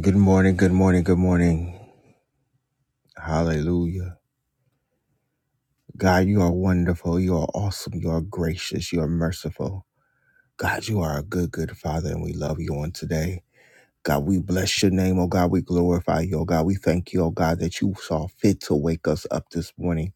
Good morning, good morning, good morning. Hallelujah. God, you are wonderful. You are awesome. You are gracious. You are merciful. God, you are a good, good Father, and we love you on today. God, we bless your name, oh God. We glorify you, oh God. We thank you, oh God, that you saw fit to wake us up this morning.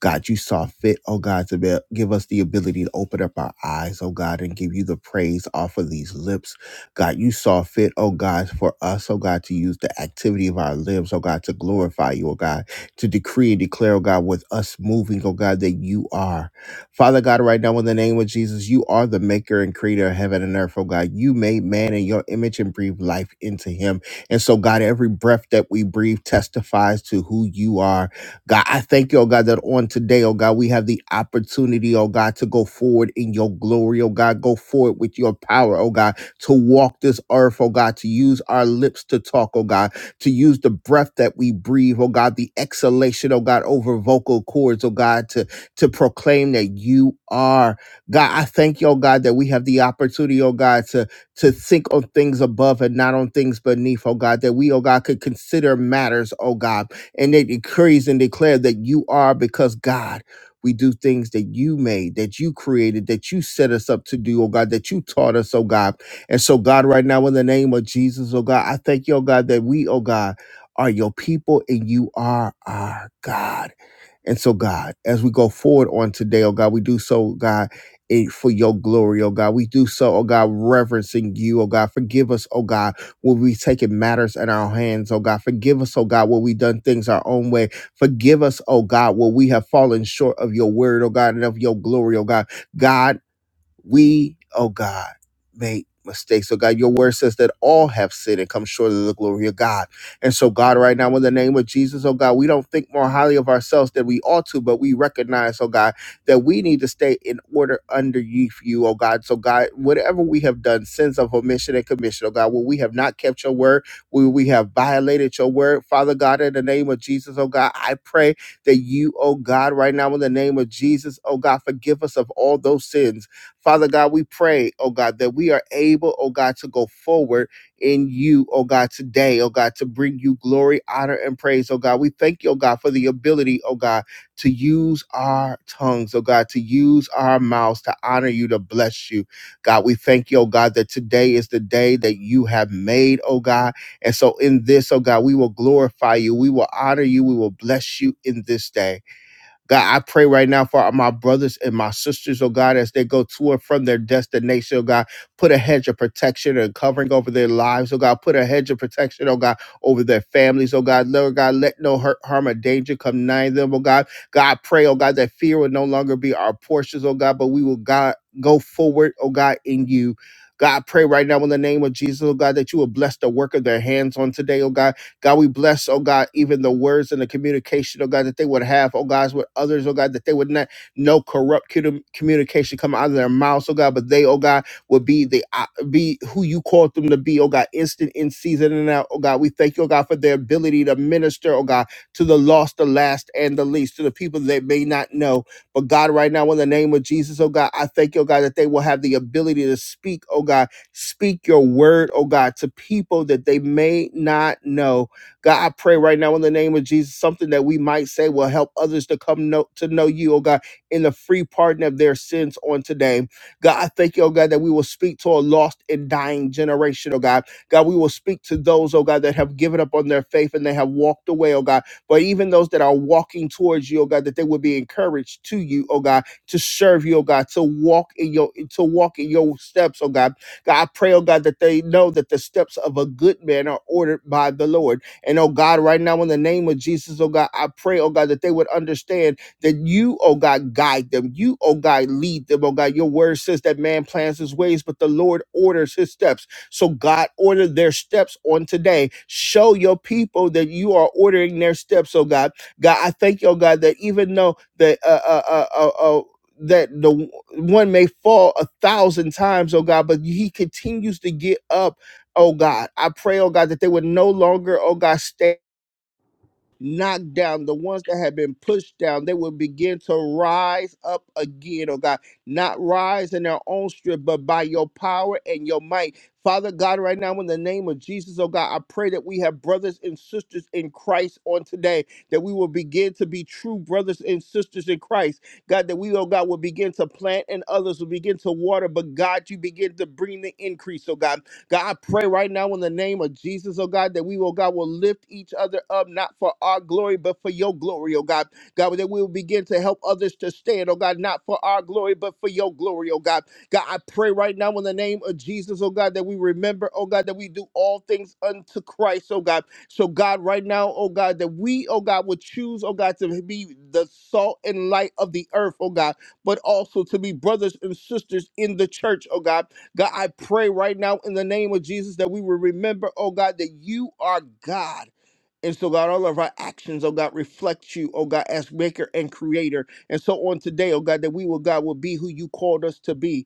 God, you saw fit, oh God, to be, give us the ability to open up our eyes, oh God, and give you the praise off of these lips. God, you saw fit, oh God, for us, oh God, to use the activity of our limbs, oh God, to glorify you, oh God, to decree and declare, oh God, with us moving, oh God, that you are. Father God, right now, in the name of Jesus, you are the maker and creator of heaven and earth, oh God. You made man in your image and breathed life into him. And so, God, every breath that we breathe testifies to who you are. God, I thank you, oh God, that on today, oh God, we have the opportunity, oh God, to go forward in your glory, oh God, go forward with your power, oh God, to walk this earth, oh God, to use our lips to talk, oh God, to use the breath that we breathe, oh God, the exhalation, oh God, over vocal cords, oh God, to to proclaim that you are God. I thank you, oh God, that we have the opportunity, oh God, to to think on things above and not on things beneath, oh God, that we, oh God, could consider matters, oh God, and it decrees and declare that you are because God. We do things that you made, that you created, that you set us up to do, oh God, that you taught us, oh God. And so, God, right now, in the name of Jesus, oh God, I thank you, oh God, that we, oh God, are your people and you are our God. And so, God, as we go forward on today, oh God, we do so, God, eh, for your glory, oh God. We do so, oh God, reverencing you, oh God. Forgive us, oh God, when we taking matters in our hands, oh God. Forgive us, oh God, when we done things our own way. Forgive us, oh God, when we have fallen short of your word, oh God, and of your glory, oh God. God, we, oh God, make mistakes. So God, your word says that all have sinned and come short of the glory of God. And so God, right now, in the name of Jesus, oh God, we don't think more highly of ourselves than we ought to, but we recognize, oh God, that we need to stay in order under you, you, oh God. So God, whatever we have done, sins of omission and commission, oh God, where we have not kept your word, where we have violated your word, Father God, in the name of Jesus, oh God, I pray that you, oh God, right now in the name of Jesus, oh God, forgive us of all those sins Father God, we pray, oh God, that we are able, oh God, to go forward in you, oh God, today, oh God, to bring you glory, honor, and praise, oh God. We thank you, oh God, for the ability, oh God, to use our tongues, oh God, to use our mouths to honor you, to bless you. God, we thank you, oh God, that today is the day that you have made, oh God. And so in this, oh God, we will glorify you, we will honor you, we will bless you in this day. God, I pray right now for my brothers and my sisters, oh God, as they go to and from their destination, oh God. Put a hedge of protection and covering over their lives, oh God. Put a hedge of protection, oh God, over their families, oh God. Lord God, let no hurt, harm, or danger come nigh them, oh God. God, I pray, oh God, that fear will no longer be our portions, oh God, but we will God go forward, oh God, in you. God, I pray right now in the name of Jesus, oh God, that you will bless the work of their hands on today, oh God. God, we bless, oh God, even the words and the communication, oh God, that they would have, oh God, with others, oh God, that they would not no corrupt cu- communication come out of their mouths, oh God, but they, oh God, would be the uh, be who you called them to be, oh God, instant in season and out, oh God. We thank you, oh God, for their ability to minister, oh God, to the lost, the last, and the least, to the people that may not know. But God, right now, in the name of Jesus, oh God, I thank you, oh God, that they will have the ability to speak, oh God, speak your word, oh God, to people that they may not know. God, I pray right now in the name of Jesus, something that we might say will help others to come know, to know you, oh God, in the free pardon of their sins on today. God, I thank you, oh God, that we will speak to a lost and dying generation, oh God. God, we will speak to those, oh God, that have given up on their faith and they have walked away, oh God. But even those that are walking towards you, oh God, that they will be encouraged to you, oh God, to serve you, oh God, to walk in your to walk in your steps, oh God. God, I pray, oh God, that they know that the steps of a good man are ordered by the Lord. And oh God, right now in the name of Jesus, oh God, I pray, oh God, that they would understand that you, oh God, guide them. You, oh God, lead them. Oh God, your word says that man plans his ways, but the Lord orders his steps. So God, order their steps on today. Show your people that you are ordering their steps, oh God. God, I thank you, oh God, that even though the uh uh uh uh, uh oh, that the one may fall a thousand times, oh God, but he continues to get up oh God. I pray, oh God, that they would no longer, oh God, stay knocked down. The ones that have been pushed down, they will begin to rise up again, oh God. Not rise in their own strength, but by your power and your might. Father God, right now, in the name of Jesus, oh God, I pray that we have brothers and sisters in Christ on today, that we will begin to be true brothers and sisters in Christ. God, that we, oh God, will begin to plant and others will begin to water, but God, you begin to bring the increase, oh God. God, I pray right now in the name of Jesus, oh God, that we, oh God, will lift each other up, not for our glory, but for your glory, oh God. God, that we will begin to help others to stand, oh God, not for our glory, but for your glory, oh God. God, I pray right now in the name of Jesus, oh God, that we remember, oh God, that we do all things unto Christ, oh God. So, God, right now, oh God, that we, oh God, would choose, oh God, to be the salt and light of the earth, oh God, but also to be brothers and sisters in the church, oh God. God, I pray right now in the name of Jesus that we will remember, oh God, that you are God. And so, God, all of our actions, oh God, reflect you, oh God, as maker and creator. And so on today, oh God, that we will, God, will be who you called us to be.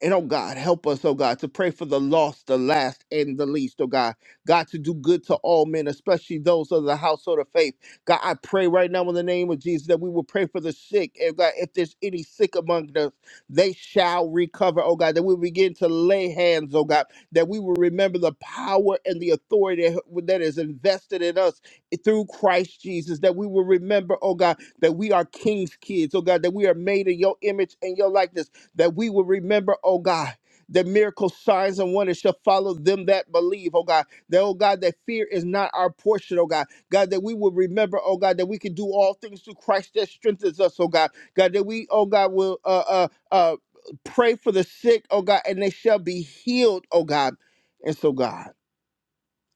And oh God, help us, oh God, to pray for the lost, the last, and the least, oh God. God, to do good to all men, especially those of the household of faith. God, I pray right now in the name of Jesus that we will pray for the sick. And God, if there's any sick among us, they shall recover, oh God. That we begin to lay hands, oh God. That we will remember the power and the authority that is invested in us through Christ Jesus. That we will remember, oh God, that we are king's kids, oh God. That we are made in your image and your likeness that we will remember, oh God, the miracle signs and wonders shall follow them that believe, oh God. That, oh God, that fear is not our portion, oh God. God, that we will remember, oh God, that we can do all things through Christ that strengthens us, oh God. God, that we, oh God, will uh uh uh pray for the sick, oh God, and they shall be healed, oh God. And so, God,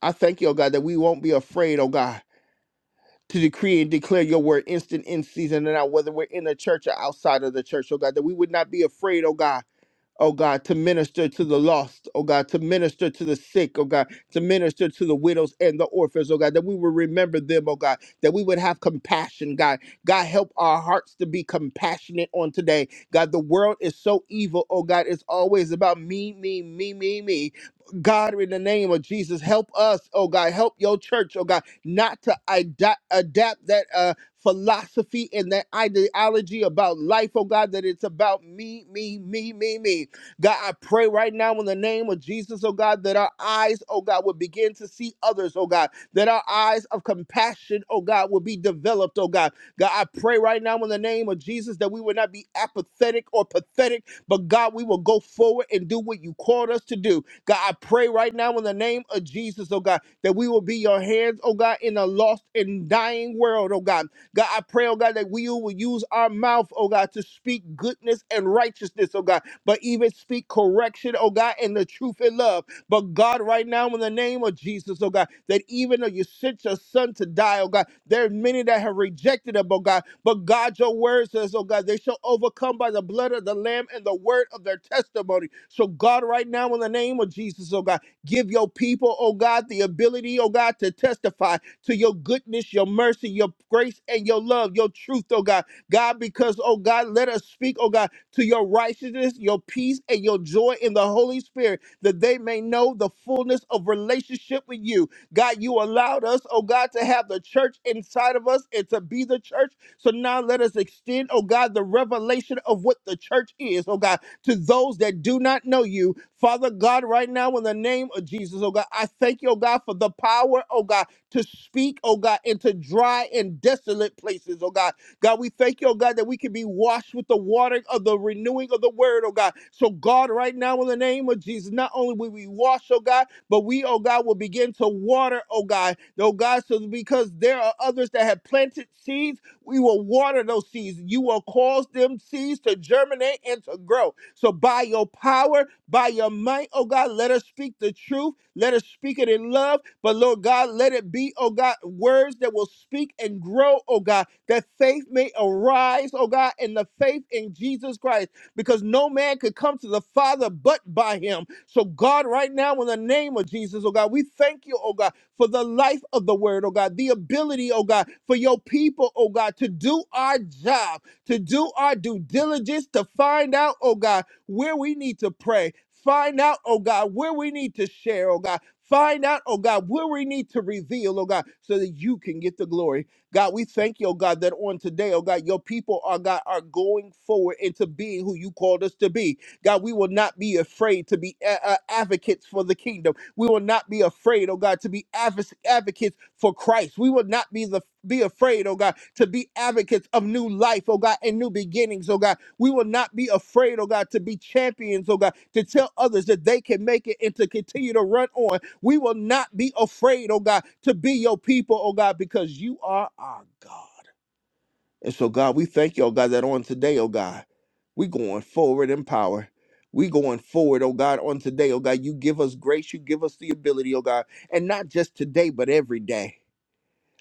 I thank you, oh God, that we won't be afraid, oh God. To decree and declare your word instant in season and out, whether we're in the church or outside of the church, oh God, that we would not be afraid, oh God, oh God, to minister to the lost, oh God, to minister to the sick, oh God, to minister to the widows and the orphans, oh God, that we would remember them, oh God, that we would have compassion, God. God, help our hearts to be compassionate on today. God, the world is so evil, oh God, it's always about me, me, me, me, me. God, in the name of Jesus, help us, oh God, help your church, oh God, not to ida- adapt that uh, philosophy and that ideology about life, oh God, that it's about me, me, me, me, me. God, I pray right now in the name of Jesus, oh God, that our eyes, oh God, would begin to see others, oh God, that our eyes of compassion, oh God, would be developed, oh God. God, I pray right now in the name of Jesus that we would not be apathetic or pathetic, but God, we will go forward and do what you called us to do. God, I pray right now in the name of Jesus, oh God, that we will be your hands, oh God, in a lost and dying world, oh God. God, I pray, oh God, that we will use our mouth, oh God, to speak goodness and righteousness, oh God but even speak correction, oh God, and the truth in love. But God, right now, in the name of Jesus, oh God, that even though you sent your son to die, oh God, there are many that have rejected him, oh God. But God, your word says, oh God, they shall overcome by the blood of the Lamb and the word of their testimony. So, God, right now, in the name of Jesus, oh God, give your people, oh God, the ability, oh God, to testify to your goodness, your mercy, your grace, and your love, your truth, oh God. God, because, oh God, let us speak, oh God to your righteousness, your peace, and your joy in the Holy Spirit, that they may know the fullness of relationship with you. God, you allowed us, oh God, to have the church inside of us and to be the church. So now let us extend, oh God, the revelation of what the church is, oh God, to those that do not know you. Father God, right now in the name of Jesus, oh God, I thank you, oh God, for the power, oh God, to speak, oh God, into dry and desolate places, oh God. God, we thank you, oh God, that we can be washed with the water of the renewing of the word, oh God. So, God, right now, in the name of Jesus, not only will we wash, oh God, but we, oh God, will begin to water, oh God, oh God, so because there are others that have planted seeds we will water those seeds. You will cause them seeds to germinate and to grow. So by your power, by your might, oh God, let us speak the truth. Let us speak it in love. But Lord God, let it be, oh God, words that will speak and grow, oh God, that faith may arise, oh God, in the faith in Jesus Christ. Because no man could come to the Father but by him. So God, right now, in the name of Jesus, oh God, we thank you, oh God for the life of the word, oh God, the ability, oh God, for your people, oh God, to do our job, to do our due diligence, to find out, oh God, where we need to pray. Find out, oh God, where we need to share, oh God. Find out, oh God, where we need to reveal, oh God, so that you can get the glory. God, we thank you, oh God, that on today, oh God, your people are God are going forward into being who you called us to be. God, we will not be afraid to be a- a- advocates for the kingdom. We will not be afraid, oh God, to be advo- advocates for Christ. We will not be the be afraid, oh God, to be advocates of new life, oh God, and new beginnings, oh God. We will not be afraid, oh God, to be champions, oh God, to tell others that they can make it and to continue to run on. We will not be afraid, oh God, to be your people, oh God, because you are our God. And so, God, we thank you, oh God, that on today, oh God, we going forward in power. We going forward, oh God, on today, oh God. You give us grace, you give us the ability, oh God, and not just today, but every day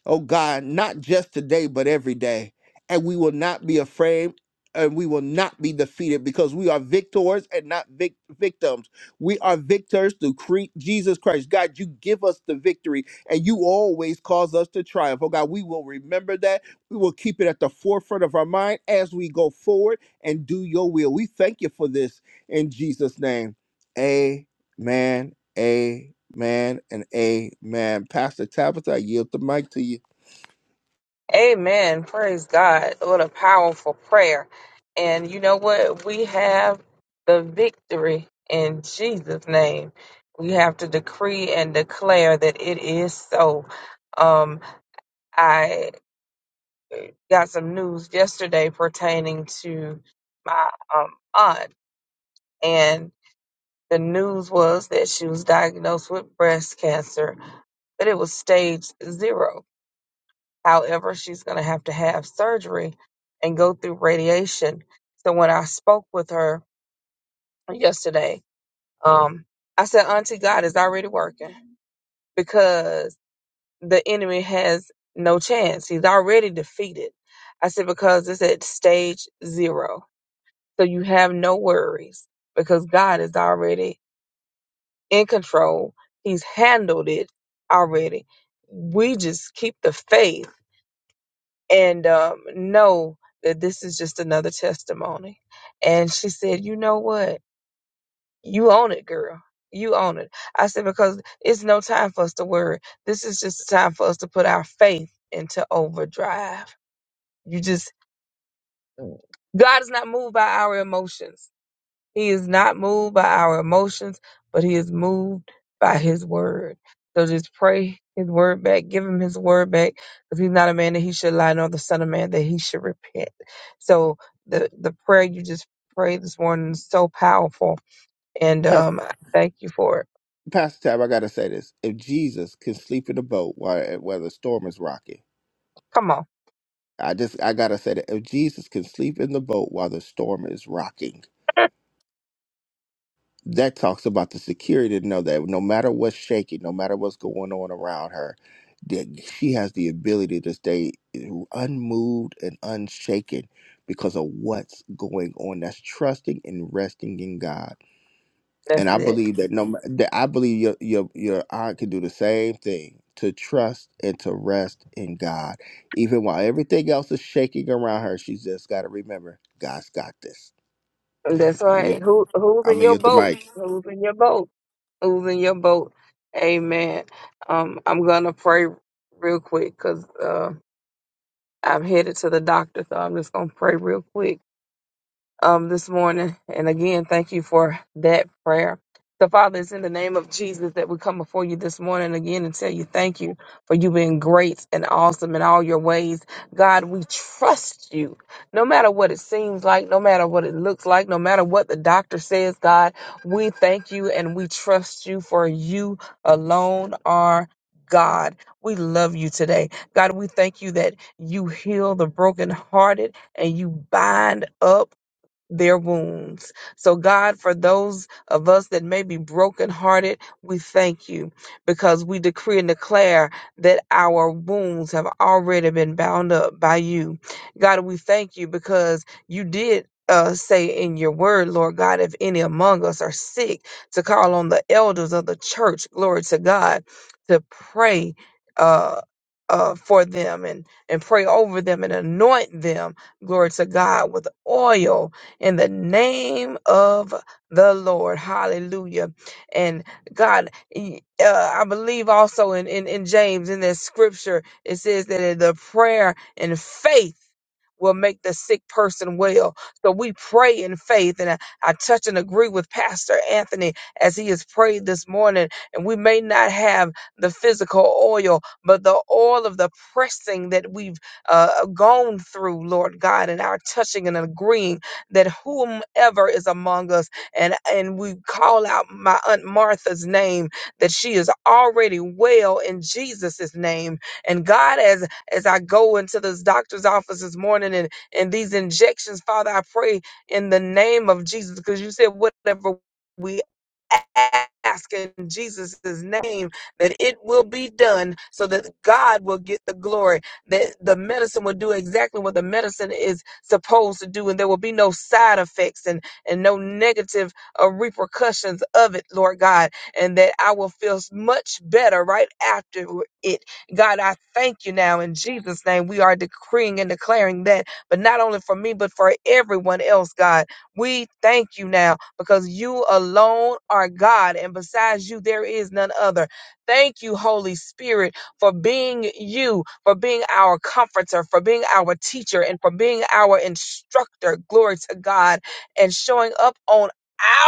oh God, not just today, but every day. And we will not be afraid and we will not be defeated because we are victors and not vic- victims. We are victors through cre- Jesus Christ. God, you give us the victory and you always cause us to triumph. Oh God, we will remember that. We will keep it at the forefront of our mind as we go forward and do your will. We thank you for this in Jesus' name. Amen Amen and amen. Pastor Tabitha, I yield the mic to you. Amen. Praise God. What a powerful prayer. And you know what? We have the victory in Jesus' name. We have to decree and declare that it is so. Um, I got some news yesterday pertaining to my um, aunt, and the news was that she was diagnosed with breast cancer, but it was stage zero However, she's going to have to have surgery and go through radiation. So when I spoke with her yesterday, um, I said, Auntie, God is already working because the enemy has no chance. He's already defeated. I said, because it's at stage zero. So you have no worries because God is already in control. He's handled it already. We just keep the faith and um, know that this is just another testimony. And she said, You know what? You own it, girl. You own it. I said, Because it's no time for us to worry. This is just a time for us to put our faith into overdrive. You just, God is not moved by our emotions. He is not moved by our emotions, but he is moved by his word. So just pray his word back. Give him his word back because he's not a man that he should lie, nor the son of man that he should repent. So the, the prayer you just prayed this morning is so powerful. And Pastor, um, I thank you for it. Pastor Tab, I gotta say this. If Jesus can sleep in the boat while while the storm is rocking, Come on. I just I gotta say that if Jesus can sleep in the boat while the storm is rocking, that talks about the security to know that no matter what's shaking, no matter what's going on around her, that she has the ability to stay unmoved and unshaken because of what's going on. That's trusting and resting in God. That's And I it. believe that no, ma- that I believe your your your aunt can do the same thing to trust and to rest in God, even while everything else is shaking around her. She's just got to remember, God's got this. That's I'm your, right. Who Who's I'm in gonna your yield the boat? mic. Who's in your boat? Who's in your boat? Amen. Um, I'm going to pray real quick because. I'm headed to the doctor, so I'm just gonna pray real quick um, this morning. And again, thank you for that prayer. So, Father, it's in the name of Jesus that we come before you this morning again and tell you thank you for you being great and awesome in all your ways. God, we trust you no matter what it seems like, no matter what it looks like, no matter what the doctor says, God, we thank you and we trust you for you alone are. God, we love you today. God, we thank you that you heal the brokenhearted and you bind up their wounds. So, God, for those of us that may be brokenhearted, we thank you because we decree and declare that our wounds have already been bound up by you. God, we thank you because you did. Uh, say in your word, Lord God, if any among us are sick, to call on the elders of the church, glory to God, to pray uh, uh, for them and, and pray over them and anoint them, glory to God, with oil, in the name of the Lord. Hallelujah. And God, y- uh, I believe also in, in, in James, in that scripture, it says that the prayer and faith will make the sick person well. So we pray in faith. And I, I touch and agree with Pastor Anthony as he has prayed this morning. And we may not have the physical oil, but the oil of the pressing that we've uh, gone through, Lord God, and our touching and agreeing that whomever is among us, and, and we call out my Aunt Martha's name, that she is already well in Jesus' name. And God, as, as I go into this doctor's office this morning and, and these injections, Father, I pray in the name of Jesus, because you said whatever we ask in Jesus' name that it will be done so that God will get the glory that the medicine will do exactly what the medicine is supposed to do, and there will be no side effects and, and no negative uh, repercussions of it, Lord God, and that I will feel much better right after it. God, I thank you now in Jesus' name. We are decreeing and declaring that, but not only for me, but for everyone else, God. We thank you now because you alone are God, and besides you, there is none other. Thank you, Holy Spirit for being you, for being our comforter, for being our teacher, and for being our instructor. Glory to God. And showing up on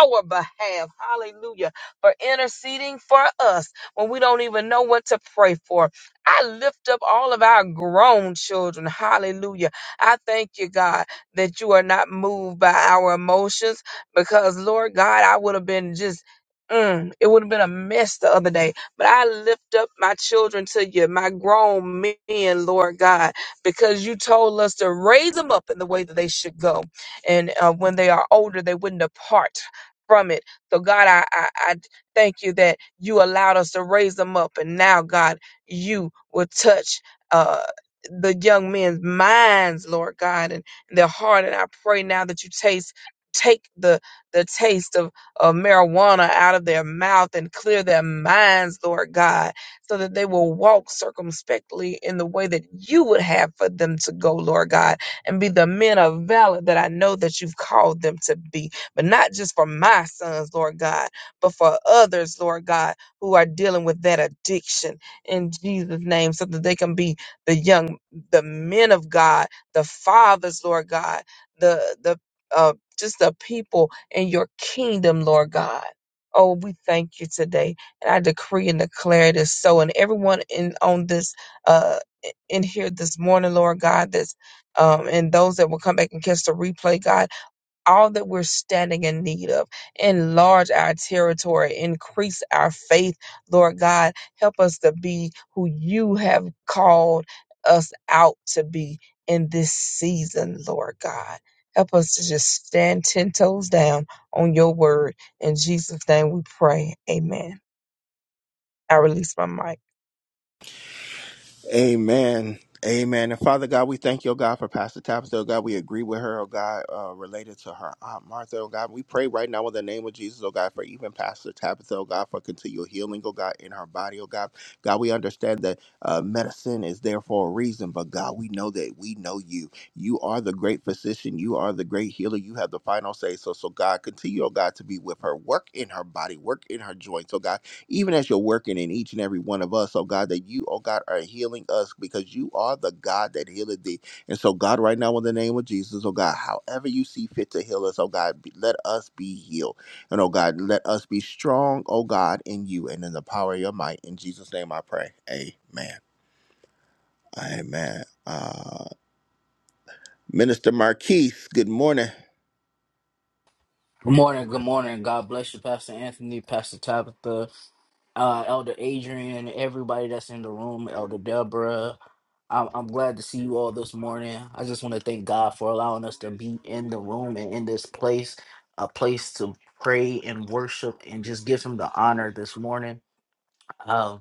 our behalf. Hallelujah. For interceding for us when we don't even know what to pray for. I lift up all of our grown children. Hallelujah. I thank you, God, that you are not moved by our emotions because, Lord God, I would have been just. Mm, it would have been a mess the other day but I lift up my children to you, my grown men, Lord God, because you told us to raise them up in the way that they should go. And uh, when they are older, they wouldn't depart from it. So, God, I, I, I thank you that you allowed us to raise them up. And now, God, you will touch. Uh, the young men's minds, Lord God, and their heart. And I pray now that you taste, take the the taste of of marijuana out of their mouth and clear their minds, Lord God, so that they will walk circumspectly in the way that you would have for them to go, Lord God, and be the men of valor that I know that you've called them to be. But not just for my sons, Lord God, but for others, Lord God, who are dealing with that addiction in Jesus' name, so that they can be the young, the men of God, the fathers, Lord God, the the uh, just the people in your kingdom, Lord God. Oh, we thank you today. And I decree and declare it is so. And everyone in on this uh in here this morning, Lord God, that's um and those that will come back and catch the replay, God all that we're standing in need of. Enlarge our territory, increase our faith, Lord God. Help us to be who you have called us out to be in this season, Lord God. Help us to just stand 10 toes down on your word. In Jesus' name we pray. Amen. I release my mic. Amen. Amen. And Father God, we thank you, oh God, for Pastor Tabitha. Oh God, we agree with her, oh God, uh, related to her Aunt Martha, oh God. We pray right now in the name of Jesus, oh God, for even Pastor Tabitha, oh God, for continual healing, oh God, in her body, oh God. God, we understand that uh, medicine is there for a reason, but God, we know that we know you. You are the great physician. You are the great healer. You have the final say. So, so God, continue, oh God, to be with her. Work in her body, work in her joints, oh God even as you're working in each and every one of us, oh God, that you, oh God, are healing us because you are the God that healeth thee. And so, God, right now, in the name of Jesus, oh God, however you see fit to heal us, oh God, be- let us be healed. And oh God, let us be strong, oh God, in you and in the power of your might. In Jesus' name I pray. Amen. Amen. Uh, Minister Marquise, good morning. Good morning, good morning. God bless you, Pastor Anthony, Pastor Tabitha, uh, Elder Adrian, everybody that's in the room, Elder Deborah. I'm, I'm glad to see you all this morning. I just want to thank God for allowing us to be in the room and in this place, a place to pray and worship and just give Him the honor this morning. Um,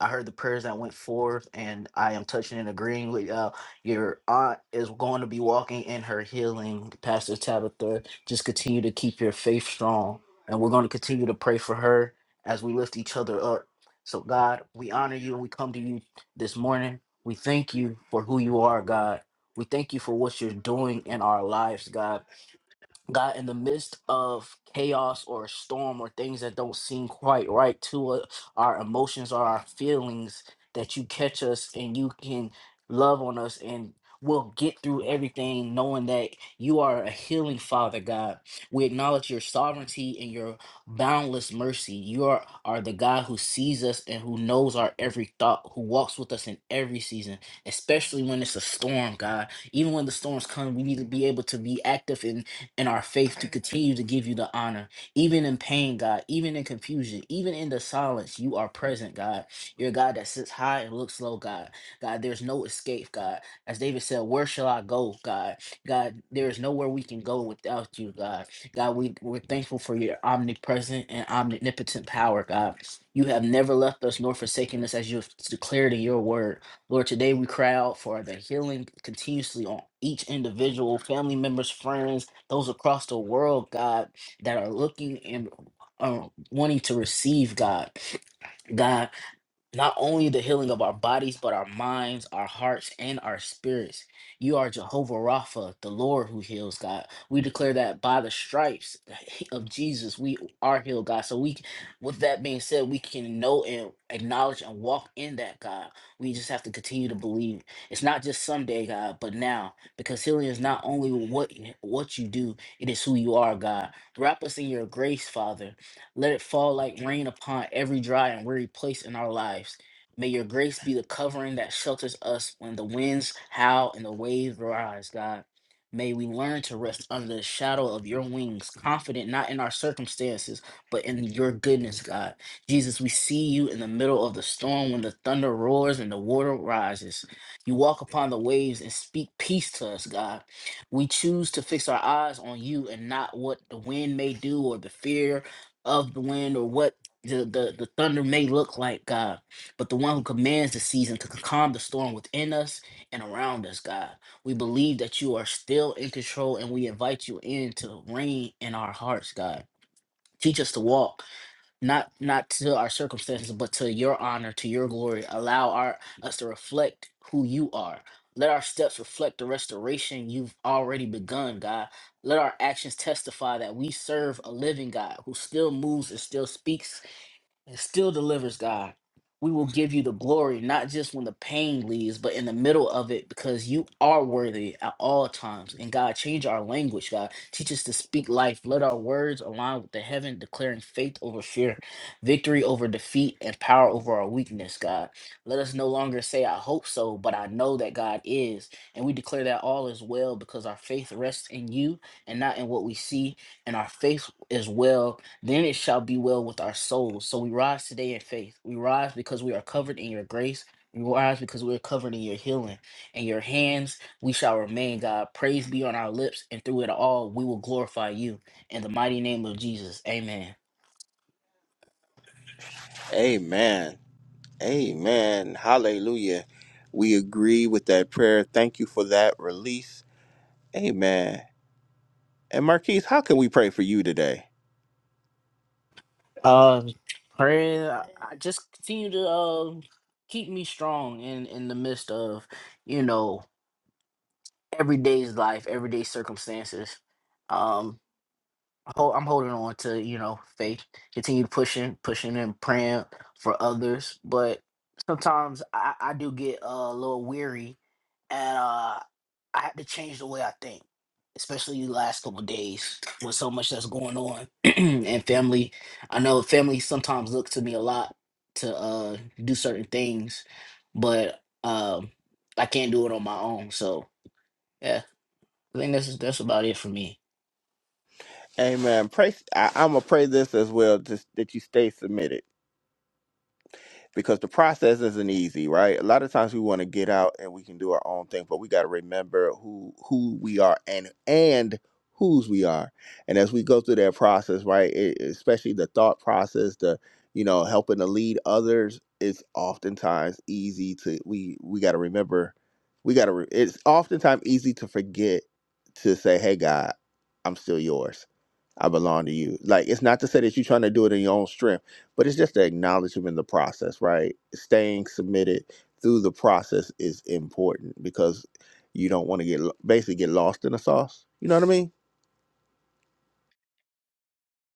I heard the prayers that went forth, and I am touching and agreeing with y'all. Your aunt is going to be walking in her healing, Pastor Tabitha. Just continue to keep your faith strong, and we're going to continue to pray for her as we lift each other up. So, God, we honor you and we come to you this morning. We thank you for who you are, God. We thank you for what you're doing in our lives, God. God, in the midst of chaos or a storm or things that don't seem quite right to uh, our emotions or our feelings, that you catch us and you can love on us and we'll get through everything knowing that you are a healing Father, God. We acknowledge your sovereignty and your boundless mercy. You are, are the God who sees us and who knows our every thought, who walks with us in every season, especially when it's a storm, God even when the storms come, we need to be able to be active and our faith to continue to give you the honor, even in pain, God, even in confusion, even in the silence. You are present, God. You're a God that sits high and looks low, God. God, there's no escape, God. As David said, where shall I go, God? God, there is nowhere we can go without you, God. God, we, we're thankful for your omnipresent and omnipotent power, God. You have never left us nor forsaken us as you have declared in your word. Lord, today we cry out for the healing continuously on each individual, family members, friends, those across the world, God, that are looking and uh, wanting to receive, God. God, not only the healing of our bodies, but our minds, our hearts, and our spirits. You are Jehovah Rapha, the Lord who heals, God. We declare that by the stripes of Jesus, we are healed, God. So we, with that being said, we can know and acknowledge and walk in that, God. We just have to continue to believe. It's not just someday, God, but now, because healing is not only what what you do, it is who you are, God. Wrap us in your grace, Father. Let it fall like rain upon every dry and weary place in our lives. May your grace be the covering that shelters us when the winds howl and the waves rise, God. May we learn to rest under the shadow of your wings, confident not in our circumstances, but in your goodness, God. Jesus, we see you in the middle of the storm when the thunder roars and the water rises. You walk upon the waves and speak peace to us, God. We choose to fix our eyes on you and not what the wind may do or the fear of the wind or what the, the, the thunder may look like, God, but the one who commands the season to calm the storm within us and around us, God. We believe that you are still in control and we invite you in to reign in our hearts, God. Teach us to walk not not to our circumstances but to your honor to your glory allow our us to reflect who you are let our steps reflect the restoration you've already begun god let our actions testify that we serve a living god who still moves and still speaks and still delivers, God. We will give you the glory, not just when the pain leaves, but in the middle of it, because you are worthy at all times. And God, change our language, God. Teach us to speak life. Let our words align with the heaven, declaring faith over fear, victory over defeat, and power over our weakness, God. Let us no longer say, I hope so, but I know that God is. And we declare that all is well because our faith rests in you and not in what we see. And our faith is well then it shall be well with our souls. So we rise today in faith. We rise because we are covered in your grace. We rise because we are covered in your healing. In your hands we shall remain, God. Praise be on our lips, and through it all we will glorify you. In the mighty name of Jesus, amen. Amen. Amen. Hallelujah. We agree with that prayer. Thank you for that release. Amen. And Marquise, how can we pray for you today? Um, prayer, I I just continue to um keep me strong in, in the midst of, you know, everyday's life, everyday circumstances. hol- I'm holding on to you know faith, continue pushing, pushing and praying for others. But sometimes I, I do get a little weary, and uh, I have to change the way I think, especially the last couple days with so much that's going on and family. I know family sometimes look to me a lot to uh, do certain things, but um, I can't do it on my own. So yeah, I think that's that's about it for me. Amen. Pray. I, I'm gonna pray this as well, just that you stay submitted. because the process isn't easy, right? A lot of times we want to get out and we can do our own thing, but we got to remember who who we are and and whose we are. And as we go through that process, right, it, especially the thought process, the you know helping to lead others, it's oftentimes easy to we we got to remember we got to. Re- it's oftentimes easy to forget to say, "Hey, God, I'm still yours." I belong to you. Like it's not to say that you're trying to do it in your own strength, but it's just the acknowledgement in the process, right? Staying submitted through the process is important because you don't want to get lo- basically get lost in the sauce. You know what I mean?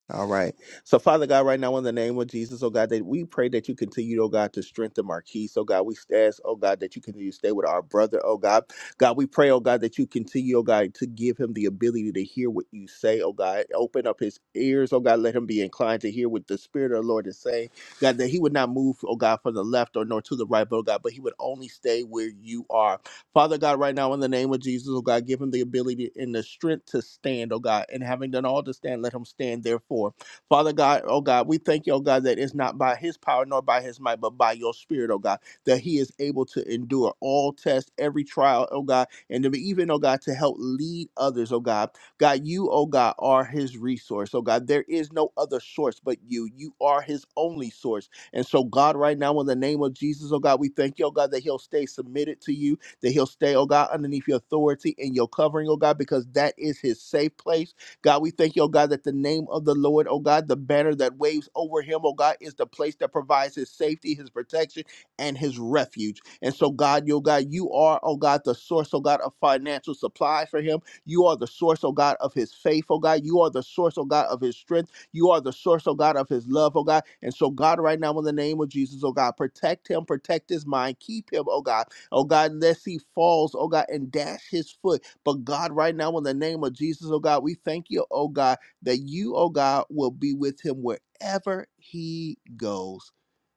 All right. So, Father God, right now in the name of Jesus, oh God, that we pray that you continue, oh God, to strengthen Marquise, oh God. We ask, oh God, that you continue to stay with our brother, oh God. God, we pray, oh God, that you continue, oh God, to give him the ability to hear what you say, oh God. Open up his ears, oh God. Let him be inclined to hear what the Spirit of the Lord is saying. God, that he would not move, oh God, from the left or nor to the right, but oh God, but he would only stay where you are. Father God, right now, in the name of Jesus, oh God, give him the ability and the strength to stand, oh God. And having done all to stand, let him stand therefore. Father God, oh God, we thank you, oh God, that it's not by his power nor by his might, but by your spirit, oh God, that he is able to endure all tests, every trial, oh God, and to be even, oh God, to help lead others, oh God. God, you, oh God, are his resource. Oh God, there is no other source but you. You are his only source. And so, God, right now, in the name of Jesus, oh God, we thank you, oh God, that he'll stay submitted to you that he'll stay, oh God, underneath your authority and your covering, oh God, because that is his safe place. God, we thank you, oh God, that the name of the Lord, oh God, the banner that waves over him, oh God, is the place that provides his safety, his protection, and his refuge. And so, God, yo, God, you are, oh God, the source, oh God, of financial supply for him. You are the source, oh God, of his faith, oh God. You are the source, oh God, of his strength. You are the source, oh God, of his love, oh God. And so, God, right now, in the name of Jesus, oh God, protect him, protect his mind, keep him, oh God. Oh God, unless he falls, oh God, and dash his foot. But God, right now, in the name of Jesus, oh God, we thank you, oh God, that you, oh God, will be with him wherever he goes,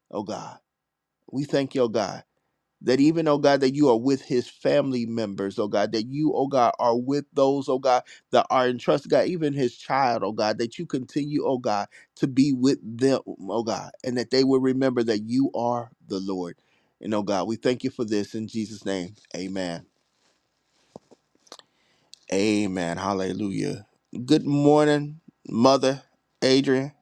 oh God. We thank you, oh God that even, oh God, that you are with his family members, oh God, that you, oh God, are with those, oh God, that are entrusted, God, even his child, oh God, that you continue, oh God, to be with them, oh God, and that they will remember that you are the Lord. And oh God, we thank you for this in Jesus' name. Amen. Amen. Hallelujah. Good morning, Mother Adrian.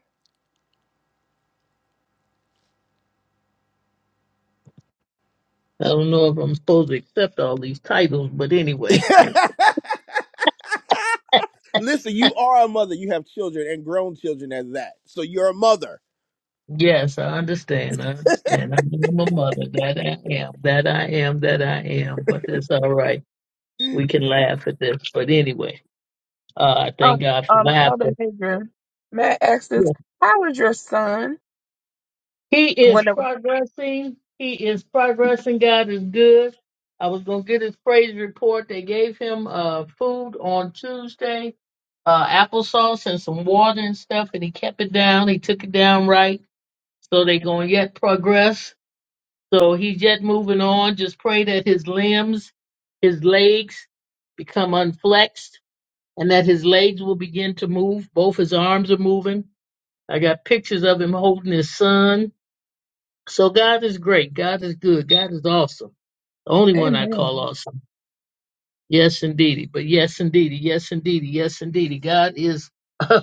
I don't know if I'm supposed to accept all these titles, but anyway. Listen, you are a mother. You have children and grown children as that. So you're a mother. Yes, I understand. I understand. I'm a mother. That I am. That I am. That I am. But that's all right. We can laugh at this. But anyway, uh, I Um, thank God for um laughter. Elder Adrian, may I ask this? Yeah. How is your son? He is Whenever, progressing. He is progressing. God is good. I was gonna get his praise report. They gave him uh food on Tuesday, uh applesauce and some water and stuff, and he kept it down. He took it down right. So they're going to yet progress. So he's yet moving on. Just pray that his limbs, his legs become unflexed and that his legs will begin to move. Both his arms are moving. I got pictures of him holding his son. So God is great. God is good. God is awesome. The only one I call amen. awesome. Yes, indeedy. But yes, indeedy. Yes, indeedy. Yes, indeedy. God is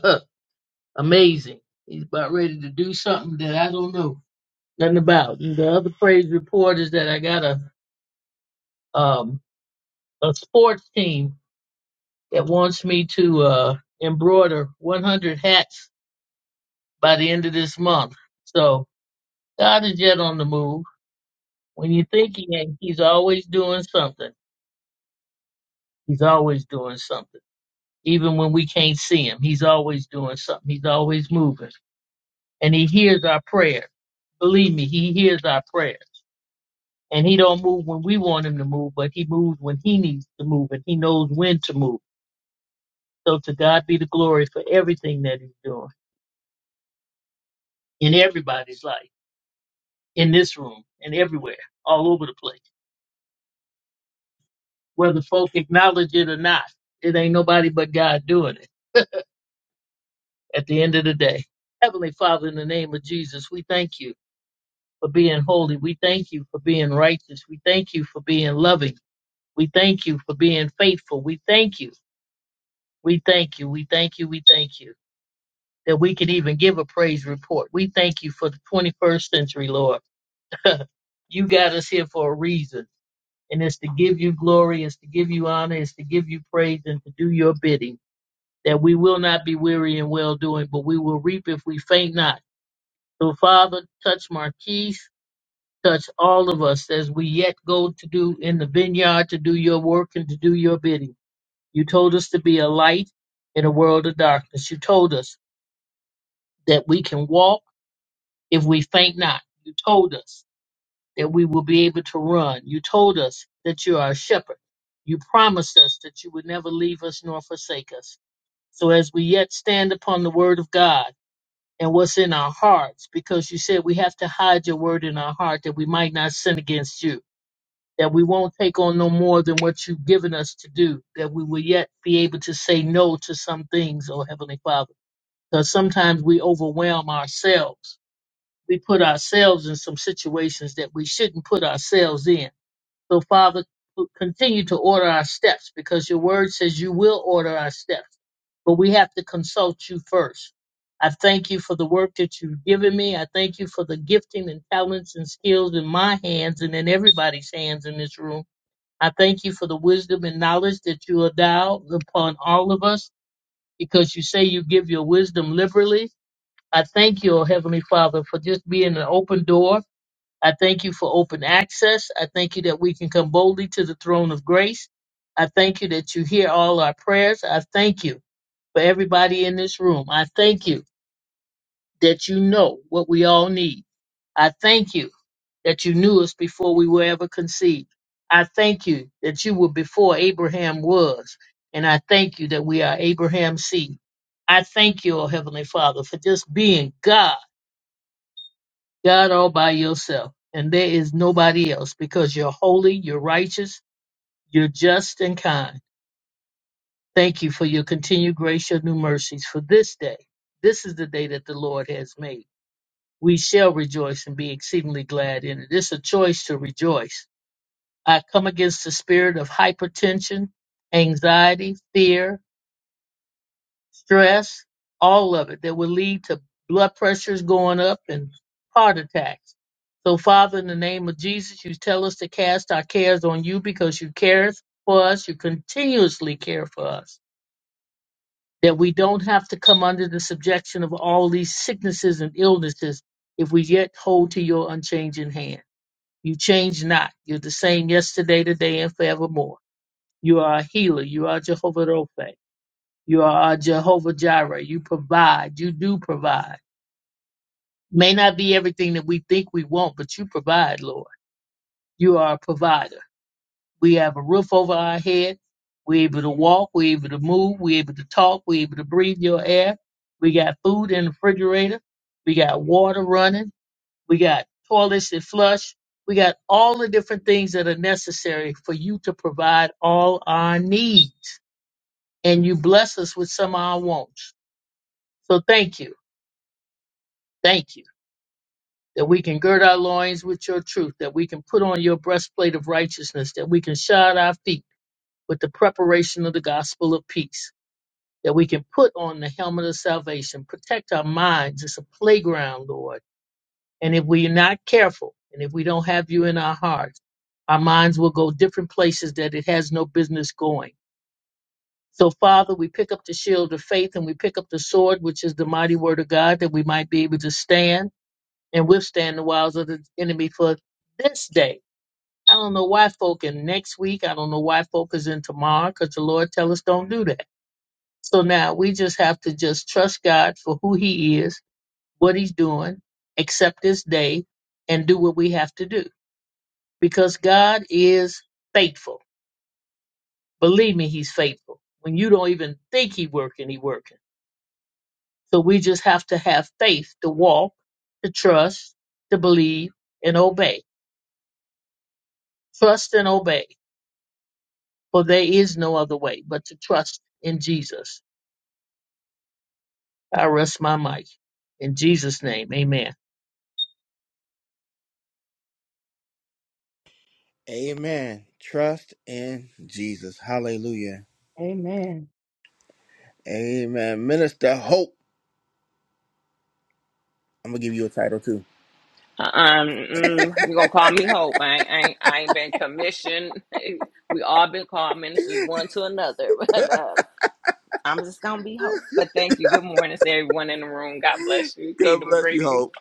amazing. He's about ready to do something that I don't know. nothing about. And the other praise report is that I got a um a sports team that wants me to uh embroider 100 hats by the end of this month. So God is yet on the move. When you think he ain't, he's always doing something. He's always doing something. Even when we can't see him, he's always doing something. He's always moving, and he hears our prayer. Believe me, he hears our prayer and he don't move when we want him to move, but he moves when he needs to move, and he knows when to move. So to God be the glory for everything that He's doing in everybody's life, in this room, and everywhere, all over the place. Whether folk acknowledge it or not, it ain't nobody but God doing it at the end of the day. Heavenly Father, in the name of Jesus, we thank you for being holy. We thank you for being righteous. We thank you for being loving. We thank you for being faithful. We thank you. We thank you. We thank you. We thank you that we can even give a praise report. We thank you for the 21st century, Lord. you got us here for a reason. And it's to give you glory, it's to give you honor, it's to give you praise, and to do your bidding. That we will not be weary in well doing, but we will reap if we faint not. So, Father, touch Marquise, touch all of us as we yet go to do in the vineyard to do your work and to do your bidding. You told us to be a light in a world of darkness. You told us that we can walk if we faint not. You told us that we will be able to run. You told us that you are a shepherd. You promised us that you would never leave us nor forsake us. So as we yet stand upon the word of God and what's in our hearts, because you said we have to hide your word in our heart that we might not sin against you, that we won't take on no more than what you've given us to do, that we will yet be able to say no to some things, oh Heavenly Father. Because sometimes we overwhelm ourselves. We put ourselves in some situations that we shouldn't put ourselves in so, Father, continue to order our steps because your word says you will order our steps, but we have to consult you first. I thank you for the work that you've given me. I thank you for the gifting and talents and skills in my hands and in everybody's hands in this room. I thank you for the wisdom and knowledge that you endow upon all of us because you say you give your wisdom liberally. I thank you, oh Heavenly Father, for just being an open door I thank you for open access. I thank you that we can come boldly to the throne of grace. I thank you that you hear all our prayers. I thank you for everybody in this room. I thank you that you know what we all need. I thank you that you knew us before we were ever conceived. I thank you that you were before Abraham was. And I thank you that we are Abraham's seed. I thank you, O Heavenly Father, for just being God God all by yourself, and there is nobody else because you're holy, you're righteous, you're just and kind. Thank you for your continued grace, your new mercies for this day. This is the day that the Lord has made. We shall rejoice and be exceedingly glad in it. It's a choice to rejoice. I come against the spirit of hypertension, anxiety, fear, stress, all of it that will lead to blood pressures going up and heart attacks. So, Father, in the name of Jesus, you tell us to cast our cares on you because you care for us. You continuously care for us. That we don't have to come under the subjection of all these sicknesses and illnesses if we yet hold to your unchanging hand. You change not. You're the same yesterday, today, and forevermore. You are a healer. You are Jehovah Rophe. You are uh, Jehovah Jireh. You provide. You do provide. May not be everything that we think we want, but you provide, Lord. You are a provider. We have a roof over our head. We're able to walk. We're able to move. We're able to talk. We're able to breathe your air. We got food in the refrigerator. We got water running. We got toilets that flush. We got all the different things that are necessary for you to provide all our needs. And you bless us with some of our wants. So thank you. Thank you. that we can gird our loins with your truth, that we can put on your breastplate of righteousness, that we can shod our feet with the preparation of the gospel of peace, that we can put on the helmet of salvation, protect our minds. It's a playground, Lord. And if we're not careful, and if we don't have you in our hearts, our minds will go different places that it has no business going. So, Father, we pick up the shield of faith and we pick up the sword, which is the mighty word of God, that we might be able to stand and withstand the wiles of the enemy for this day. I don't know why folk in next week. I don't know why folk is in tomorrow because the Lord tell us don't do that. So now we just have to just trust God for who he is, what he's doing, accept this day and do what we have to do because God is faithful. Believe me, he's faithful. When you don't even think he working, he working. So we just have to have faith to walk, to trust, to believe and obey. Trust and obey for there is no other way but to trust in Jesus. I rest my mic in Jesus' name. Amen. Amen. Trust in Jesus. Hallelujah. Amen. Amen. Minister Hope. I'm going to give you a title too. Um, mm, you're gonna call me hope. I ain't, I ain't, I ain't been commissioned. We all been called ministers one to another, but uh, I'm just gonna be hope. But thank you. Good morning to everyone in the room. God bless you. God Kingdom bless you, greetings. Hope.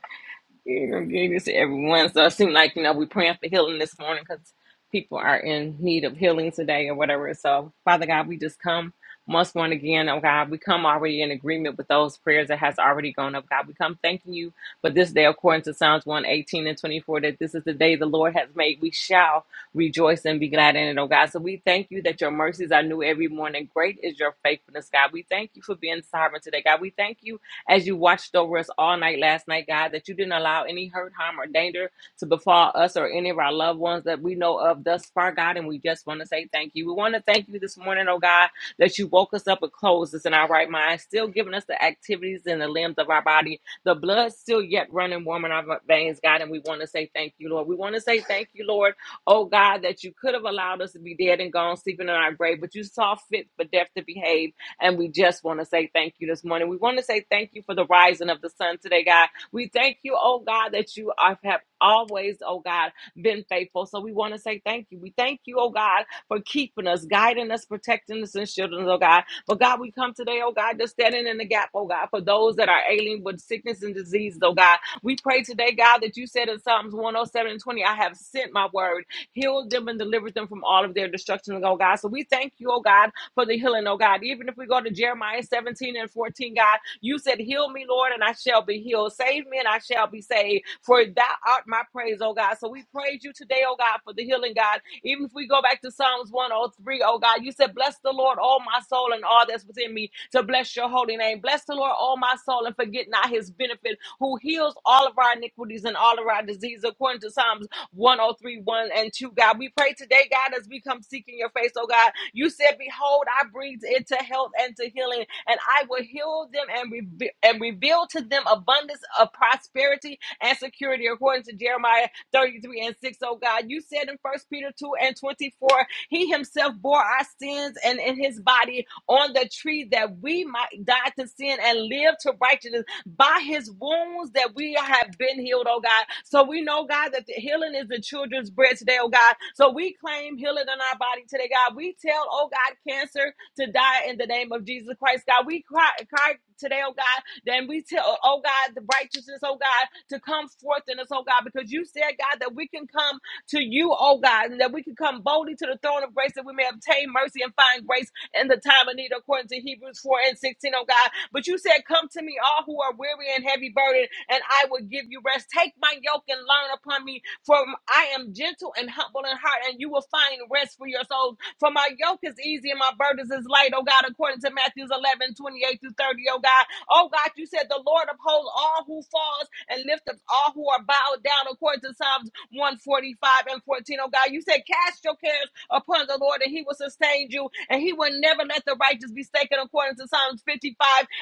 You know, gave this to everyone. So it seemed like, you know, we're praying for healing this morning because people are in need of healing today or whatever. So, Father God, we just come once more and again, oh God, we come already in agreement with those prayers that has already gone up, God. We come thanking you for this day, according to Psalms 118 and 24, that this is the day the Lord has made. We shall rejoice and be glad in it, oh God. So we thank you that your mercies are new every morning. Great is your faithfulness, God. We thank you for being sovereign today, God. We thank you as you watched over us all night last night, God, that you didn't allow any hurt, harm, or danger to befall us or any of our loved ones that we know of thus far, God. And we just want to say thank you. We want to thank you this morning, oh God, that you woke us up and closed us in our right mind, still giving us the activities and the limbs of our body, the blood still yet running warm in our veins, God. And we want to say thank you, Lord. We want to say thank you, Lord, oh God, that you could have allowed us to be dead and gone, sleeping in our grave, but you saw fit for death to behave and we just want to say thank you this morning. We want to say thank you for the rising of the sun today, God. We thank you, oh God, that you are- have always, oh God, been faithful. So we want to say thank you. We thank you, oh God, for keeping us, guiding us, protecting us, and shielding us, oh God. But God, we come today, oh God, just standing in the gap, oh God, for those that are ailing with sickness and disease, oh God. We pray today, God, that you said in Psalms 107 and 20, I have sent my word, healed them and delivered them from all of their destruction, oh God. So we thank you, oh God for the healing, oh God. Even if we go to Jeremiah 17 and 14, God, you said, Heal me, Lord, and I shall be healed. Save me, and I shall be saved. For thou art my praise, oh God. So we praise you today, oh God, for the healing, God. Even if we go back to Psalms one oh three, oh God, you said, Bless the Lord, all my soul, and all that's within me, to bless your holy name. Bless the Lord, all my soul, and forget not his benefit, who heals all of our iniquities and all of our disease, according to Psalms 1031 and 2, God. We pray today, God, as we come seeking your face, oh God. You said, Behold, I breathe into health and to healing, and I will heal them and, reve- and reveal to them abundance of prosperity and security, according to Jeremiah 33 and 6, oh God. You said in First Peter 2 and 24, He himself bore our sins and in his body on the tree that we might die to sin and live to righteousness by his wounds that we have been healed, oh God. So we know, God, that the healing is the children's bread today, oh God. So we claim healing in our body today, God. We tell, oh God, cancer to die in the name of Jesus Christ, God. We cry, cry today, oh God. Then we tell, oh God, the righteousness, oh God, to come forth in us, oh God, because you said, God, that we can come to you, oh God, and that we can come boldly to the throne of grace that we may obtain mercy and find grace in the time of need, according to Hebrews 4 and 16, oh God. But you said, Come to me, all who are weary and heavy burdened, and I will give you rest. Take my yoke and learn upon me, for I am gentle and humble in heart, and you will find rest for your souls. For my yoke is easy and my burdens is light, oh God, according to Matthews eleven twenty-eight 28 through 30, oh God. Oh God, you said, The Lord upholds all who falls and lift up all who are bowed down, according to Psalms 145 and 14, oh God. You said, Cast your cares upon the Lord, and he will sustain you, and he will never let the righteous be shaken, according to Psalms 55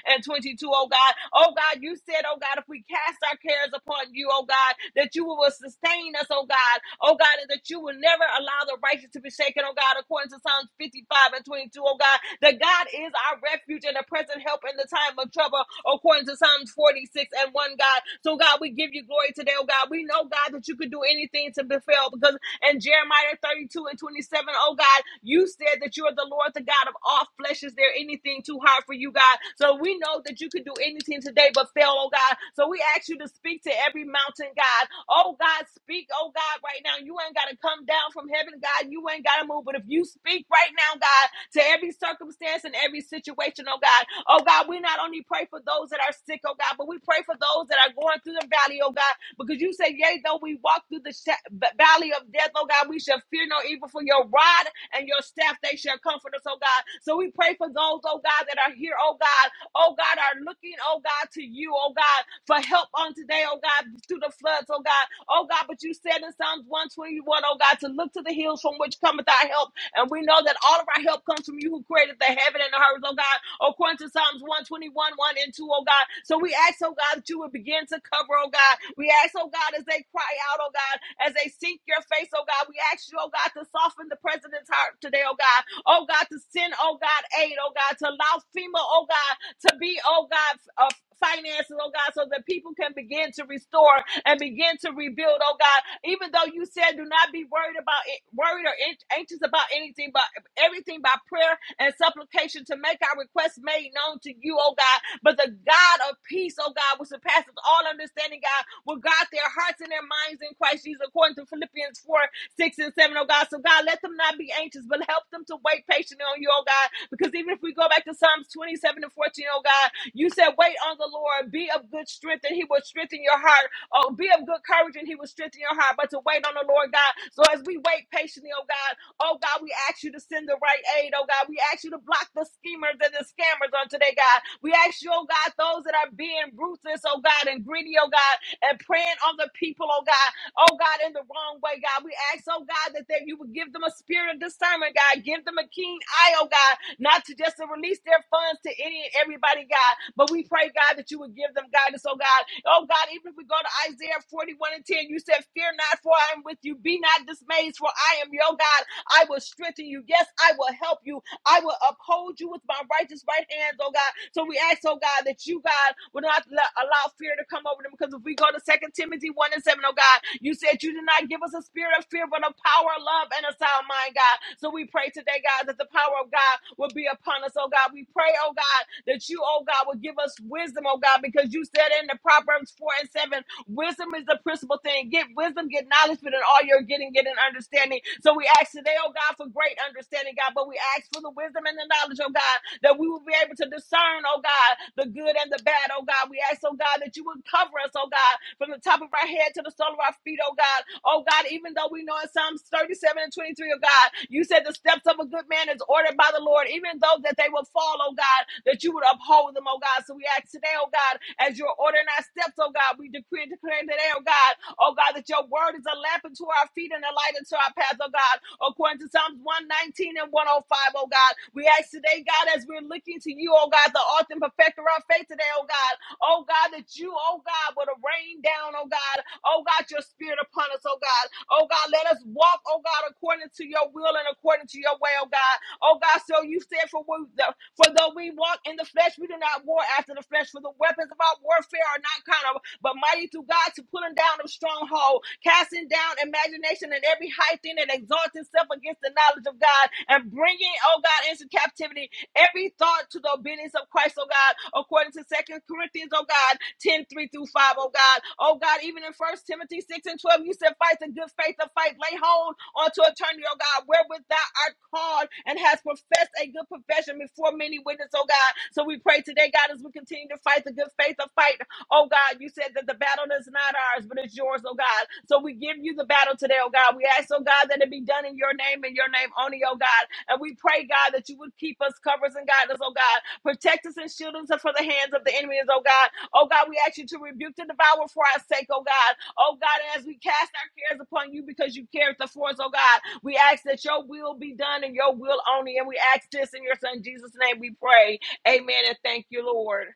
and 22, oh God. Oh God, you said, oh God, if we cast our cares upon you, oh God, that you will sustain us, oh God, oh God, and that you will never allow the righteous to be shaken, oh God, according to Psalms 55 and 22, oh God, that God is our refuge and a present help in the time of trouble, according to Psalms 46 and 1, God. So, God, we give you glory today, oh God. We know, God, that you can do anything to befall because and Jeremiah 32 and 27, oh God, you said that you are the Lord, the God of all flesh. Is there anything too hard for you, God? So we know that you can do anything today but fail, oh God. So we ask you to speak to every mountain, God. Oh God, speak, oh God, right now. You ain't got to come down from heaven, God done, God. You ain't got to move. But if you speak right now, God, to every circumstance and every situation, oh God, oh God, we not only pray for those that are sick, oh God, but we pray for those that are going through the valley, oh God, because you say, yea, though we walk through the sha- v- valley of death, oh God, we shall fear no evil for your rod and your staff, they shall comfort us, oh God. So we pray for those, oh God, that are here, oh God, oh God, are looking, oh God, to you, oh God, for help on today, oh God, through the floods, oh God, oh God. But you said in Psalms 121, oh God, to look to the hills from which cometh our help. And we know that all of our help comes from you who created the heaven and the earth, oh God, according to Psalms 121, 1 and 2, oh God. So we ask, oh God, that you would begin to cover, oh God. We ask, oh God, as they cry out, oh God, as they seek your face, oh God. We ask you, oh God, to soften the president's heart today, oh God oh God, to send, oh God, aid, oh God, to allow FEMA, oh God, to be, oh God, uh, finances, oh God, so that people can begin to restore and begin to rebuild, oh God. Even though you said do not be worried about it, worried or an- anxious about anything, but everything by prayer and supplication to make our requests made known to you, oh God. But the God of peace, oh God, which surpasses all understanding, God, will guard their hearts and their minds in Christ Jesus, according to Philippians 4 six and seven, oh God. So God, let them not be anxious, but help them to wait patiently on you, oh God. Because even if we go back to Psalms 27 and 14, oh God, you said, wait on the Lord, be of good strength, and he will strengthen your heart. Oh, be of good courage, and he will strengthen your heart. But to wait on the Lord God. So as we wait patiently, oh God, oh God, we ask you to send the right aid, oh God. We ask you to block the schemers and the scammers on today, God. We ask you, oh God, those that are being ruthless, oh God, and greedy, oh God, and preying on the people, oh God oh God, in the wrong way, God. We ask, oh God, that they, you would give them a spirit of discernment, God. Give them a keen eye, oh God, not to just to release their funds to any and everybody, God. But we pray, God, that you would give them guidance, oh God. Oh God, even if we go to Isaiah 41 and 10, you said, Fear not, for I am with you. Be not dismayed, for I am your God. I will strengthen you. Yes, I will help you. I will uphold you with my righteous right hands, oh God. So we ask, oh God, that you, God, will not let, allow fear to come over them. Because if we go to Second Timothy 1 and 7, oh God, you said you did not give us a spirit of fear, but of power, love, and a sound mind, God. So we pray today, God, that the power of God will be upon us, oh God. We pray, oh God, that you, oh God, will give us wisdom, oh God, because you said in the Proverbs 4 and 7 Wisdom is the principal thing. Get wisdom, get knowledge, but in all you're getting, get an understanding. So we ask today, oh God, for great understanding, God. But we ask for the wisdom and the knowledge, oh God, that we will be able to discern, oh God, the good and the bad, oh God. We ask, oh God, that you would cover us, oh God, from the top of our head to the sole of our feet, oh God. Oh God, even though we know in Psalms 37 and 23, oh God, you said the steps of a good man is ordered by the Lord, even though that they will fall, oh God, that you would uphold them, oh God. So we ask today, oh God, as you're ordering our steps, oh God, we decree and declare today, oh God, oh God, that your word is a lamp unto our feet and a light unto our path, oh God, according to Psalms 119 and one oh five, O God. We ask today, God, as we're looking to you, oh God, the author and perfecter of our faith today, oh God, Oh God, that you, oh God, would have rained down, oh God, oh God, your spirit upon us, oh God. Oh God, let us walk, oh God, according to your will and according to your way, oh God. Oh God, so you said for we, for though we walk in the flesh, we do not war after the flesh, for the weapons of our warfare are not carnal, but mighty through God to pulling down of stronghold, casting down imagination and every high thing that exalts itself against against the knowledge of God and bringing, oh God, into captivity every thought to the obedience of Christ, oh God, according to Second Corinthians, oh God, 10 3 through 5, O God. Oh God, even in First Timothy 6 and 12, you said, fight the good faith of fight, lay hold unto eternity, oh God, wherewith thou art called and has professed a good profession before many witnesses, oh God. So we pray today, God, as we continue to fight the good faith of fight, Oh God, you said that the battle is not ours, but it's yours, oh God. So we give you the battle today, oh God. We ask, oh God, that it be done in your name and your name only, oh God. And we pray, God, that you would keep us, covers and guide us, oh God. Protect us and shield us from the hands of the enemies, oh God. Oh God, we ask you to rebuke the devourer for our sake, oh God. Oh God, and as we cast our cares upon you because you cared for us, oh God, we ask that your will be done and your will only. And we ask this in your son Jesus' name we pray. Amen and thank you, Lord.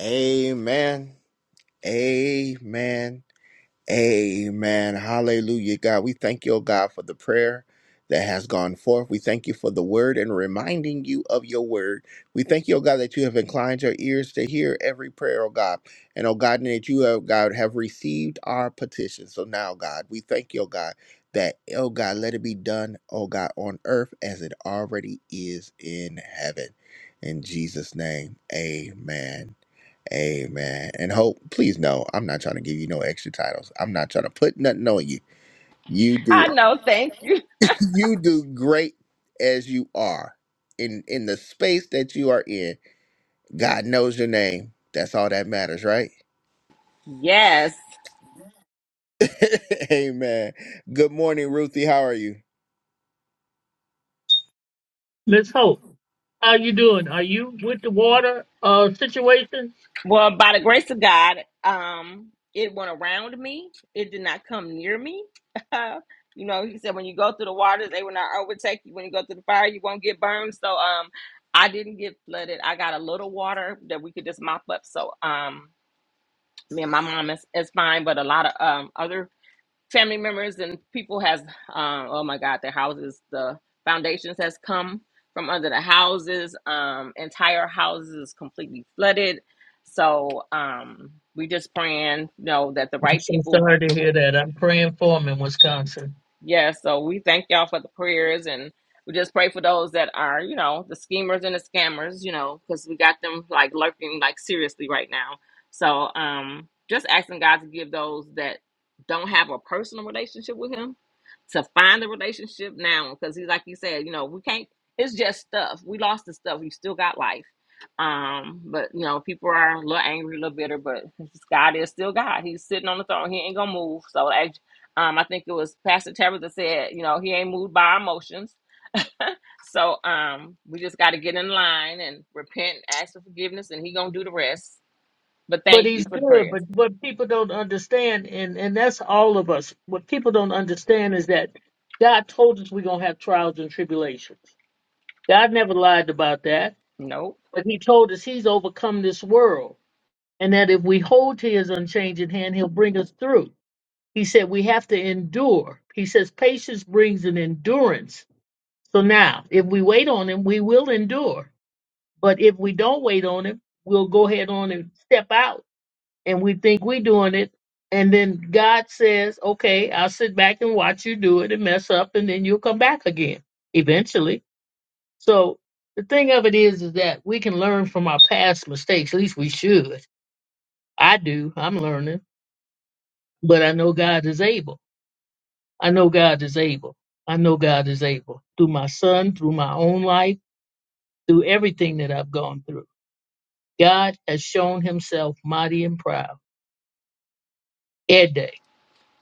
Amen. Amen. Amen. Hallelujah. God, we thank you, oh God, for the prayer that has gone forth. We thank you for the word and reminding you of your word. We thank you, oh God, that you have inclined your ears to hear every prayer, oh God. And oh God, and that you have God have received our petition. So now, God, we thank you, oh God, that oh God, let it be done, oh God, on earth as it already is in heaven. In Jesus' name. Amen. Amen. And hope, please know, I'm not trying to give you no extra titles. I'm not trying to put nothing on you. You do I know, thank you. you do great as you are. In in the space that you are in, God knows your name. That's all that matters, right? Yes. Amen. Good morning, Ruthie. How are you? Miss Hope, how you doing? Are you with the water uh situation? Well, by the grace of God, um, it went around me. It did not come near me. you know, he said when you go through the waters, they will not overtake you. When you go through the fire, you won't get burned. So um I didn't get flooded. I got a little water that we could just mop up. So um me and my mom is, is fine, but a lot of um other family members and people has um oh my god their houses the foundations has come from under the houses um entire houses is completely flooded so um we just praying you know that the I'm right so people sorry to will hear that. I'm praying for him in Wisconsin. yeah, so we thank y'all for the prayers and we just pray for those that are, you know, the schemers and the scammers, you know, because we got them like lurking like seriously right now. So um just asking God to give those that don't have a personal relationship with him to find the relationship now. Cause he's like you said, you know, we can't it's just stuff. We lost the stuff. We still got life. Um, but you know, people are a little angry, a little bitter, but God is still God. He's sitting on the throne. He ain't gonna move. So as um, I think it was Pastor Tabitha said, you know, he ain't moved by our emotions. so um, we just got to get in line and repent, ask for forgiveness, and he gonna do the rest. But But thank you he's for the good. prayers. But what people don't understand, and and that's all of us. What people don't understand is that God told us we're gonna have trials and tribulations. God never lied about that. Nope. But He told us He's overcome this world. and that if we hold to his unchanging hand, he'll bring us through. He said we have to endure. He says patience brings an endurance. So now, if we wait on him, we will endure. But if we don't wait on him, we'll go ahead on and step out and we think we're doing it. And then God says, okay, I'll sit back and watch you do it and mess up, and then you'll come back again eventually. So the thing of it is, is that we can learn from our past mistakes. At least we should. I do. I'm learning but I know God is able. I know God is able. I know God is able through my son, through my own life, through everything that I've gone through. God has shown himself mighty and proud. Ed day,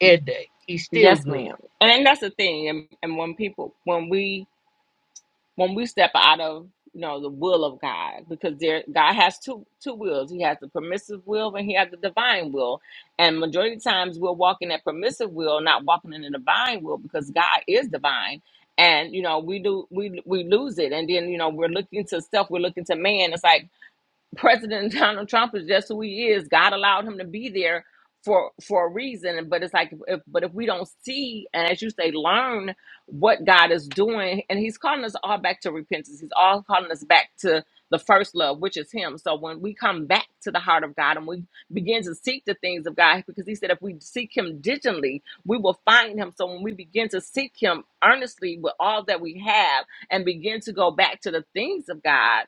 ed day. He's still Yes, good. ma'am. And, and that's the thing. And, and when people, when we when we step out of you know the will of God, because there God has two two wills. He has the permissive will and he has the divine will. And majority of times we're walking that permissive will, not walking in the divine will, because God is divine. And you know we do we we lose it, and then you know we're looking to stuff, we're looking to man. It's like President Donald Trump is just who he is. God allowed him to be there for for a reason. But it's like, if, but if we don't see and as you say, learn what God is doing, and He's calling us all back to repentance. He's all calling us back to the first love, which is Him. So when we come back to the heart of God and we begin to seek the things of God, because He said if we seek Him diligently, we will find Him. So when we begin to seek Him earnestly with all that we have, and begin to go back to the things of God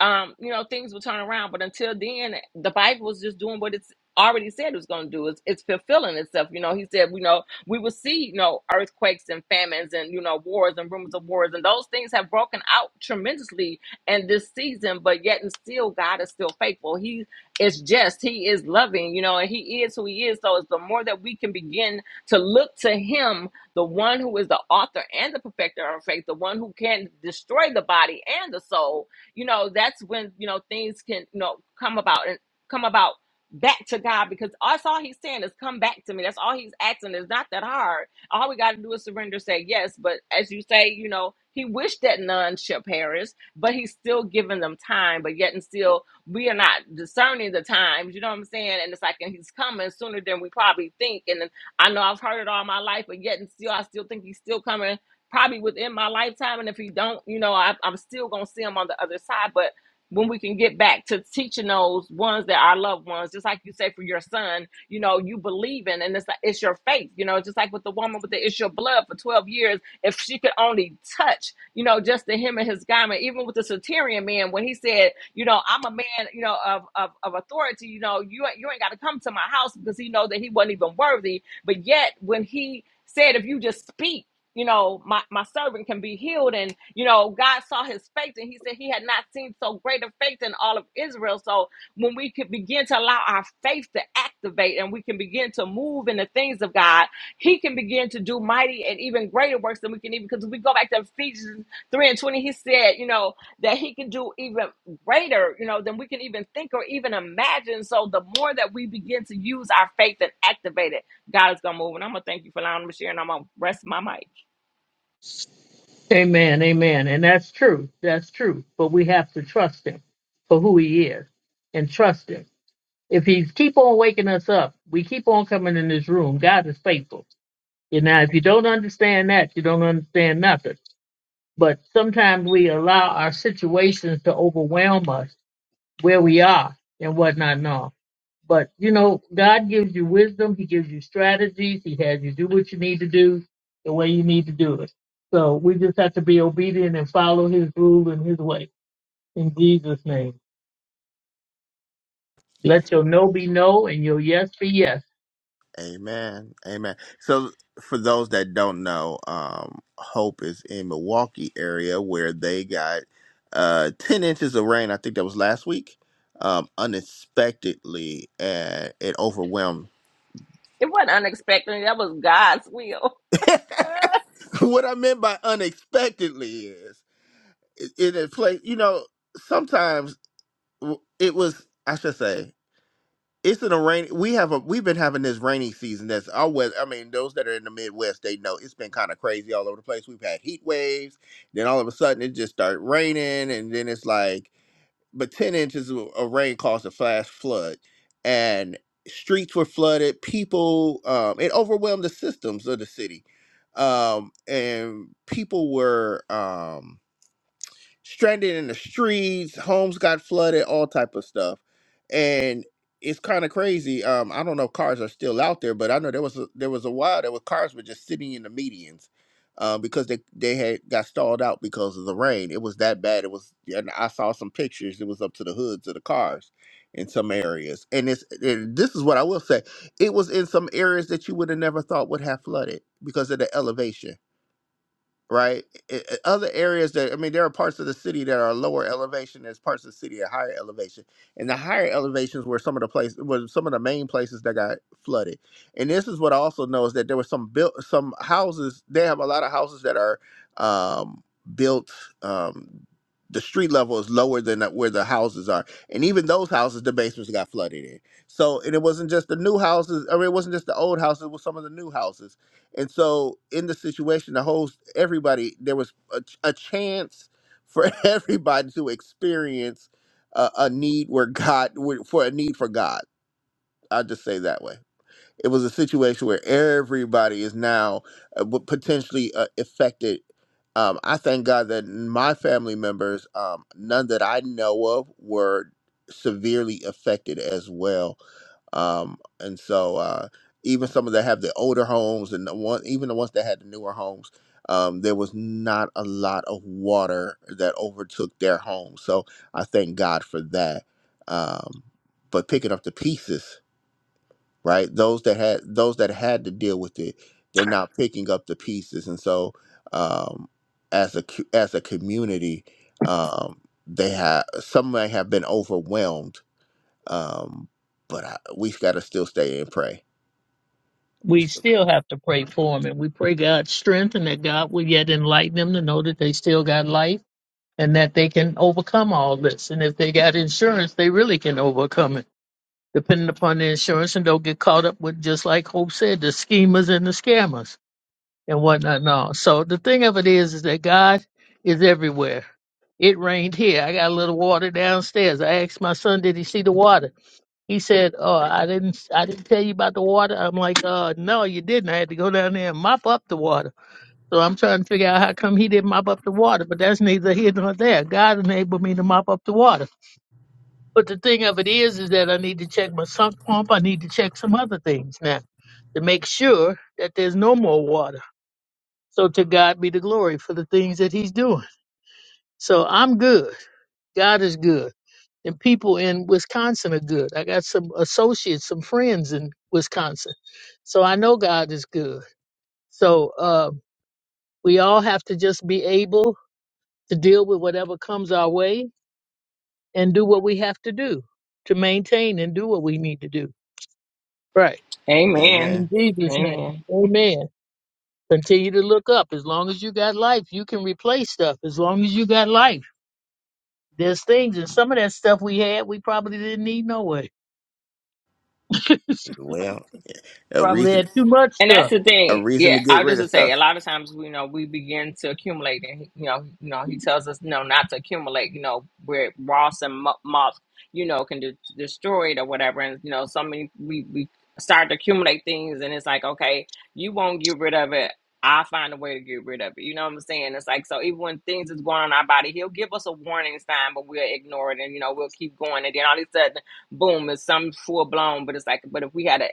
um, you know, things will turn around. But until then, the Bible was just doing what it's already said it was going to do. It's, it's fulfilling itself. You know, he said, you know, we will see, you know, earthquakes and famines and, you know, wars and rumors of wars. And those things have broken out tremendously in this season. But yet and still, God is still faithful. He is just, he is loving, you know, and he is who he is. So it's the more that we can begin to look to him, the one who is the author and the perfecter of our faith, the one who can destroy the body and the soul, you know, that's when, you know, things can, you know, come about and come about back to God because that's all he's saying is come back to me. That's all he's asking. It's not that hard. All we got to do is surrender, say yes. But as you say, you know, he wished that none shall perish, but he's still giving them time, but yet and still we are not discerning the times, you know what I'm saying? And it's like, and he's coming sooner than we probably think. And then I know I've heard it all my life, but yet and still, I still think he's still coming probably within my lifetime. And if he don't, you know, I, I'm still gonna see him on the other side. But when we can get back to teaching those ones that our loved ones, just like you say for your son, you know, you believe in, and it's like it's your faith, you know, just like with the woman with the issue of blood for 12 years, if she could only touch, you know, just the him and his garment, even with the Satirian man, when he said, you know, I'm a man, you know, of of, of authority, you know, you ain't- you ain't got to come to my house because he know that he wasn't even worthy, but yet when he said, if you just speak you know, my, my servant can be healed. And, you know, God saw his faith and he said he had not seen so great a faith in all of Israel. So when we can begin to allow our faith to activate and we can begin to move in the things of God, he can begin to do mighty and even greater works than we can even, because we go back to Ephesians 3 and 20, he said, you know, that he can do even greater, you know, than we can even think or even imagine. So the more that we begin to use our faith and activate it, God is going to move. And I'm going to thank you for allowing me to share and I'm going to rest my mic. Amen, amen. And that's true. That's true. But we have to trust him for who he is and trust him. If he keep on waking us up, we keep on coming in this room. God is faithful. You know, if you don't understand that, you don't understand nothing. but sometimes we allow our situations to overwhelm us where we are and whatnot and all. But you know, God gives you wisdom, He gives you strategies, He has you do what you need to do the way you need to do it. So we just have to be obedient and follow His rule and His way. In Jesus' name. Let your no be no and your yes be yes. Amen. Amen. So for those that don't know, um, Hope is in Milwaukee area where they got uh, 10 inches of rain. I think that was last week. Um, unexpectedly, and it overwhelmed. It wasn't unexpected. That was God's will. what I meant by unexpectedly is it, it, it play, you know, sometimes w- it was, I should say. it's in a rain. We have a we've been having this rainy season. That's our weather. I mean, those that are in the Midwest, they know it's been kind of crazy all over the place. We've had heat waves, then all of a sudden it just started raining, and then it's like, but ten inches of of rain caused a flash flood, and streets were flooded. People, um, it overwhelmed the systems of the city, um, and people were. Um, stranded in the streets, homes got flooded, all type of stuff. And it's kind of crazy. Um, I don't know if cars are still out there, but I know there was a, there was a while there was cars were just sitting in the medians uh, because they they had got stalled out because of the rain. It was that bad. It was, yeah, and I saw some pictures. It was up to the hoods of the cars in some areas. And it's and this is what I will say. It was in some areas that you would have never thought would have flooded because of the elevation right? I- I- Other areas that I mean, there are parts of the city that are lower elevation. There's parts of the city at higher elevation, and the higher elevations were some of the places, were some of the main places that got flooded. And this is what I also know is that there were some built, some houses. They have a lot of houses that are um, built. Um, the street level is lower than that where the houses are, and even those houses, the basements got flooded in. So, and it wasn't just the new houses, or it wasn't just the old houses. It was some of the new houses and so in the situation, the whole everybody there was a, ch- a chance for everybody to experience a, a need where God where- for a need for God. I'll just say it that way. It was a situation where everybody is now uh, w- potentially uh, affected. Um, I thank God that my family members, um, none that I know of, were severely affected as well um, and so uh, even some of that have the older homes and the one even the ones that had the newer homes um, there was not a lot of water that overtook their home so i thank god for that um, but picking up the pieces right? Those that had those that had to deal with it, they're not picking up the pieces, and so um, as a cu- as a community, um, they have some may have been overwhelmed, um, but I, we've got to still stay and pray. We We still good. still have to pray for them and we pray God's strength and that God will yet enlighten them to know that they still got life and that they can overcome all this. And if they got insurance, they really can overcome it, depending upon the insurance, and don't get caught up with just like Hope said, the schemers and the scammers and whatnot. And all. So the thing of it is, is that God is everywhere. It rained here. I got a little water downstairs. I asked my son, "Did he see the water?" He said, "Oh, I didn't. I didn't tell you about the water." I'm like, "Uh, no, you didn't. I had to go down there and mop up the water." So I'm trying to figure out how come he didn't mop up the water, but that's neither here nor there. God enabled me to mop up the water. But the thing of it is, is that I need to check my sump pump. I need to check some other things now to make sure that there's no more water. So to God be the glory for the things that he's doing. So I'm good. God is good. And people in Wisconsin are good. I got some associates, some friends in Wisconsin. So I know God is good. So uh, we all have to just be able to deal with whatever comes our way and do what we have to do to maintain and do what we need to do. Right. Amen. In Amen. Jesus' name. Amen. Amen. Continue to look up. As long as you got life, you can replace stuff. As long as you got life, there's things. And some of that stuff we had, we probably didn't need no way. Well, a probably had reason too much And that's stuff. the a thing. reason Yeah, to get I rid just of would stuff. say a lot of times we you know we begin to accumulate, and he- you know, you know, he tells us no not to accumulate. You know, where Ross and mo- moth, you know, can de- destroy it or whatever. And you know, so many we we start to accumulate things, and it's like, okay, you won't get rid of it. I find a way to get rid of it. You know what I'm saying? It's like so even when things is going on in our body, he'll give us a warning sign, but we'll ignore it, and you know, we'll keep going, and then all of a sudden, boom, it's some full blown. But it's like, but if we had a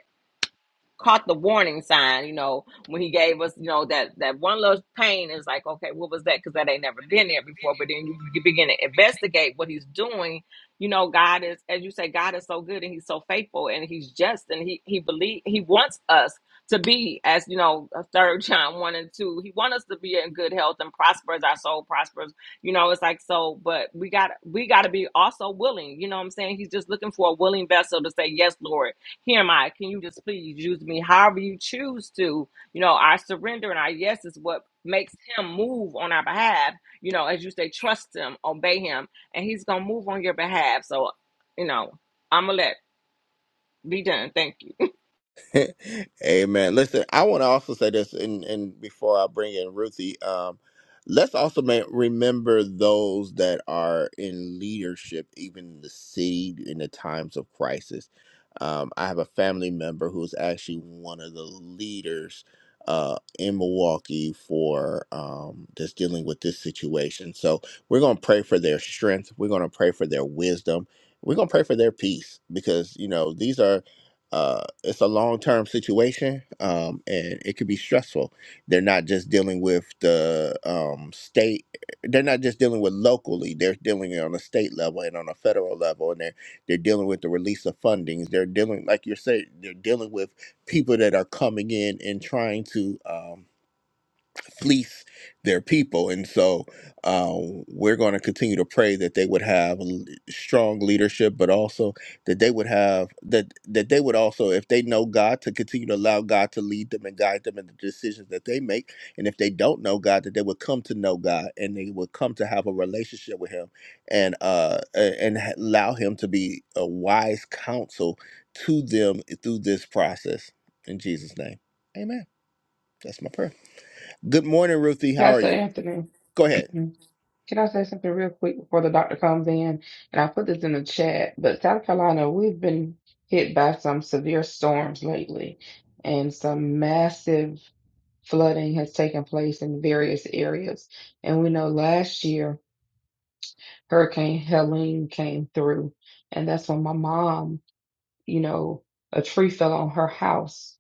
caught the warning sign, you know, when he gave us, you know, that that one little pain is like, okay, what was that? Because that ain't never been there before. But then you, you begin to investigate what he's doing. You know, God is, as you say, God is so good and He's so faithful and He's just and He He believe He wants us to be as you know, third John one and two. He wants us to be in good health and prosper as our soul prospers. You know, it's like so, but we got we got to be also willing. You know, what I'm saying He's just looking for a willing vessel to say yes, Lord here am I. Can you just please use me however you choose to? You know, our surrender and our yes is what makes him move on our behalf. You know, as you say, trust him, obey him, and he's going to move on your behalf. So, you know, I'm going to let be done. Thank you. Amen. Listen, I want to also say this, and, and before I bring in Ruthie, um, let's also ma- remember those that are in leadership, even in the city in the times of crisis. Um, I have a family member who's actually one of the leaders uh, in Milwaukee for um, just dealing with this situation. So we're going to pray for their strength. We're going to pray for their wisdom. We're going to pray for their peace because, you know, these are uh, it's a long term situation, um, and it could be stressful. They're not just dealing with the um, state; they're not just dealing with locally. They're dealing on a state level and on a federal level, and they're they're dealing with the release of fundings. They're dealing, like you're saying, they're dealing with people that are coming in and trying to. Um, fleece their people. And so uh, we're going to continue to pray that they would have l- strong leadership, but also that they would have that that they would also, if they know God, to continue to allow God to lead them and guide them in the decisions that they make. And if they don't know God, that they would come to know God and they would come to have a relationship with Him and uh a- and ha- allow Him to be a wise counsel to them through this process. In Jesus' name, Amen. That's my prayer. Good morning, Ruthie. How are Pastor you? Anthony, Go ahead. can I say something real quick before the doctor comes in? And I put this in the chat, but South Carolina, we've been hit by some severe storms lately, and some massive flooding has taken place in various areas. And we know last year Hurricane Helene came through, and um, you know, a tree fell on a house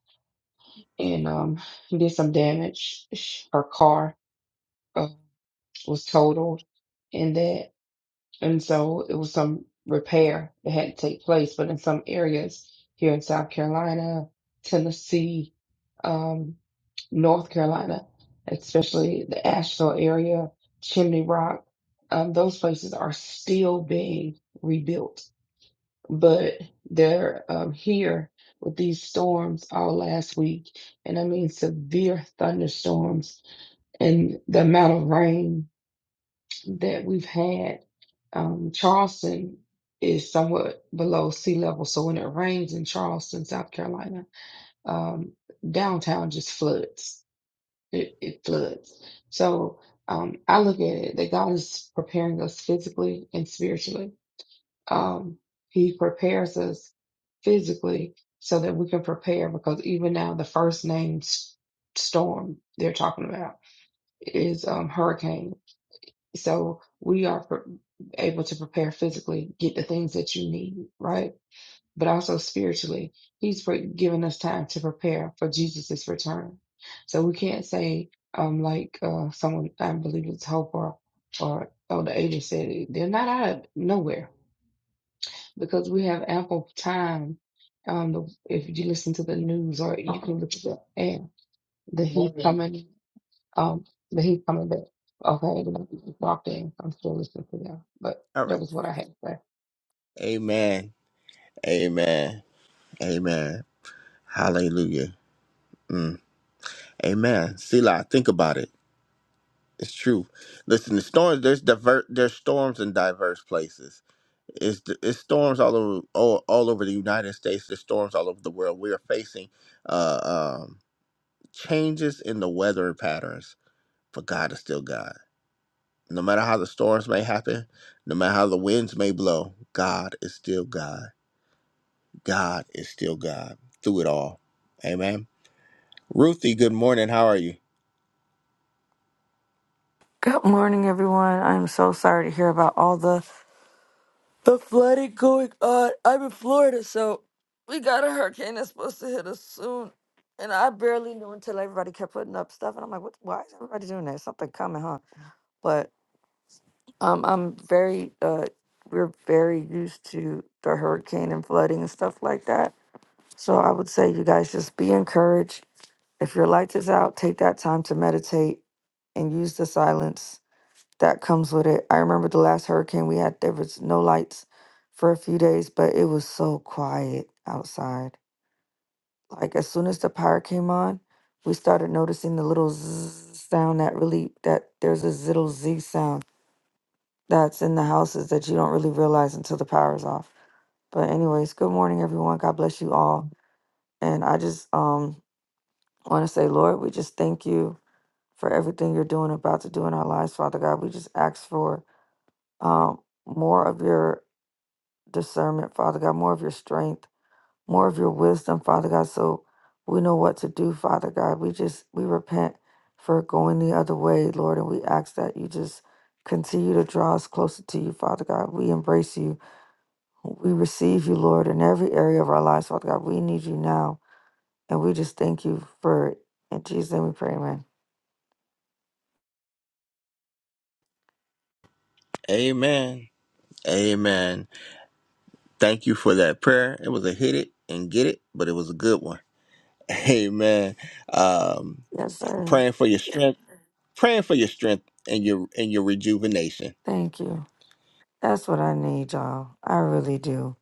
and um did some damage. Sh- Her car uh, was totaled in that, and so repair that had to take place. But in some areas here in South Carolina, Tennessee, um, North Carolina, especially the Asheville area, Chimney Rock, um, those places are still being rebuilt. But they're um, here with these storms all last week, and I mean severe thunderstorms and the amount of rain that we've had, um, Charleston is somewhat below sea level. So when it rains in Charleston, South Carolina, um, downtown just floods. It, it floods. So um, I look at it that God is preparing us physically and spiritually. Um, he prepares us physically so that we can prepare because even now the first named s- storm they're talking about is um, hurricane so we are pre- able to prepare physically, get the things that you need, right? But also spiritually, He's pre- given us time to prepare for Jesus's return. So we can't say, um, like uh, someone I believe it's Hope or or Elder Ada said, it, they're not out of nowhere because we have ample time. Um, if you listen to the news or you can look at the air, the heat coming. Um, but he's coming back. Okay, walked in. I'm still listening to them. But All that right. was what I had. to say. Amen. Amen. Amen. Hallelujah. Mm. Amen. Selah, think about it. It's true. Listen, the storms. There's divert. There's storms in diverse places. It's it's storms all over all, all over the United States. There's storms all over the world. We are facing uh, um, changes in the weather patterns, but God is still God. No matter how the storms may happen, no matter how the winds may blow, God is still God. God is still God through it all. Amen. Ruthie, good morning. How are you? Good morning, everyone. I'm so sorry to hear about all the the flooding going on. I'm in Florida, so we got a hurricane that's supposed to hit us soon, and I barely knew until everybody kept putting up stuff, and I'm like, "What? Why is everybody doing that? Something coming, huh?" But um, I'm very uh, we're very used to the hurricane and flooding and stuff like that. So I would say you guys just be encouraged. If your light is out, take that time to meditate and use the silence that comes with it. I remember the last hurricane we had, there was no lights for a few days, but it was so quiet outside. Like as soon as the power came on, we started noticing the little zzz sound that really that there's this little z sound that's in the houses that you don't really realize until the power's off. But anyways, good morning everyone. God bless you all. And I just um want to say, Lord, we just thank you for everything you're doing about to do in our lives, Father God. We just ask for um more of your discernment, Father God, more of your strength, more of your wisdom, Father God, so we know what to do, Father God. We just, we repent for going the other way, Lord, and we ask that you just continue to draw us closer to you, Father God. We embrace you. We receive you, Lord, in every area of our lives, Father God. We need you now. And we just thank you for it. In Jesus' name we pray, amen. Amen. Amen. Thank you for that prayer. It was a hit it and get it, but it was a good one. Amen. Um, Yes, sir. praying for your strength, praying for your strength and your and your rejuvenation. Thank you. That's what I need, y'all. I really do.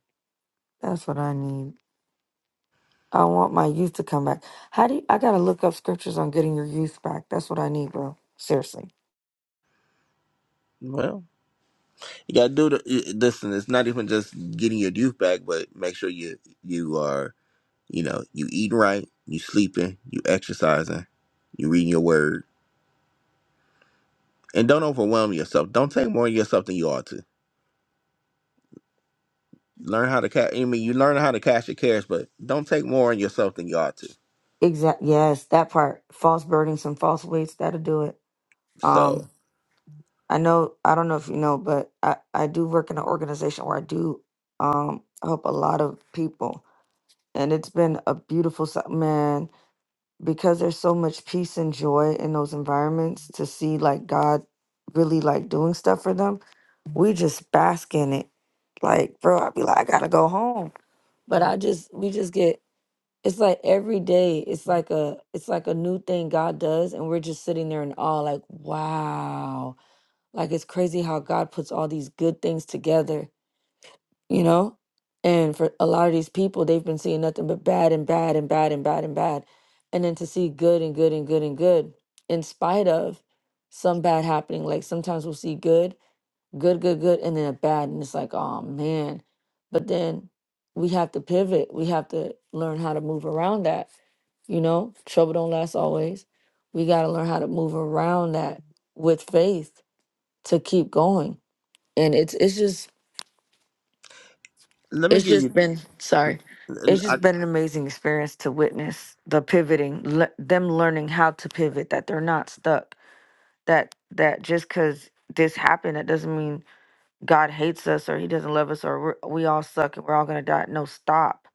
That's what I need. I want my youth to come back. How do you, I gotta look up scriptures on getting your youth back? That's what I need, bro. Seriously. Well, you gotta do the y- listen. It's not even just getting your youth back, but make sure you you are you know you eating right, you sleeping, you exercising, you reading your word and don't overwhelm yourself. Don't take more on yourself than you ought to. Learn how to catch. I mean, you learn how to catch your cares, but don't take more on yourself than you ought to. Exact. Yes, that part. False burdens and false weights. That'll do it. So Um, I know. I don't know if you know, but I I do work in an organization where I do um help a lot of people, and it's been a beautiful si- man because there's so much peace and joy in those environments to see like God really like doing stuff for them. We just bask in it. Like, bro, I'd be like, I gotta go home, but I just we just get It's like every day, it's like a it's like a new thing God does, and we're just sitting there in awe, like, wow. Like it's crazy how God puts all these good things together, you know? And for a lot of these people, they've been seeing nothing but bad and bad and bad and bad and bad. And then to see good and good and good and good, in spite of some bad happening. Like sometimes we'll see good good, good, good, and then a bad, and it's like, oh man. But then we have to pivot. We have to learn how to move around that. You know, trouble don't last always. We got to learn how to move around that with faith to keep going. And it's it's just let me it's give just you. been sorry. n- It's I, just been an amazing experience to witness the pivoting, le- them learning how to pivot, that they're not stuck. That that just because this happened, that doesn't mean God hates us or he doesn't love us or we're, we all suck and we're all gonna die. No, stop.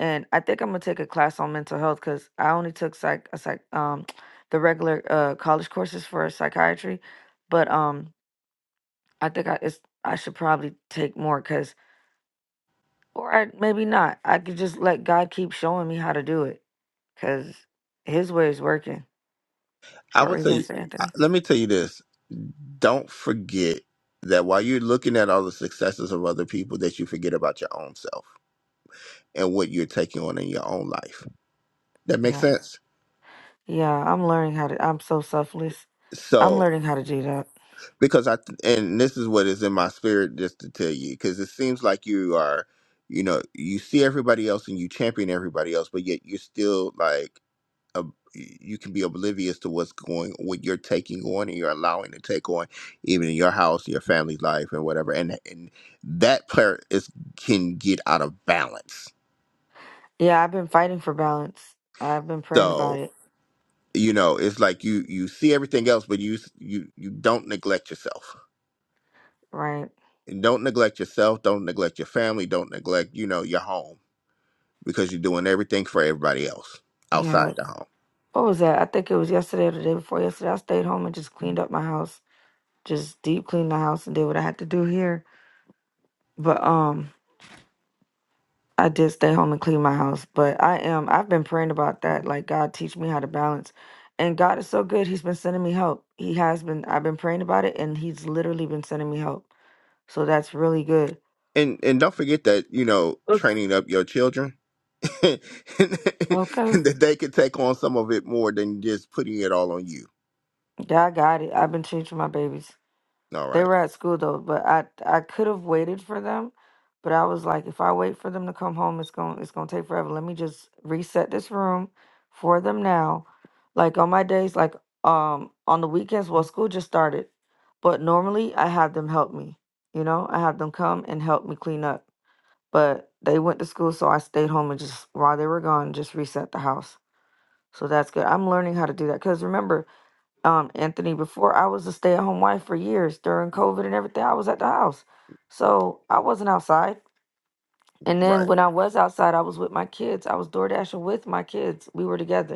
And I think I'm gonna take a class on mental health because I only took psych, a psych, um, the regular uh college courses for psychiatry, but um, I think I it's I should probably take more because or I maybe not. I could just let God keep showing me how to do it because His way is working. I Or would even say, Sir I- Anthony. let me tell you this. Don't forget that while you're looking at all the successes of other people, that you forget about your own self and what you're taking on in your own life. That makes Yeah, sense. yeah. I'm learning how to. I'm so selfless. I'm So learning how to do that. because I th- and this is what is in my spirit just to tell you because it seems like you are you know you see everybody else and you champion everybody else but yet you're still like a, you can be oblivious to what's going what you're taking on and you're allowing to take on even in your house your family life and whatever and and that player is can get out of balance Yeah, I've been fighting for balance. I've been praying about so it, you know it's like you you see everything else but you you you don't neglect yourself right? And don't neglect yourself. Don't neglect your family. Don't neglect, you know, your home because you're doing everything for everybody else outside Yeah. the home. What was that? I think it was yesterday or the day before yesterday. I stayed home and just cleaned up my house, just deep cleaned the house and did what I had to do here. But um, I did stay home and clean my house. But I am, I've been praying about that. Like, God, teach me how to balance. And God is so good. He's been sending me help. He has been, I've been praying about it and He's literally been sending me help. So that's really good. And and don't forget that you know Look, training up your children and Okay. that they can take on some of it more than just putting it all on you. Yeah, I got it. I've been changing my babies. All They right, were at school though, but I I could have waited for them, but I was like, if I wait for them to come home, it's going to it's gonna take forever. Let me just reset this room for them now. Like on my days, like um on the weekends, well, school just started, but normally I have them help me. You know, I have them come and help me clean up. But they went to school, so I stayed home and just while they were gone, just reset the house. So that's good. I'm learning how to do that because remember um, Anthony, before I was a stay at home wife for years during COVID and everything, I was at the house. So I wasn't outside. And then right. when I was outside, I was with my kids. I was door dashing with my kids. We were together.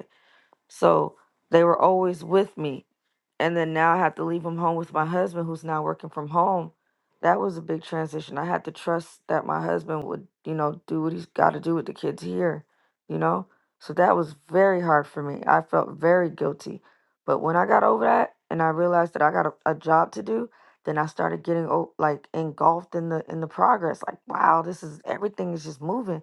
So they were always with me. And then now I have to leave them home with my husband who's now working from home. That was a big transition. I had to trust that my husband would, you know, do what he's got to do with the kids here, you know? So that was very hard for me. I felt very guilty. But when I got over that and I realized that I got a, a job to do, then I started getting o- like engulfed in the in the progress. Like, wow, this is everything is just moving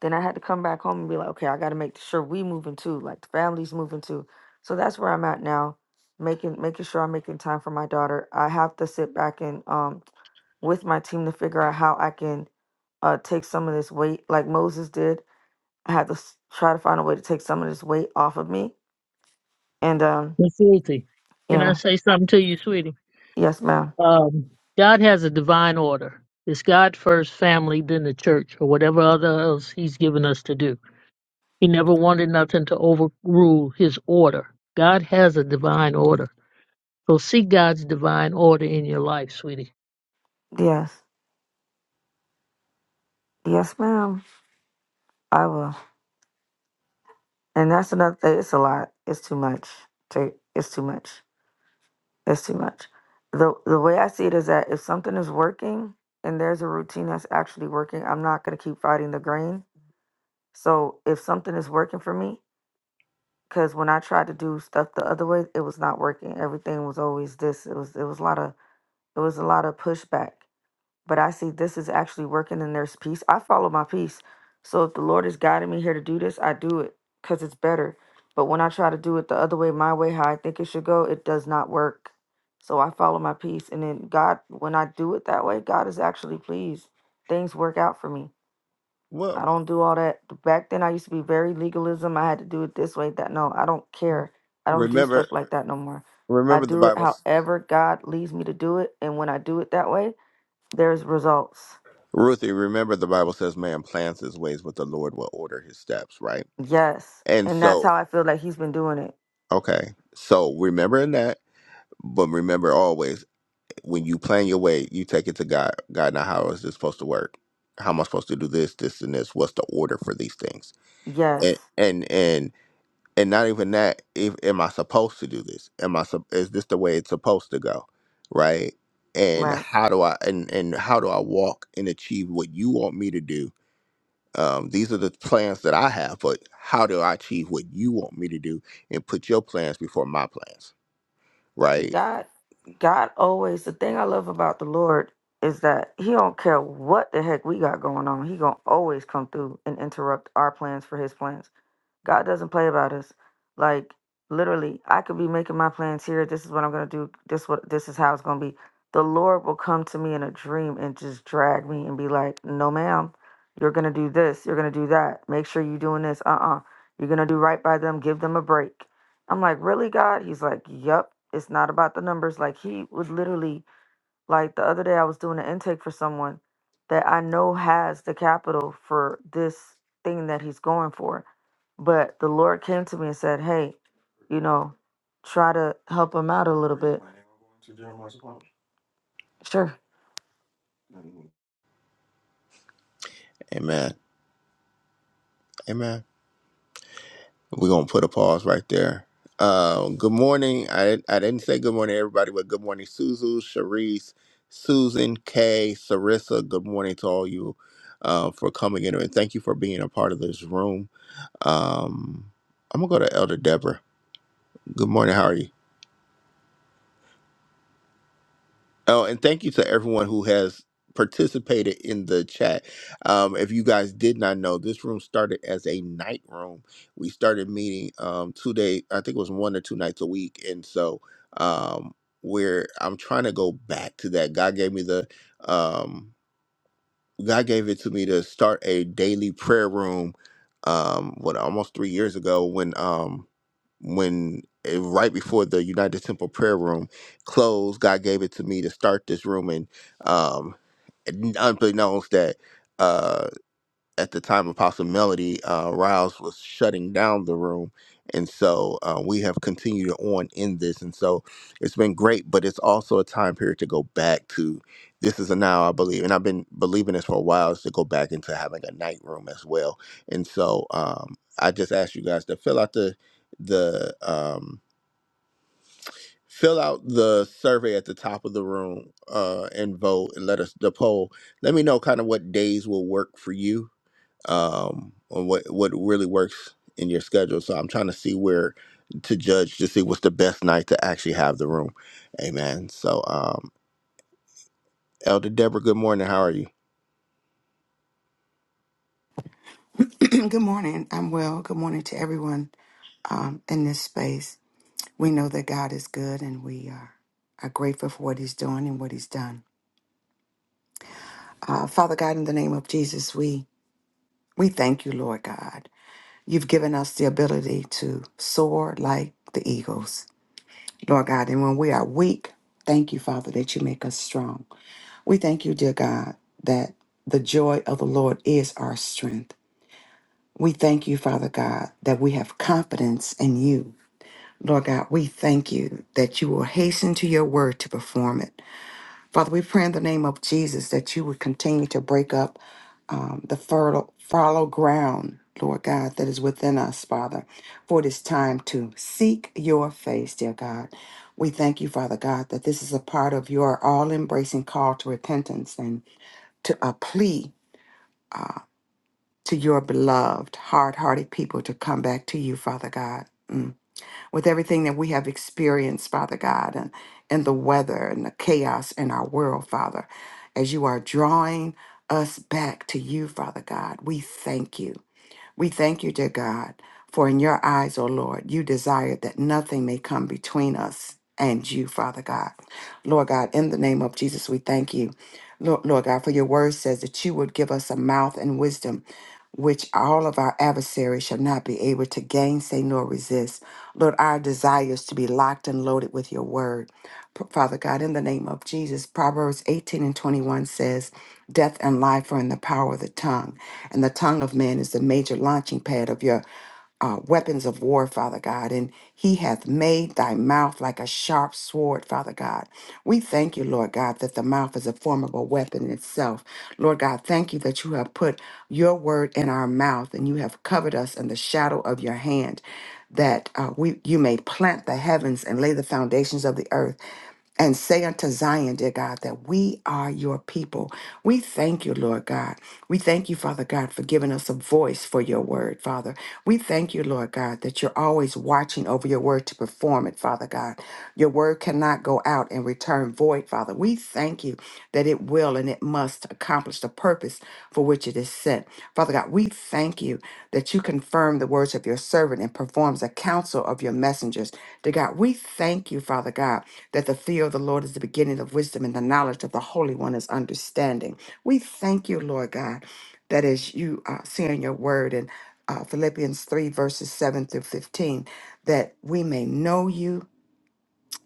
then I had to come back home and be like, okay, I got to make sure we moving too, like the family's moving too. So that's where I'm at now, making making sure I'm making time for my daughter. I have to sit back and um with my team to figure out how I can uh take some of this weight, like Moses did. I had to s- try to find a way to take some of this weight off of me. And um, Miss Ruthie, can I yeah, say something to you, sweetie? yes, ma'am. Um, God has a divine order. It's God first, family, then the church, or whatever other else He's given us to do He never wanted nothing to overrule his order. God has a divine order. So seek God's divine order in your life, sweetie. Yes, yes, ma'am. I will. And that's another thing. It's a lot. It's too much. Ta- It's too much. That's too much. The the way I see it is that if something is working and there's a routine that's actually working, I'm not gonna keep fighting the grain. So if something is working for me, because when I tried to do stuff the other way, it was not working. Everything was always this. It was it was a lot of it was a lot of pushback but I see this is actually working and there's peace. I follow my peace. So if the Lord is guiding me here to do this, I do it because it's better. But when I try to do it the other way, my way, how I think it should go, it does not work. So I follow my peace. And then God, when I do it that way, God is actually pleased. Things work out for me. Well, I don't do all that. Back then, I used to be very legalism. I had to do it this way, that. No, I don't care. I don't do remember stuff like that no more. I remember the do it Bible, however God leads me to do it. And when I do it that way, there's results. Ruthie. Remember the Bible says, "Man plans his ways, but the Lord will order his steps." Right. Yes. And And that's so, how I feel like he's been doing it. okay. So remembering that, but remember always. when you plan your way, you take it to God. God, now how is this supposed to work? How am I supposed to do this, this, and this? What's the order for these things? Yes. And and and and not even that. If am I supposed to do this? Am I sup- is this the way it's supposed to go? Right? And Right. how do I and and how do I walk and achieve what you want me to do? Um, these are the plans that I have, but how do I achieve what you want me to do? And put your plans before my plans, right? God God always the thing I love about the Lord is that he don't care what the heck we got going on. He going to always come through and interrupt our plans for his plans. God doesn't play about us. Like literally, I could be making my plans here. This is what I'm gonna do. This what this is how it's gonna be. The Lord will come to me in a dream and just drag me and be like, "No, ma'am, you're gonna do this. You're gonna do that. Make sure you're doing this. Uh-uh. You're gonna do right by them. Give them a break." I'm like, "Really, God?" He's like, "Yup. It's not about the numbers." Like he would literally, like the other day, I was doing an intake for someone that I know has the capital for this thing that he's going for but the Lord came to me and said, Hey, you know, try to help him out a little bit. Sure. Amen. Amen. We're gonna put a pause right there. Uh, good morning. I I didn't say good morning everybody, but good morning, Suzu, Sharice, Susan, Kay, Sarissa. Good morning to all you uh, for coming in and thank you for being a part of this room. Um, I'm gonna go to Elder Deborah. Good morning. How are you? Oh, and thank you to everyone who has participated in the chat. Um, if you guys did not know, this room started as a night room. We started meeting um, two day, I think it was one or two nights a week, and so um, we're I'm trying to go back to that. God gave me the um, God gave it to me to start a daily prayer room. Um, what almost three years ago when um when eh, right before the United Temple prayer room closed, God gave it to me to start this room, and um, n- unbeknownst that. uh, at the time Apostle Melody uh, Riles was shutting down the room. And so uh, we have continued on in this. And so it's been great, but it's also a time period to go back to. This is a now, I believe, and I've been believing this for a while, is to go back into having a night room as well. And so um, I just asked you guys to fill out the, the, um, fill out the survey at the top of the room uh, and vote and let us the poll let me know kind of what days will work for you um, on what what really works in your schedule. So I'm trying to see where to judge to see what's the best night to actually have the room. Amen. So um, Elder Deborah, good morning. How are you? Good morning. I'm well. Good morning to everyone um, in this space. We know that God is good and we are, are grateful for what He's doing and what He's done. Uh, Father God, in the name of Jesus, we, we thank you, Lord God. You've given us the ability to soar like the eagles, Lord God. And when we are weak, thank you, Father, that you make us strong. We thank you, dear God, that the joy of the Lord is our strength. We thank you, Father God, that we have confidence in you Lord God, we thank you that you will hasten to your word to perform it. Father, we pray in the name of Jesus that you would continue to break up um, the fertile, fallow ground, Lord God, that is within us, Father, for it is time to seek your face, dear God. We thank you, Father God, that this is a part of your all embracing call to repentance and to a plea uh, to your beloved, hard hearted people to come back to you, Father God. Mm with everything that we have experienced, Father God, and, and the weather and the chaos in our world, Father, as you are drawing us back to you, Father God, we thank you. We thank you, dear God, for in your eyes, O Lord, you desire that nothing may come between us and you, Father God. Lord God, in the name of Jesus, we thank you. Lord, Lord God, for your word says that you would give us a mouth and wisdom which all of our adversaries shall not be able to gainsay nor resist. Lord, our desire is to be locked and loaded with your word. P- Father God, in the name of Jesus, Proverbs 18 and 21 says, Death and life are in the power of the tongue and the tongue of man is the major launching pad of your uh, weapons of war, Father God, and he hath made thy mouth like a sharp sword, Father God. We thank you, Lord God, that the mouth is a formidable weapon in itself. Lord God, thank you that you have put your word in our mouth and you have covered us in the shadow of your hand, that uh, we you may plant the heavens and lay the foundations of the earth and say unto Zion, dear God, that we are your people. We thank you, Lord God. We thank you, Father God, for giving us us a voice for your word, Father. We thank you, Lord God, that you're always watching over your word to perform it, Father God. Your word cannot go out and return void, Father. We thank you that it will and it must accomplish the purpose for which it is sent. Father God, we thank you that you confirm the words of your servant and performs the counsel of your messengers. Dear God, we thank you, Father God, that the fear of the Lord is the beginning of wisdom and the knowledge of the Holy One is understanding. We thank you, Lord God that as you uh, see in your word in uh, Philippians 3, verses 7 through 15, that we may know you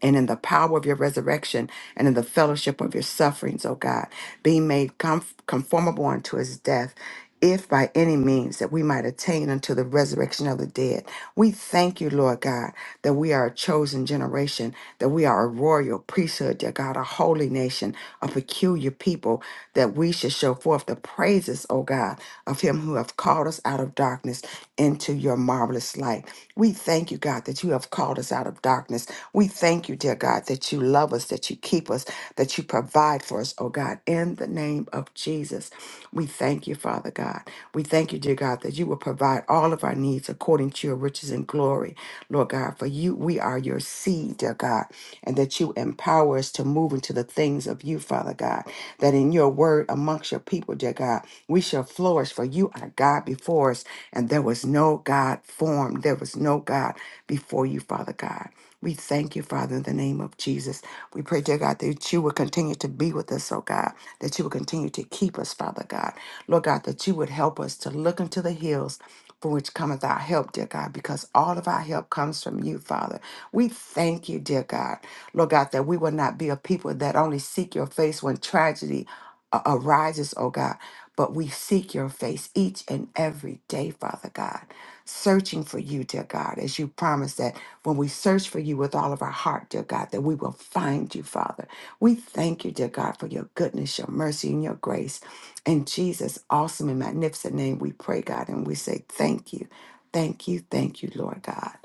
and in the power of your resurrection and in the fellowship of your sufferings, oh God being made conf- conformable unto his death, if by any means that we might attain unto the resurrection of the dead. We thank you, Lord God, that we are a chosen generation, that we are a royal priesthood, dear God, a holy nation, a peculiar people, that we should show forth the praises, O God, of him who have called us out of darkness into your marvelous light. We thank you, God, that you have called us out of darkness. We thank you, dear God, that you love us, that you keep us, that you provide for us, oh God, in the name of Jesus. We thank you, Father God. We thank you, dear God, that you will provide all of our needs according to your riches and glory, Lord God. For you, we are your seed, dear God, and that you empower us to move into the things of you, Father God. That in your word amongst your people, dear God, we shall flourish, for you are God before us, and there was no God formed, there was no God before you, Father God. We thank you, Father, in the name of Jesus. We pray, dear God, that you would continue to be with us, oh God, that you would continue to keep us, Father God. Lord God, that you would help us to look into the hills from which cometh our help, dear God, because all of our help comes from you, Father. We thank you, dear God. Lord God, that we will not be a people that only seek your face when tragedy a- arises, oh God, but we seek your face each and every day, Father God searching for you, dear God, as you promised that when we search for you with all of our heart, dear God, that we will find you, Father. We thank you, dear God, for your goodness, your mercy, and your grace. In Jesus' awesome and magnificent name, we pray, God, and we say thank you, thank you, thank you, Lord God.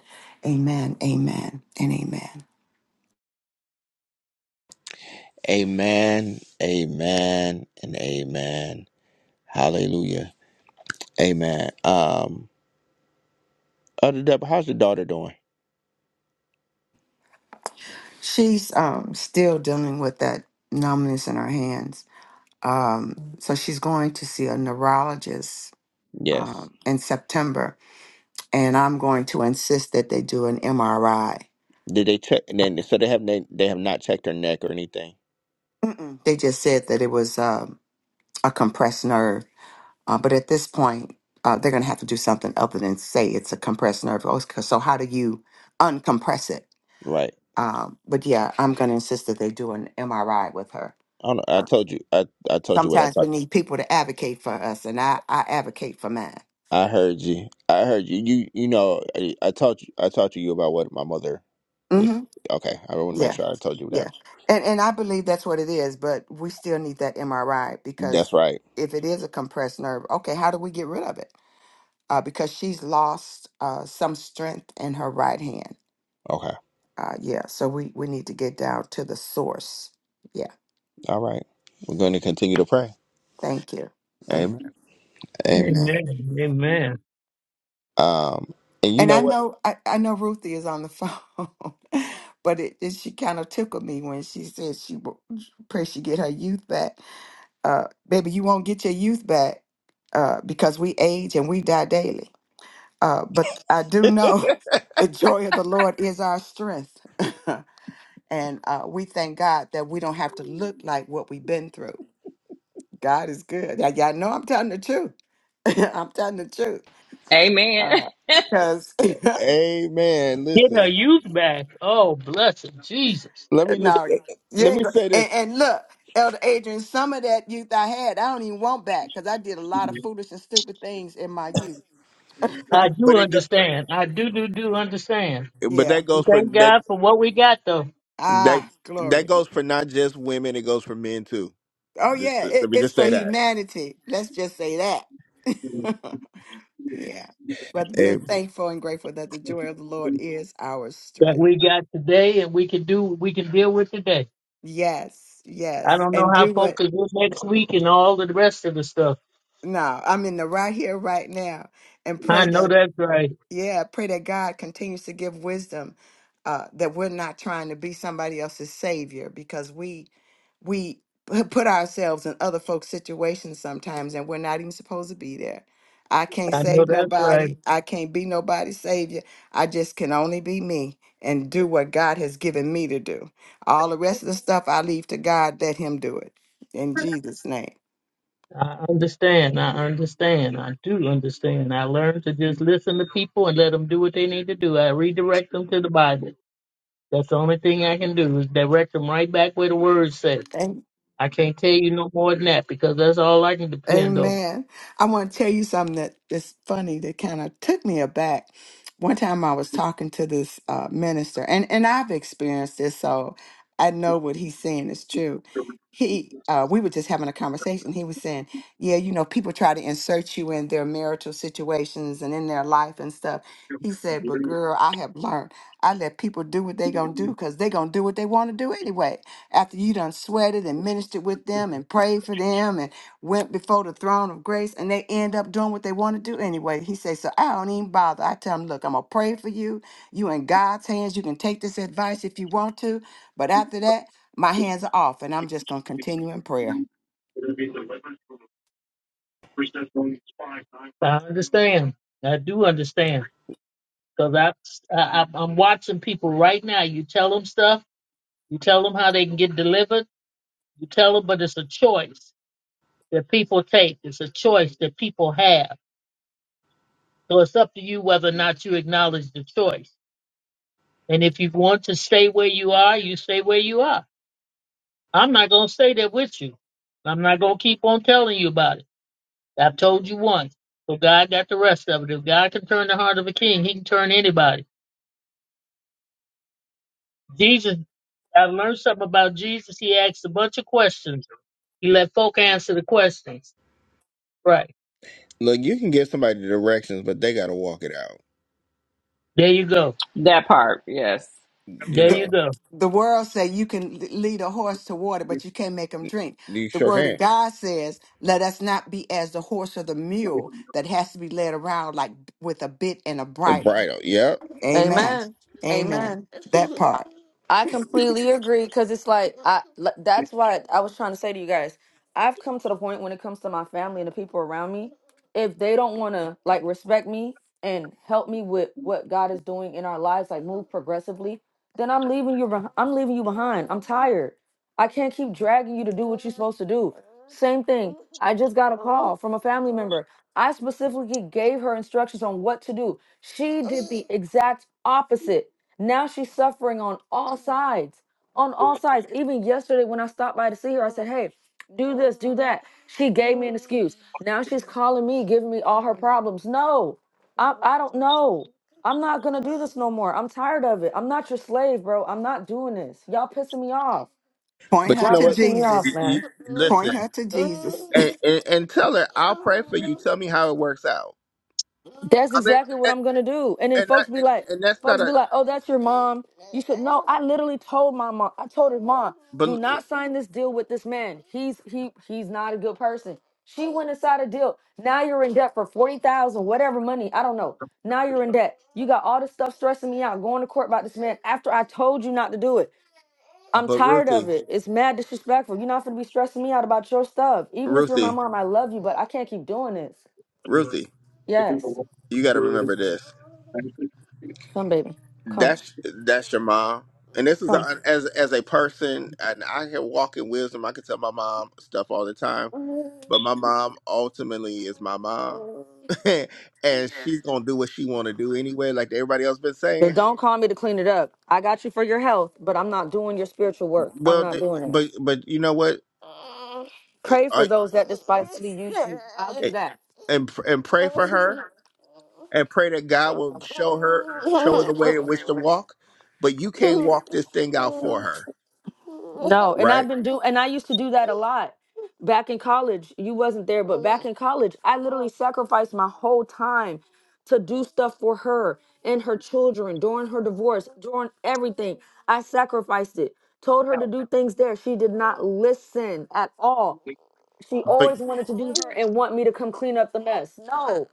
Amen, amen, and amen. Amen, amen, and amen. Hallelujah. Amen. Um, Elder Deborah, how's your daughter doing? She's um, still dealing with that numbness in her hands. Um, so she's going to see a neurologist Yes. um, in September and I'm going to insist that they do an MRI. Did they check? And then so they have they, they have not checked her neck or anything, Mm-mm. They just said that it was um, a compressed nerve, uh, but at this point, uh, they're going to have to do something other than say it's a compressed nerve. Oh, c- So how do you uncompress it? right? Um, but yeah, I'm going to insist that they do an MRI with her. I don't know. I told you. I, I told you what I thought. Sometimes we need people to advocate for us, and I, I advocate for mine. I heard you. I heard you. You you know I, I taught you I taught you about what my mother was hmm okay. I want to make Yeah. sure I told you that. Yeah. And and I believe that's what it is, but we still need that MRI That's because right. if it is a compressed nerve, okay, how do we get rid of it? Uh, because she's lost uh, some strength in her right hand. Okay. Uh, yeah, so we, we need to get down to the source. Yeah, All right. We're going to continue to pray. thank you, thank Amen. you. Amen. Amen. Amen. Amen. Um and you And know I what? know I, I know Ruthie is on the phone, but it, it she kind of tickled me when she said she w- pray she get her youth back uh, baby, you won't get your youth back uh, because we age and we die daily. Uh, but I do know the joy of the Lord is our strength. and uh, we thank God that we don't have to look like what we've been through. God is good. Now, y'all know I'm telling the truth. I'm telling the truth. Amen. Because, Amen. Getting our Listen. youth back. Oh, bless it, Jesus. Let me just no, you let ain't me going to. say this. and, and look, Elder Adrian, some of that youth I had, I don't even want back because I did a lot of foolish and stupid things in my youth. I do But it go, understand. I do, do, do understand. but yeah. that And goes for thank that God for what we got, though, that Ah, that glory. goes for not just women, it goes for men too. Oh, Just yeah, let it, me it's just for say that. humanity. Let's just say that. yeah. But we're Hey, thankful and grateful that the joy of the Lord is our that strength. we got today and we can do, we can deal with today. Yes, I yes. don't know And how do what? focused is next week and all of the rest of the stuff. No, I'm in the right here, right now, and I pray know that that's right. Yeah, I pray that God continues to give wisdom, uh, that we're not trying to be somebody else's savior because we we pu- put ourselves in other folks' situations sometimes and we're not even supposed to be there. I can't I know save that's right. nobody. I can't be nobody's savior. I just can only be me and do what God has given me to do. All the rest of the stuff I leave to God, let him do it. In Jesus' name. I understand. I understand. I do understand. I learned to just listen to people and let them do what they need to do. I redirect them to the Bible. That's the only thing I can do is direct them right back where the word says. I can't tell you no more than that because that's all I can depend on. Amen. I want to tell you something that is funny that kind of took me aback. One time I was talking to this uh, minister, and, and I've experienced this, so I know what he's saying is true. He, uh, we were just having a conversation. He was saying, "Yeah, you know, people try to insert you in their marital situations and in their life and stuff." He said, "But girl, I have learned. I let people do what they gonna do because they gonna do what they want to do anyway. After you done sweated and ministered with them and prayed for them and went before the throne of grace and they end up doing what they want to do anyway. He says, So I don't even bother. I tell him, Look, I'm going to pray for you. You in God's hands. You can take this advice if you want to. But after that, my hands are off and I'm just going to continue in prayer. I understand. I do understand because I, I I'm watching people right now. You tell them stuff. You tell them how they can get delivered. You tell them, but it's a choice that people take. It's a choice that people have So it's up to you whether or not you acknowledge the choice. And if you want to stay where you are, you stay where you are. I'm not going to stay there with you. I'm not going to keep on telling you about it. I've told you once. So God got the rest of it. If God can turn the heart of a king, he can turn anybody. Jesus, I learned something about Jesus. He asked a bunch of questions. He let folk answer the questions. Right. look, you can give somebody directions, but they got to walk it out. There you go. That part. Yes. You There The, you know. go. the world say you can l- lead a horse to water, but you can't make him drink. Do You The sure word of can. God says, let us not be as the horse or the mule that has to be led around like with a bit and a And bridle. bridal. Yep. Amen. Amen. Amen. Amen. That part. I completely agree because it's like I li- that's why I was trying to say to you guys, I've come to the point when it comes to my family and the people around me, if they don't want to like respect me and help me with what God is doing in our lives, like move progressively, then I'm leaving you beh- I'm leaving you behind. I'm tired. I can't keep dragging you to do what you're supposed to do. Same thing. I just got a call from a family member. I specifically gave her instructions on what to do. She did the exact opposite now she's suffering on all sides. On all sides. Even yesterday when I stopped by to see her, I said, Hey, do this, do that. She gave me an excuse. Now she's calling me, giving me all her problems. No, I, I don't know. I'm not going to do this no more. I'm tired of it. I'm not your slave, bro. I'm not doing this. Y'all pissing me off. Point But you her Y'all know to what? pissing me You- off, Jesus. you- man. Point listen her to Jesus. and, and and tell her I'll pray for you. Tell me how it works out. That's I mean, exactly what and I'm gonna do. And then and, folks be that, like, and that's not folks be a like, oh, that's your mom. You should no. I literally told my mom. I told her mom, do but not sign this deal with this man. He's he he's not a good person. She went inside a deal. Now you're in debt for forty thousand, whatever money. I don't know. Now you're in debt. You got all this stuff stressing me out. Going to court about this man after I told you not to do it. I'm but tired of Ruthie, it. It's mad disrespectful. You're not gonna be stressing me out about your stuff. Even if you're my Ruthie, mom, I love you, but I can't keep doing this. Ruthie, Yes, you got to remember this. come baby, come. That's that's your mom. And this is Come. a, as as a person, and I can walk in wisdom. I can tell my mom stuff all the time, but my mom ultimately is my mom, and she's gonna do what she want to do anyway, like everybody else been saying. But don't call me to clean it up. I got you for your health, but I'm not doing your spiritual work. I'm Well, not th- doing it. but but you know what? Pray for I those that despitefully use you. I'll do that. and and pray for her and pray that God will show her show her the way in which to walk. But you can't walk this thing out for her, No, and right? I've been doing, and I used to do that a lot back in college. You wasn't there, but back in college, I literally sacrificed my whole time to do stuff for her and her children during her divorce, during everything. I sacrificed it. Told her to do things there. She did not listen at all. She But always wanted to do her and want me to come clean up the mess. No.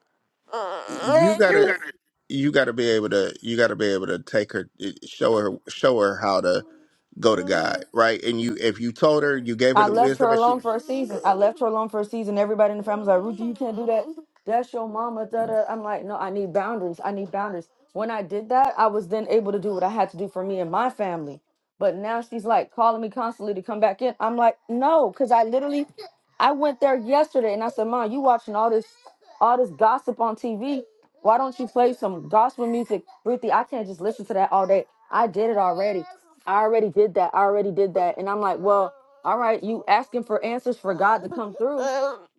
you gotta you gotta be able to you gotta be able to take her eh, show her show her how to go to God, right? And you if you told her you gave her I the left her wisdom and she. alone for a season. I left her alone for a season. Everybody in the family's like, Ruthie, you can't do that. That's your mama. Da, da. I'm like, no, I need boundaries. I need boundaries. When I did that, I was then able to do what I had to do for me and my family. But now she's like calling me constantly to come back in. I'm like, no, because I literally, I went there yesterday and I said, Mom, you watching all this, all this gossip on TV. Why don't you play some gospel music, Ruthie? I can't just listen to that all day. I did it already. I already did that. I already did that. And I'm like, well, all right, you asking for answers for God to come through.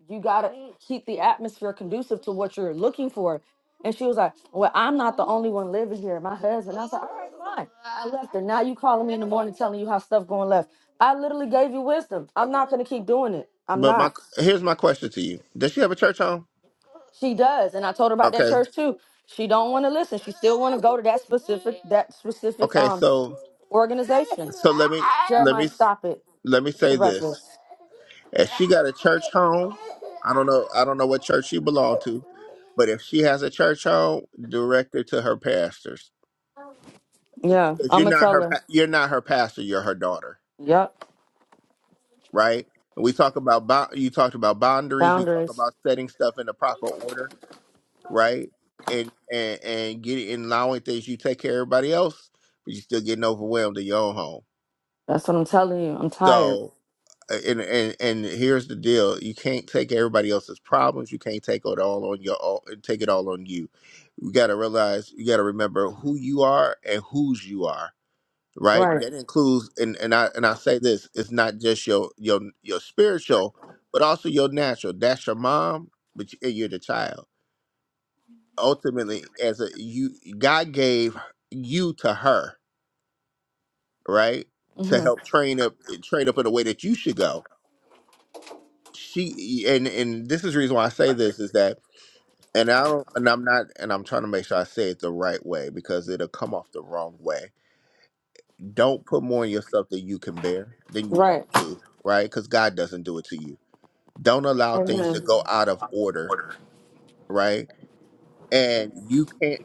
You got to keep the atmosphere conducive to what you're looking for. And she was like, well, I'm not the only one living here. My husband. I was like, all right, fine. I left her. Now you calling me in the morning telling you how stuff going left. I literally gave you wisdom. I'm not going to keep doing it. I'm But my not. here's my question to you: Does she have a church home? She does. And I told her about that Okay, church too. She don't want to listen. She still want to go to that specific, that specific okay. um So organization. so let me let Jeremiah, me stop it. let me What's say your this. breakfast? If she got a church home, I don't know. I don't know what church she belonged to, but if she has a church home, direct her to her pastors Yeah, because I'm you're gonna not tell her. her. pa- You're not her pastor. You're her daughter, Yep, right? And we talk about bo- you talked about boundaries. We talk boundaries. about setting stuff in the proper order, right? And and and getting and allowing things. You take care of everybody else, but you're still getting overwhelmed in your own home. That's what I'm telling you. I'm tired. So uh, and and and here's the deal: you can't take everybody else's problems. You can't take it all on your all, take it all on you. You got to realize, you got to remember who you are and whose you are. Right? Right. That includes and and I and I say this: it's not just your your your spiritual, but also your natural. That's your mom, but you, you're the child. Ultimately, as a you, God gave you to her, right? To hmm help train up, train up in the way that you should go she and and this is the reason why I say this is that and I don't and I'm not and I'm trying to make sure I say it the right way because it'll come off the wrong way. Don't put more on yourself than you can bear than you Right. ought to, right? Because God doesn't do it to you. Don't allow things to Amen. go out of order, right? And you can't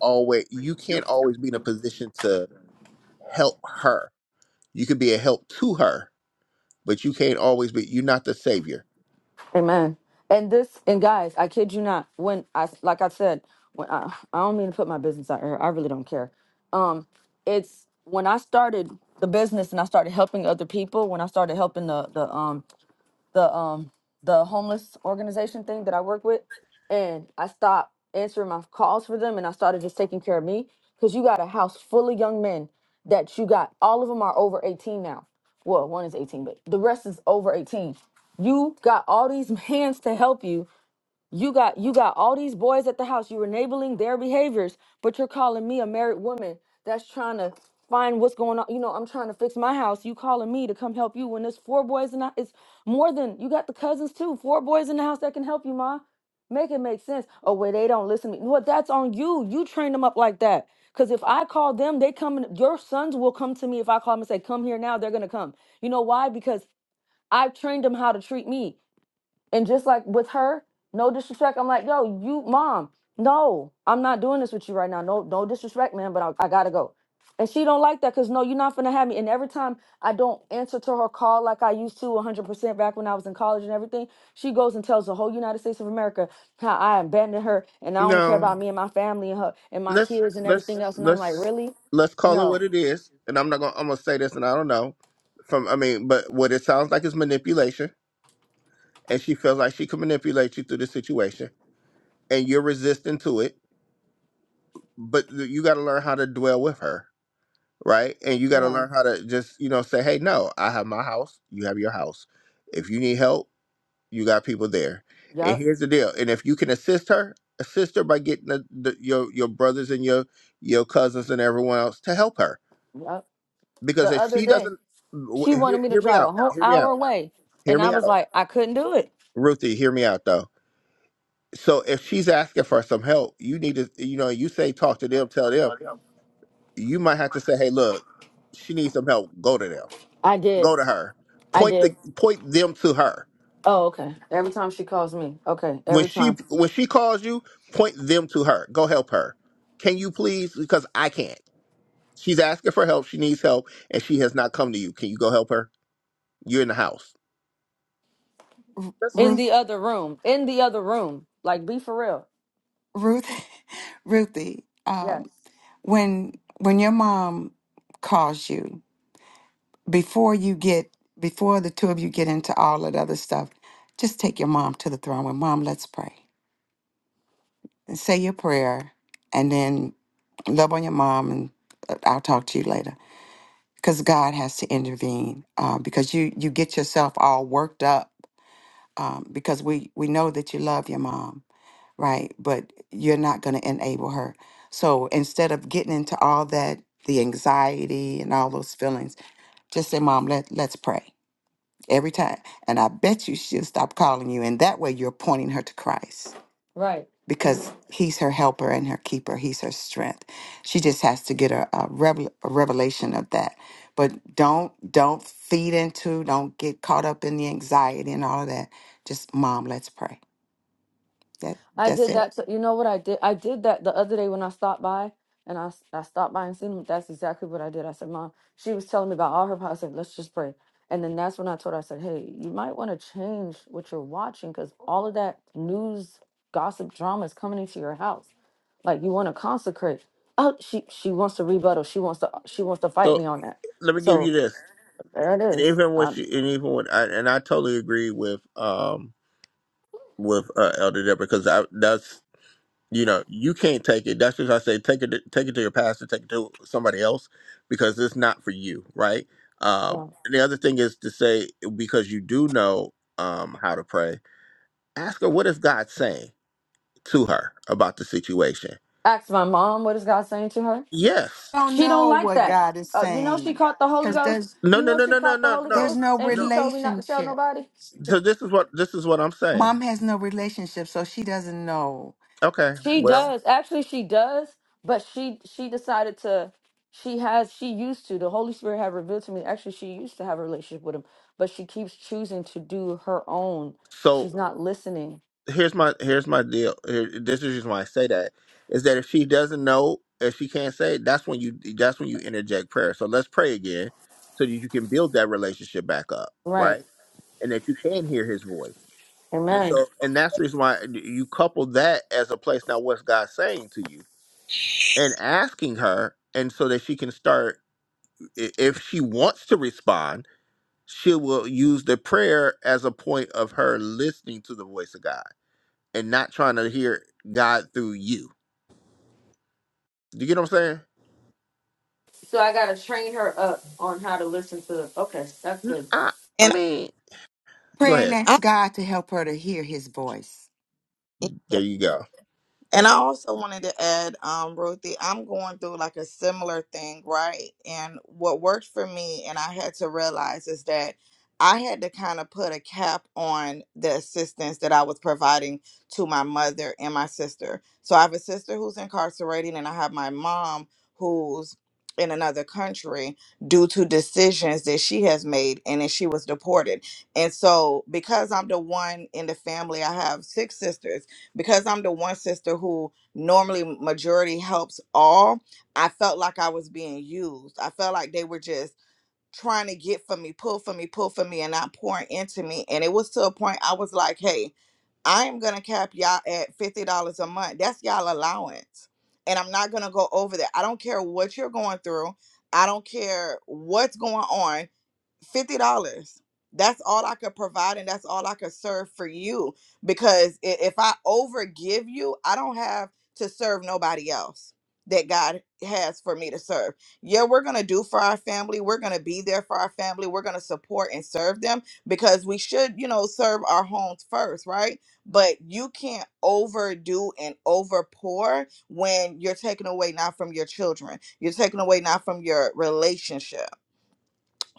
always you can't always be in a position to help her. You could be a help to her, but you can't always be. You're not the savior. Amen. And this, and guys, I kid you not. When I, like I said, when I, I don't mean to put my business out here. I really don't care. Um, it's when I started the business and I started helping other people. When I started helping the the um the um the homeless organization thing that I work with, and I stopped answering my calls for them, and I started just taking care of me because you got a house full of young men that you got all of them are over 18 now. Well, one is 18, but the rest is over 18. You got all these hands to help you you got you got all these boys at the house. You're enabling their behaviors, but you're calling me a married woman that's trying to find what's going on. You know, I'm trying to fix my house. You calling me to come help you when there's four boys in the it's more than you got the cousins too. Four boys in the house that can help you, ma. Make it make sense. Oh wait, they don't listen to me. Well, that's on you. You train them up like that. Cause if I call them, they come. and Your sons will come to me if I call them and say, "Come here now." They're gonna come. You know why? Because I've trained them how to treat me. And just like with her, no disrespect. I'm like, yo, you mom, no, I'm not doing this with you right now. No, no disrespect, man, but I, I gotta go. And she don't like that because no, you're not gonna have me. And every time I don't answer to her call like I used to 100% back when I was in college and everything, she goes and tells the whole United States of America how I abandoned her and I only care No. about me and my family and her and my let's kids and let's everything else. And I'm like, let's really? let's call it what No. it is. And I'm not gonna I'm gonna say this, and I don't know from I mean, but what it sounds like is manipulation, and she feels like she can manipulate you through the situation, and you're resistant to it. But you got to learn how to dwell with her, right? And you got to Yeah. learn how to just you know say, hey, no, I have my house, you have your house. If you need help, you got people there. And yep, here's the deal. And if you can assist her, assist her by getting the, the, your your brothers and your your cousins and everyone else to help her yep. The because if other she day. doesn't w- She hear, wanted me to hear me drive a out whole hear me hour out away. hear And I me was out like, I couldn't do it. ruthie hear me out though so if she's asking for some help you need to you know you say talk to them tell them you might have to say hey look she needs some help go to them I did. go to her I point the did. point them to her Oh, okay. Every time she calls me. Okay. when Every she time. when she calls you point them to her go help her can you please because i can't she's asking for help she needs help and she has not come to you can you go help her you're in the house That's- In the Ruth, other room. In the other room. Like, be for real. Ruth, Ruthie, Yes. um, when when your mom calls you before you get before the two of you get into all that other stuff, just take your mom to the throne with mom. Let's pray and say your prayer, and then love on your mom, and uh, I'll talk to you later. Because God has to intervene. Uh, because you you get yourself all worked up um, because we we know that you love your mom right? But you're not going to enable her. So instead of getting into all that, the anxiety and all those feelings, just say, Mom, let, let's pray every time. And I bet you she'll stop calling you. And that way you're pointing her to Christ Right. because he's her helper and her keeper, he's her strength. She just has to get a, a, revel- a revelation of that. But don't don't feed into, don't get caught up in the anxiety and all of that. Just mom, let's pray. That I that's did it. that. To, you know what I did? I did that the other day when I stopped by, and I s- I stopped by and seen him. That's exactly what I did. I said, "Mom," she was telling me about all her problems. I said, "Let's just pray." And then that's when I told her, I said, "Hey, you might want to change what you're watching because all of that news, gossip, drama is coming into your house. Like you want to consecrate." Oh, she she wants to rebuttal. She wants to she wants to fight me so on that. let me give you So this there it and is. even when Um, she and even when I, and I totally agree with um with uh, Elder Deborah because I that's you know you can't take it. That's just I say take it to, take it to your pastor, take it to somebody else because it's not for you, right? Um, and the other thing is to say because you do know um how to pray, ask her what is God saying to her about the situation. ask my mom what is God saying to her. Yes, don't She don't know like what that. God is Uh, you know she saying caught the Holy because Ghost. there's no, You no, know no, she no, no, caught the no, Holy there's no, Ghost, no and no. she told me not to tell relationship. nobody. The- So this is what this is what I'm saying. Mom has no relationship, so she doesn't know. Okay, She well, does. Actually, she does. But she she decided to. She has. She used to. The Holy Spirit had revealed to me. Actually, she used to have a relationship with him, but she keeps choosing to do her own. so. She's not listening. here's my here's my deal. Here, this is just why I say that is that if she doesn't know, if she can't say, that's when you that's when you interject prayer. So let's pray again, so that you can build that relationship back up, Right. right? And that you can hear His voice. And Amen. so, and that's the reason why you couple that as a place. Now, what's God saying to you? And asking her, and so that she can start. i- If she wants to respond, she will use the prayer as a point of her listening to the voice of God and not trying to hear God through you. Do you get what I'm saying? So I gotta train her up on how to listen to. Okay, that's N- good. I, I And mean, go Pray and ahead. I ask God to help her to hear His voice. There you go. and I also wanted to add, um, Ruthie, I'm going through like a similar thing, right? And what worked for me and I had to realize is that I had to kind of put a cap on the assistance that I was providing to my mother and my sister. So I have a sister who's incarcerated and I have my mom who's in another country due to decisions that she has made and then she was deported. And so because I'm the one in the family, I have six sisters because I'm the one sister who normally majority helps all, I felt like I was being used. I felt like they were just trying to get for me, pull for me, pull for me, and not pouring into me. And it was to a point I was like, hey, I am gonna cap y'all at fifty dollars a month. That's y'all allowance. And I'm not gonna go over that. I don't care what you're going through. I don't care what's going on fifty dollars. That's all I could provide, and that's all I could serve for you. Because i- if I overgive you, I don't have to serve nobody else that God has for me to serve. Yeah, we're gonna do for our family. We're gonna be there for our family. We're gonna support and serve them because we should, you know, serve our homes first, right? But you can't overdo and overpour when you're taking away not from your children, you're taking away not from your relationship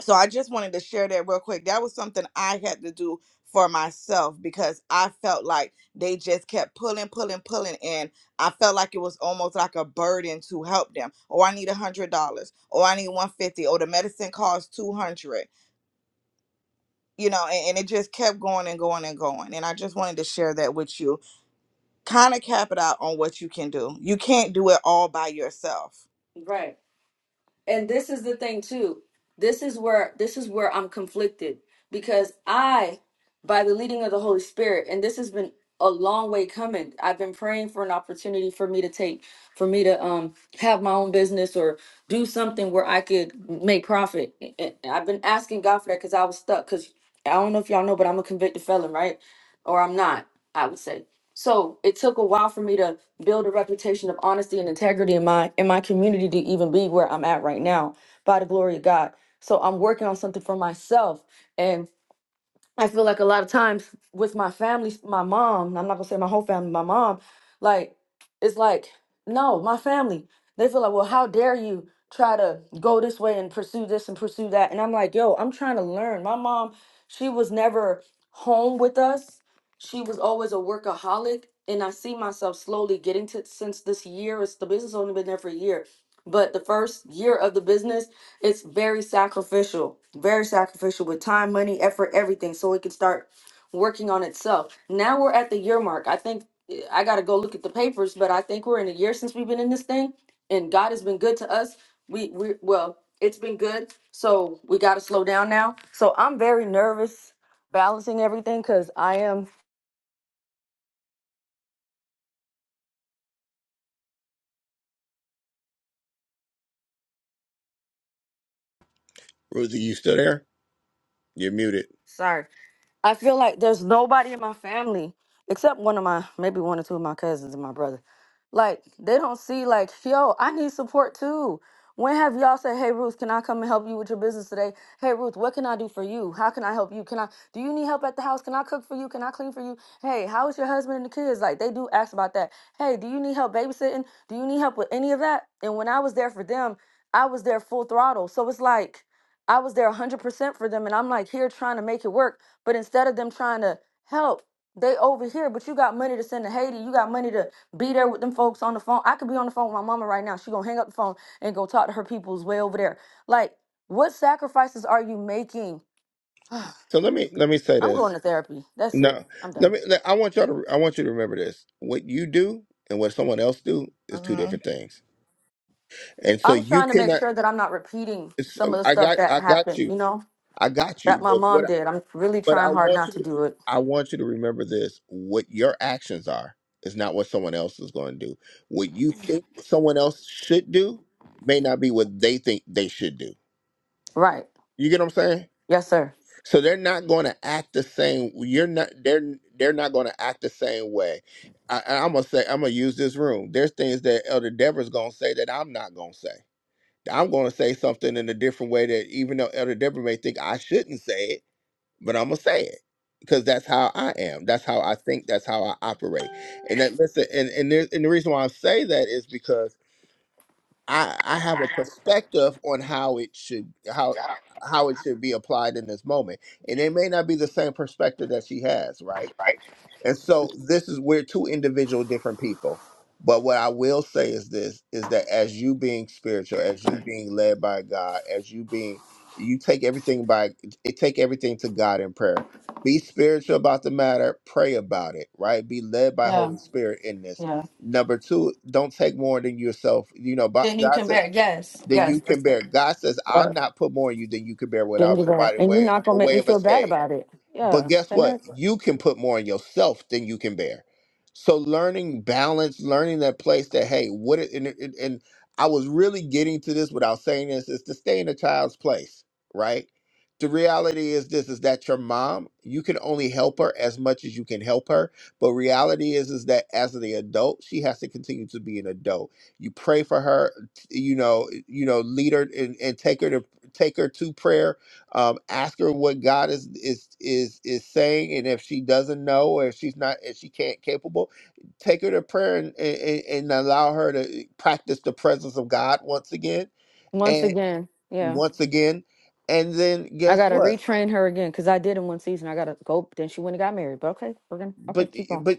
so I just wanted to share that real quick. That was something I had to do for myself because I felt like they just kept pulling, pulling, pulling, and I felt like it was almost like a burden to help them. Oh, I need a hundred dollars. Oh, I need one fifty. Oh, the medicine costs two hundred. You know, and, and it just kept going and going and going. And I just wanted to share that with you. Kind of cap it out on what you can do. You can't do it all by yourself. Right. and this is the thing too this is where this is where i'm conflicted because i by the leading of the holy spirit and this has been a long way coming i've been praying for an opportunity for me to take for me to um have my own business or do something where i could make profit and i've been asking god for that because i was stuck because i don't know if y'all know but i'm a convicted felon right or i'm not i would say so it took a while for me to build a reputation of honesty and integrity in my in my community to even be where I'm at right now by the glory of God. So I'm working on something for myself and. I feel like a lot of times with my family, my mom, I'm not gonna say my whole family, my mom, like, it's like, no, my family, they feel like, well, how dare you try to go this way and pursue this and pursue that? And I'm like, yo, I'm trying to learn. My mom, she was never home with us, she was always a workaholic. And I see myself slowly getting to since this year, it's the business only been there for a year. But the first year of the business, it's very sacrificial, very sacrificial with time, money, effort, everything, so it can start working on itself. Now we're at the year mark. I think eh, I got to go look at the papers, but I think we're in a year since we've been in this thing, and God has been good to us. We we well, it's been good, so we got to slow down now. So I'm very nervous balancing everything because I am Rosie, you still there? You're muted. sorry. I feel like there's nobody in my family except one of my maybe one or two of my cousins and my brother. Like they don't see like, yo, I need support too. When have y'all said, "Hey Ruth, can I come and help you with your business today?" "Hey Ruth, what can I do for you? How can I help you? Can I do you need help at the house? Can I cook for you? Can I clean for you? Hey, how is your husband and the kids?" Like they do ask about that. "Hey, do you need help babysitting? Do you need help with any of that?" And when I was there for them, I was there full throttle. So it's like I was there 100% for them and I'm like here trying to make it work but instead of them trying to help, they over here. But you got money to send to Haiti. You got money to be there with them folks on the phone. I could be on the phone with my mama right now. She gonna hang up the phone and go talk to her peoples way over there. Like, what sacrifices are you making? I'm So let me let me say going this. to therapy. That's it. No, I'm let done. me. Let, I want y'all to. I want you to remember this. What you do and what someone else do is two hmm different things. And so I'm you trying to make cannot. sure that I'm not repeating It's, some of the I stuff got. that I got happened, you. you know, I got that you. my But mom what did. I'm really But I trying hard want not you to to, do it. I want you to remember this. What your actions are is not what someone else is going to do. What you think someone else should do may not be what they think they should do. Right. You get what I'm saying? Yes, sir. So they're not going to act the same. You're not. They're they're not going to act the same way. I, I- I'm gonna say I'm gonna use this room. There's things that Elder Deborah's gonna say that I'm not gonna say. I'm gonna say something in a different way that even though Elder Deborah may think I shouldn't say it, but I'm gonna say it because that's how I am. That's how I think. That's how I operate. And that listen, and and, there, and the reason why I say that is because I I have a perspective on how it should how how it should be applied in this moment, and it may not be the same perspective that she has, right? And so this is we're two individual different people. But what I will say is this is that as you being spiritual, as you being led by God, as you being you take everything by it take everything to God in prayer. Be spiritual about the matter, pray about it, right? Be led by Yeah, Holy Spirit in this. yeah. Number two, don't take more than yourself. You know, but Then you God can said bear. Yes, then you yes. can That's bear. God says, I'll it. not put more on you than you can bear without Gingerbread. providing And you're way not a gonna make way me of feel bad escape. about it. But Yeah. guess The what? heck? You can put more on yourself than you can bear. So learning balance, learning that place that hey, what it, and, and, and I was really getting to this without saying this is to stay in a child's place, right? The reality is this is that your mom, you can only help her as much as you can help her. But reality is is that as the adult, she has to continue to be an adult. You pray for her, t- you know, you know, lead her and, and take her to take her to prayer um, ask her what God is is is is saying, and if she doesn't know, or if she's not, if she can't capable, take her to prayer and and, and allow her to practice the presence of God once again Once and again. Yeah. once again, and then I guess gotta what? retrain her again because I did in one season. I gotta go. Then she went and got married. But okay, we're gonna okay, But keep on. but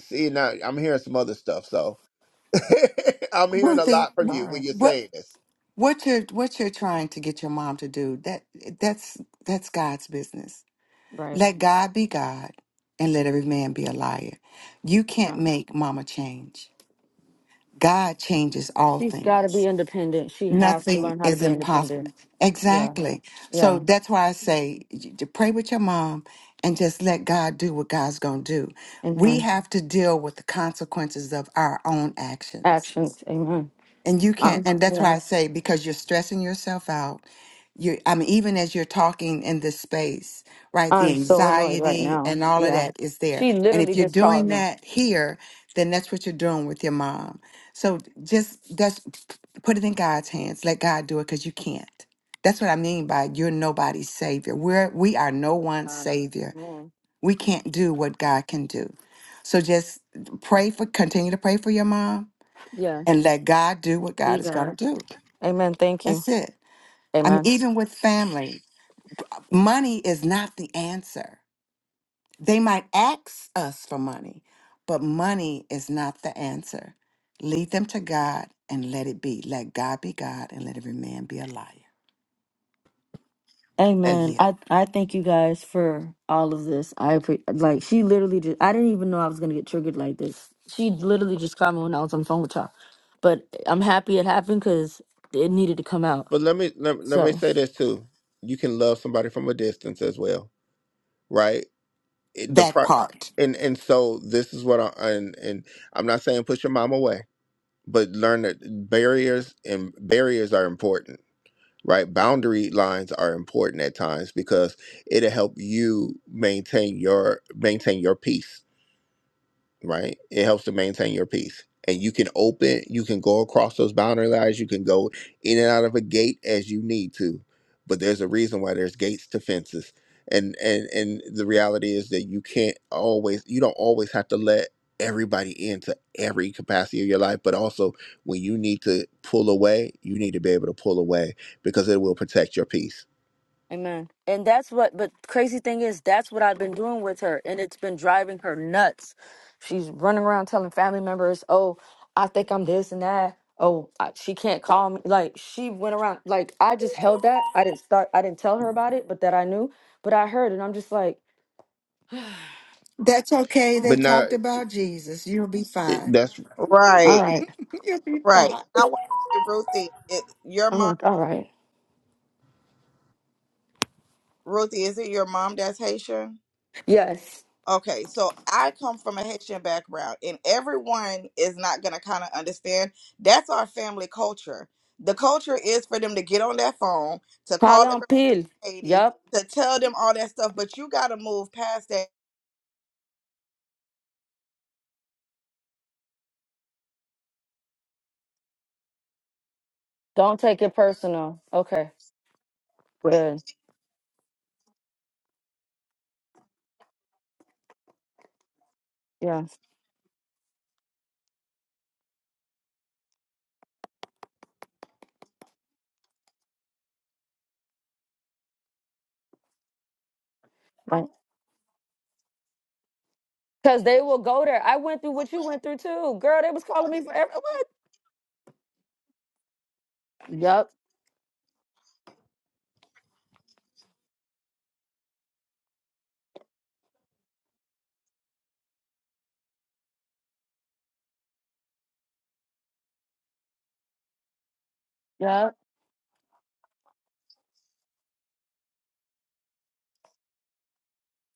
see now I'm hearing some other stuff, so I'm hearing a Ruthie, lot from wh- All you when right. you're what saying this. what you're what you're trying to get your mom to do that that's that's God's business. Right. Let God be God, and let every man be a liar. You can't Yeah. make Mama change. God changes all She's gotta things. be independent. She has to nothing learn how to is be impossible. independent. Yeah. Exactly. So Yeah. that's why I say y- to pray with your mom and just let God do what God's going to do. We Amen. have to deal with the consequences of our own actions. Actions. Amen. And you can't, Um, and that's why yeah. I say because you're stressing yourself out. You, I mean, even as you're talking in this space, right? The I'm so annoyed right anxiety now. and all of Yeah. that is there. She And literally if you're just called doing me. that here, then that's what you're doing with your mom. So just that's put it in God's hands. Let God do it because you can't. That's what I mean by you're nobody's savior. We're we are no one's Uh, savior. man. We can't do what God can do. So just pray for continue to pray for your mom Yeah. and let God do what God You is going guys. to do. Amen. Thank you. That's it. I mean, Amen. even with family, money is not the answer. They might ask us for money, but money is not the answer. Lead them to God and let it be. Let God be God and let every man be a liar. I And- Amen. yield. I I thank you guys for all of this. I appre- like she literally just I didn't even know I was gonna get triggered like this. She literally just called me when I was on the phone with y'all, but I'm happy it happened because it needed to come out. But let me let, let So. me say this too: you can love somebody from a distance as well, right? it- the That pro part. and and so this is what I and and I'm not saying push your mom away, but learn that barriers and barriers are important, right? Boundary lines are important at times because it'll help you maintain your maintain your peace right? It helps to maintain your peace. And you can open, you can go across those boundary lines, you can go in and out of a gate as you need to. But there's a reason why there's gates to fences. And and and the reality is that you can't always you don't always have to let everybody into every capacity of your life, but also when you need to pull away, you need to be able to pull away because it will protect your peace Amen. And that's what, but crazy thing is, that's what I've been doing with her. And it's been driving her nuts. She's running around telling family members, oh, I think I'm this and that. Oh, I, she can't call me. Like, she went around. Like, I just held that. I didn't start, I didn't tell her about it, but that I knew. But I heard, and I'm just like, That's okay. all They but right. not talked about Jesus. You'll be fine. that's All Right, right. You'll be right. fine. I want to say, Ruthie, it, your I'm mom. like, all right. Ruthie, is it your mom that's Haitian? Yes. Okay, so I come from a Haitian background, and everyone is not going to kind of understand. That's our family culture. The culture is for them to get on their phone, to call Parle en everybody pile. Haiti, Yep. to tell them all that stuff, but you got to move past that. Don't take it personal. Okay. Good. Yeah. Cause they will go there. I went through what you went through too, girl. They was calling me for every what? Yep. Yep.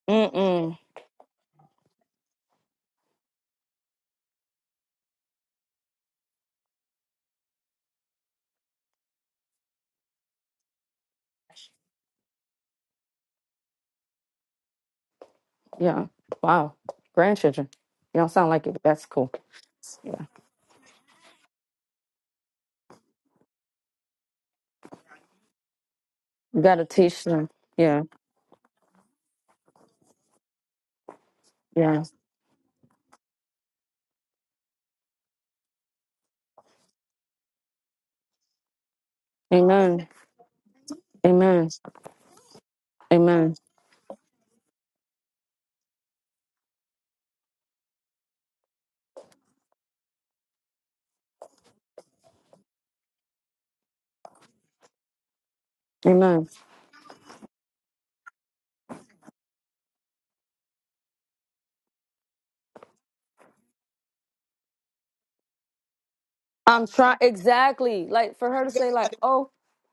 Mm-mm. Yeah. Wow. Grandchildren. You don't sound like it, but that's cool. Yeah. You gotta teach them. Yeah. Yeah. Amen. Amen. Amen. Amen. I'm trying exactly like for her to You're gonna say like, oh,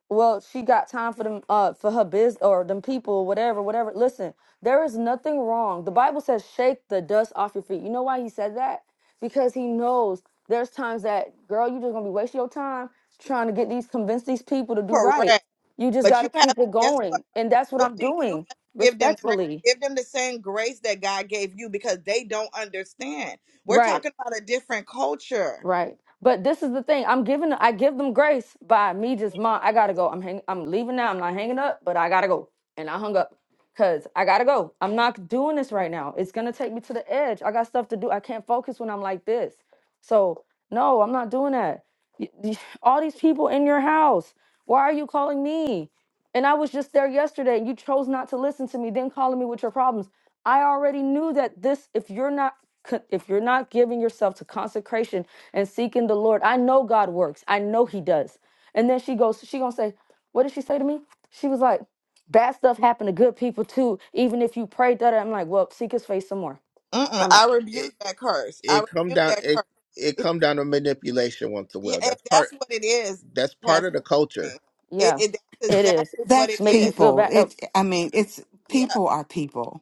well, she got time for them uh for her biz or them people, whatever, whatever. Listen, there is nothing wrong. The Bible says shake the dust off your feet. You know why he said that? Because he knows there's times that girl, you just gonna be wasting your time trying to get these convince these people to do under- right. Correct. You just But you gotta have, keep it guess what? going. And that's what I'm Ruthie, you doing, have to give them grace. respectfully. Give them the same grace that God gave you because they don't understand. We're Right. talking about a different culture. Right. But this is the thing. I'm giving I give them grace by me just mom, I gotta go. I'm hang I'm leaving now. I'm not hanging up, but I gotta go. And I hung up. Cause I gotta go. I'm not doing this right now. It's gonna take me to the edge. I got stuff to do. I can't focus when I'm like this. So no, I'm not doing that. Y- y- All these people in your house. Why are you calling me? And I was just there yesterday and you chose not to listen to me, then calling me with your problems. I already knew that this if you're not co- if you're not giving yourself to consecration and seeking the Lord, I know God works. I know he does. And then she goes she going to say, "What did she say to me?" She was like, "Bad stuff happened to good people too, even if you prayed that." I'm like, "Well, seek his face some more." Mm-mm, I'm I out. it rebuke that curse. I it come rebuke down that it curse. it come down to manipulation once a Yeah, while. and That's part that's what it is, that's part Pastor. of the culture. Anthony. It, Yeah. it that's It is. exactly what it That's Make you is. feel people. bad. uh, It I mean, it's Yeah, people are people.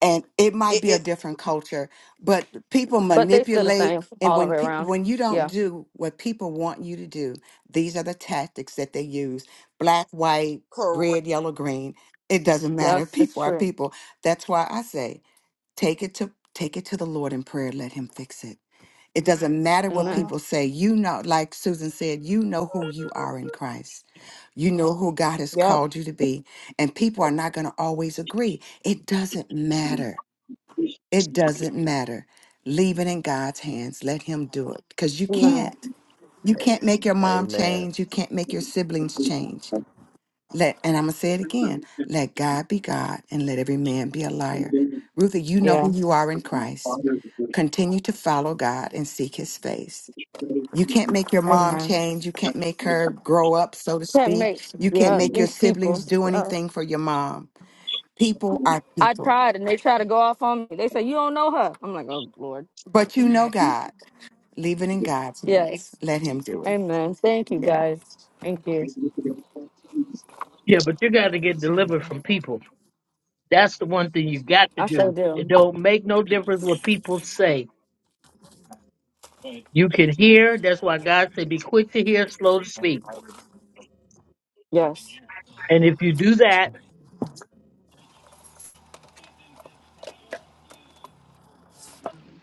and it might it, be a it different culture but people But they still the manipulate same and all the when way pe- around. when you don't Yeah. do what people want you to do these are the tactics that they use black white correct. red yellow green it doesn't matter Yes, it's people are true. people that's why i say take it to take it to the lord in prayer let him fix it it doesn't matter what hmm Amen. people say you know like susan said you know who you are in christ you know who god has Yep. called you to be and people are not going to always agree it doesn't matter it doesn't matter. Leave it in God's hands. Let Him do it. Because you Amen. can't. You can't make your mom Amen. change. You can't make your siblings change. Let and I'm gonna say it again. Let God be God and let every man be a liar. Ruthie, you know Yeah. who you are in Christ. Continue to follow God and seek his face. You can't make your mom Amen. change. You can't make her grow up, so to That speak. makes You can't yeah make your these people. siblings do Yeah. anything for your mom. People are I people. tried and they try to go off on me. They say you don't know her. I'm like, oh Lord. But you know God. Leave it in God's hands. Yes. Let him do it. Amen. Thank you Yeah. guys. Thank you. Yeah, but you got to get delivered from people. That's the one thing you got to I sure do. It do. don't make no difference what people say. You can hear. That's why God said, be quick to hear, slow to speak. Yes. And if you do that,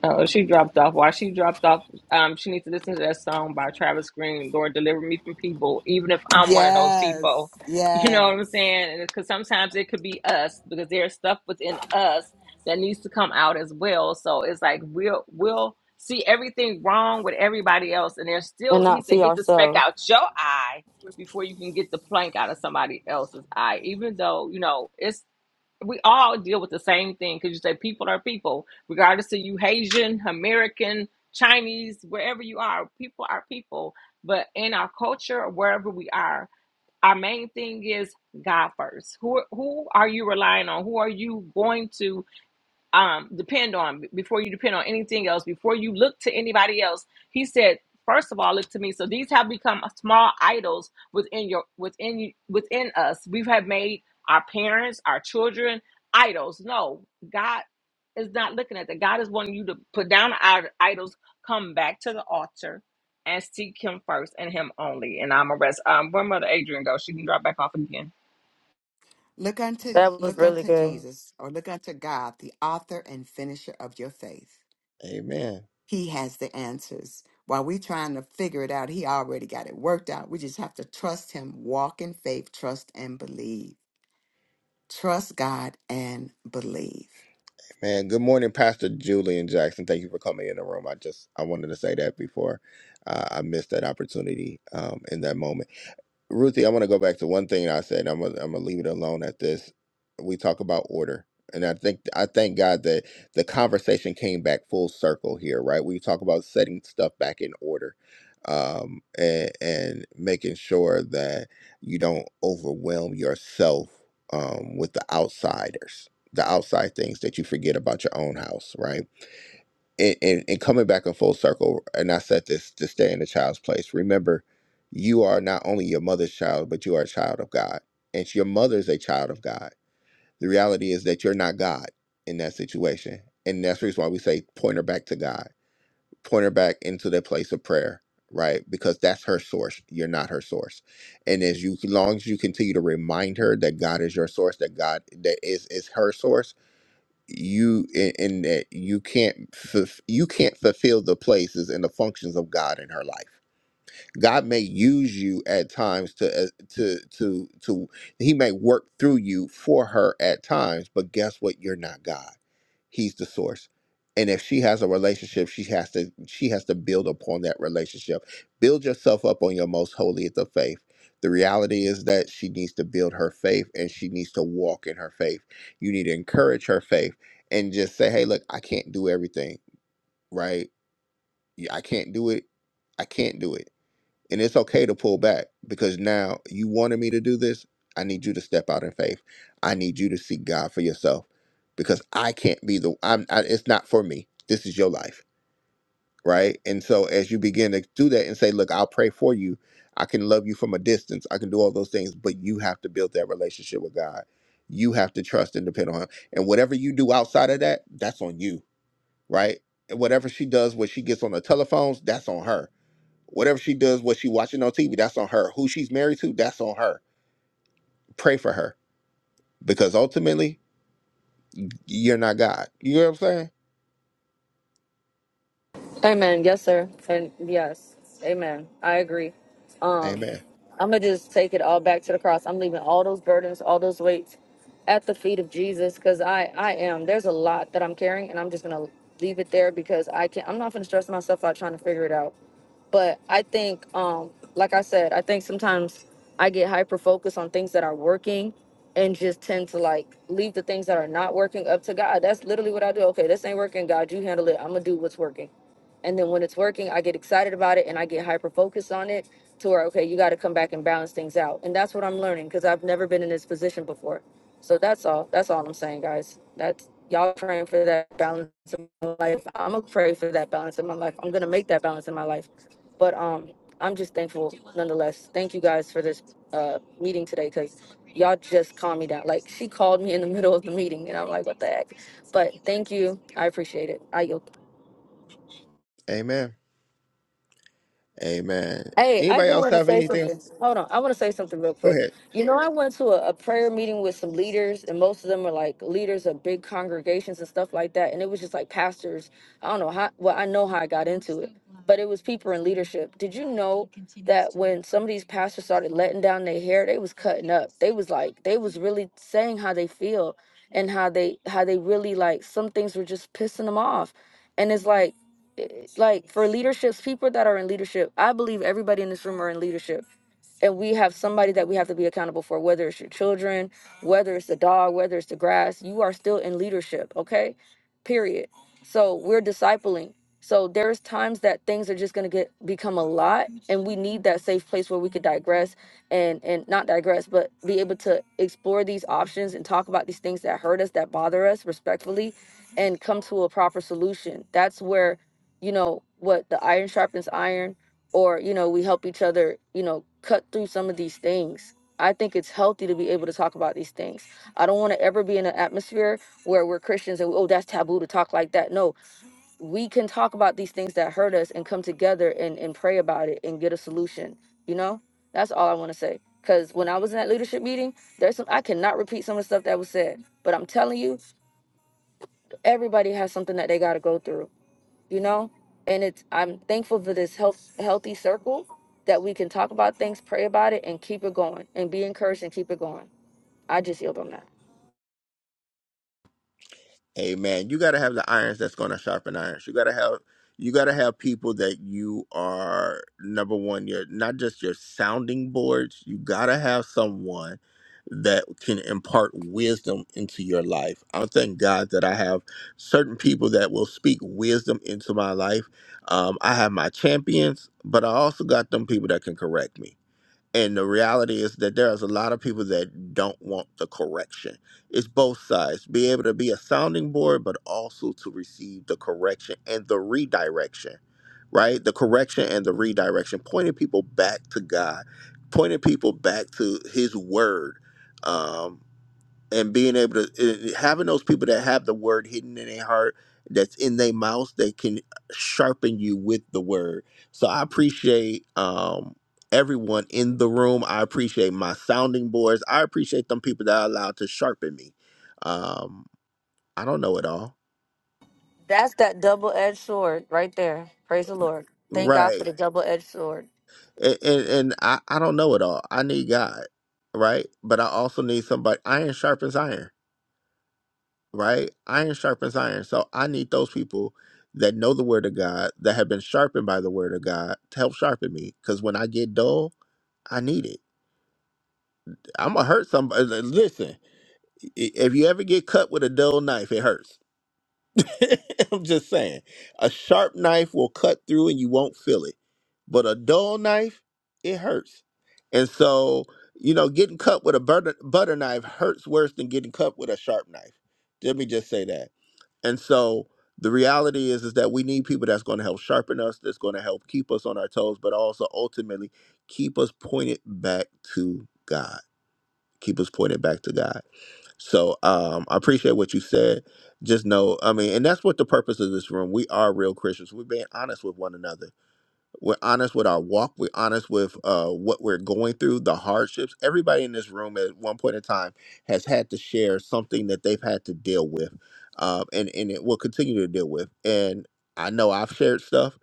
Oh, she dropped off. While she dropped off, um, she needs to listen to that song by Travis Green, Lord Deliver Me from People, even if I'm one of those people. Yes. You know what I'm Yes. saying? And because sometimes it could be us because there's stuff within us that needs to come out as well. So it's like we'll we'll see everything wrong with everybody else, and there's And still he not see said, get the speck ourselves. out your eye before you can get the plank out of somebody else's eye. Even though, you know, it's we all deal with the same thing because you say people are people, regardless of you Haitian, American, Chinese, wherever you are, people are people. But in our culture, wherever we are, our main thing is God first. Who who are you relying on? Who are you going to um, depend on before you depend on anything else before you look to anybody else he said first of all look to me so these have become small idols within your within you within us we have made our parents our children idols no god is not looking at that god is wanting you to put down our idols come back to the altar and seek him first and him only and i'm a rest um where mother adrian go? she can drop back off again Look unto That was look really unto good. Jesus or look unto God, the author and finisher of your faith. Amen. He has the answers. While we're trying to figure it out, he already got it worked out. We just have to trust him, walk in faith, trust and believe. Trust God and believe. Man, good morning, Pastor Julian Jackson. Thank you for coming in the room. I just I wanted to say that before uh, I missed that opportunity um, in that moment. Ruthie, I want to go back to one thing I said. I'm gonna, I'm gonna leave it alone at this. We talk about order, and I think I thank God that the conversation came back full circle here, right? We talk about setting stuff back in order, um, and, and making sure that you don't overwhelm yourself um, with the outsiders, the outside things that you forget about your own house, right? and, and, and coming back in full circle, and I said this to stay in the child's place. Remember, you are not only your mother's child, but you are a child of God. And your mother is a child of God. The reality is that you're not God in that situation. And that's the reason why we say point her back to God, point her back into the place of prayer, right? Because that's her source. You're not her source. And as you as long as you continue to remind her that God is your source, that God that is is her source you in, in that you can't fulf- you can't fulfill the places and the functions of God in her life. God may use you at times to uh, to to to he may work through you for her at times, but guess what? You're not God he's the source and if she has a relationship she has to she has to build upon that relationship build yourself up on your most holy of the faith the reality is that she needs to build her faith and she needs to walk in her faith you need to encourage her faith and just say hey look i can't do everything right Yeah, i can't do it i can't do it and it's okay to pull back because now you wanted me to do this. I need you to step out in faith. I need you to seek God for yourself because I can't be the I'm I, it's not for me. This is your life, right? And so as you begin to do that and say, "Look, I'll pray for you. I can love you from a distance. I can do all those things, but you have to build that relationship with God. You have to trust and depend on him. And whatever you do outside of that, that's on you, right? And whatever she does, what she gets on the telephones, that's on her Whatever she does, what she watching on TV, that's on her. Who she's married to, that's on her. Pray for her because ultimately you're not God. You know what I'm saying? Amen. Yes, sir. And yes. Amen. I agree. Um, Amen. I'm gonna just take it all back to the cross. I'm leaving all those burdens, all those weights at the feet of Jesus because I I am. There's a lot that I'm carrying, and I'm just gonna leave it there because I can't. I'm not gonna stress myself out trying to figure it out but i think um like i said i think sometimes i get hyper focused on things that are working and just tend to like leave the things that are not working up to god that's literally what i do okay this ain't working god you handle it i'm gonna do what's working and then when it's working i get excited about it and i get hyper focused on it to where okay you got to come back and balance things out and that's what i'm learning because i've never been in this position before so that's all that's all i'm saying guys that's y'all praying for that balance in my life i'm gonna pray for that balance in my life i'm gonna make that balance in my life but um, I'm just thankful nonetheless. Thank you guys for this uh, meeting today because y'all just calmed me down. Like she called me in the middle of the meeting, and I'm like, what the heck? But thank you. I appreciate it. I yield. Amen. Amen. Hey, I Anybody do else want to have say anything? something. Hold on. I want to say something real Go quick. ahead. You know, I went to a, a prayer meeting with some leaders, and most of them are like leaders of big congregations and stuff like that. And it was just like pastors. I don't know how, well, I know how I got into it, but it was people in leadership. Did you know that when some of these pastors started letting down their hair, they was cutting up? They was like, they was really saying how they feel and how they, how they really like some things were just pissing them off. And it's like, like for leaderships, people that are in leadership, I believe everybody in this room are in leadership and we have somebody that we have to be accountable for whether it's your children whether it's the dog whether it's the grass you are still in leadership okay period so we're discipling so there's times that things are just going to get become a lot and we need that safe place where we could digress and and not digress but be able to explore these options and talk about these things that hurt us that bother us respectfully and come to a proper solution that's where you know what the iron sharpens iron or you know we help each other you know cut through some of these things i think it's healthy to be able to talk about these things i don't want to ever be in an atmosphere where we're christians and oh that's taboo to talk like that no we can talk about these things that hurt us and come together and, and pray about it and get a solution you know that's all i want to say because when i was in that leadership meeting there's some i cannot repeat some of the stuff that was said but i'm telling you everybody has something that they got to go through you know and it's i'm thankful for this health healthy circle that we can talk about things pray about it and keep it going and be encouraged and keep it going i just yield on that Amen. You got to have the irons that's going to sharpen irons. You got to have you got to have people that you are number one. You're not just your sounding boards. You got to have someone that can impart wisdom into your life. I thank God that I have certain people that will speak wisdom into my life. Um, I have my champions, but I also got them people that can correct me and the reality is that there is a lot of people that don't want the correction. It's both sides. Be able to be a sounding board, but also to receive the correction and the redirection, right? The correction and the redirection, pointing people back to God, pointing people back to His Word. Um, and being able to uh, having those people that have the word hidden in their heart that's in their mouth that can sharpen you with the word so i appreciate um everyone in the room i appreciate my sounding boards i appreciate them people that are allowed to sharpen me um i don't know it all that's that double-edged sword right there praise the lord thank god for right the double-edged sword and and, and I, I don't know it all i need god right but i also need somebody iron sharpens iron right? Iron sharpens iron. So I need those people that know the word of God, that have been sharpened by the word of God to help sharpen me. Because when I get dull, I need it. I'm going to hurt somebody. Listen, i- if you ever get cut with a dull knife, it hurts. I'm just saying. A sharp knife will cut through and you won't feel it. But a dull knife, it hurts. And so, you know, getting cut with a butter, butter knife hurts worse than getting cut with a sharp knife. Let me just say that and so the reality is is that we need people that's going to help sharpen us, that's going to help keep us on our toes, but also ultimately keep us pointed back to God. Keep us pointed back to God. So um, I appreciate what you said. Just know, I mean, and that's what the purpose of this room. We are real Christians. We're being honest with one another. We're honest with our walk. We're honest with uh, what we're going through, the hardships. Everybody in this room at one point in time has had to share something that they've had to deal with, um, and and it will continue to deal with. And I know I've shared stuff.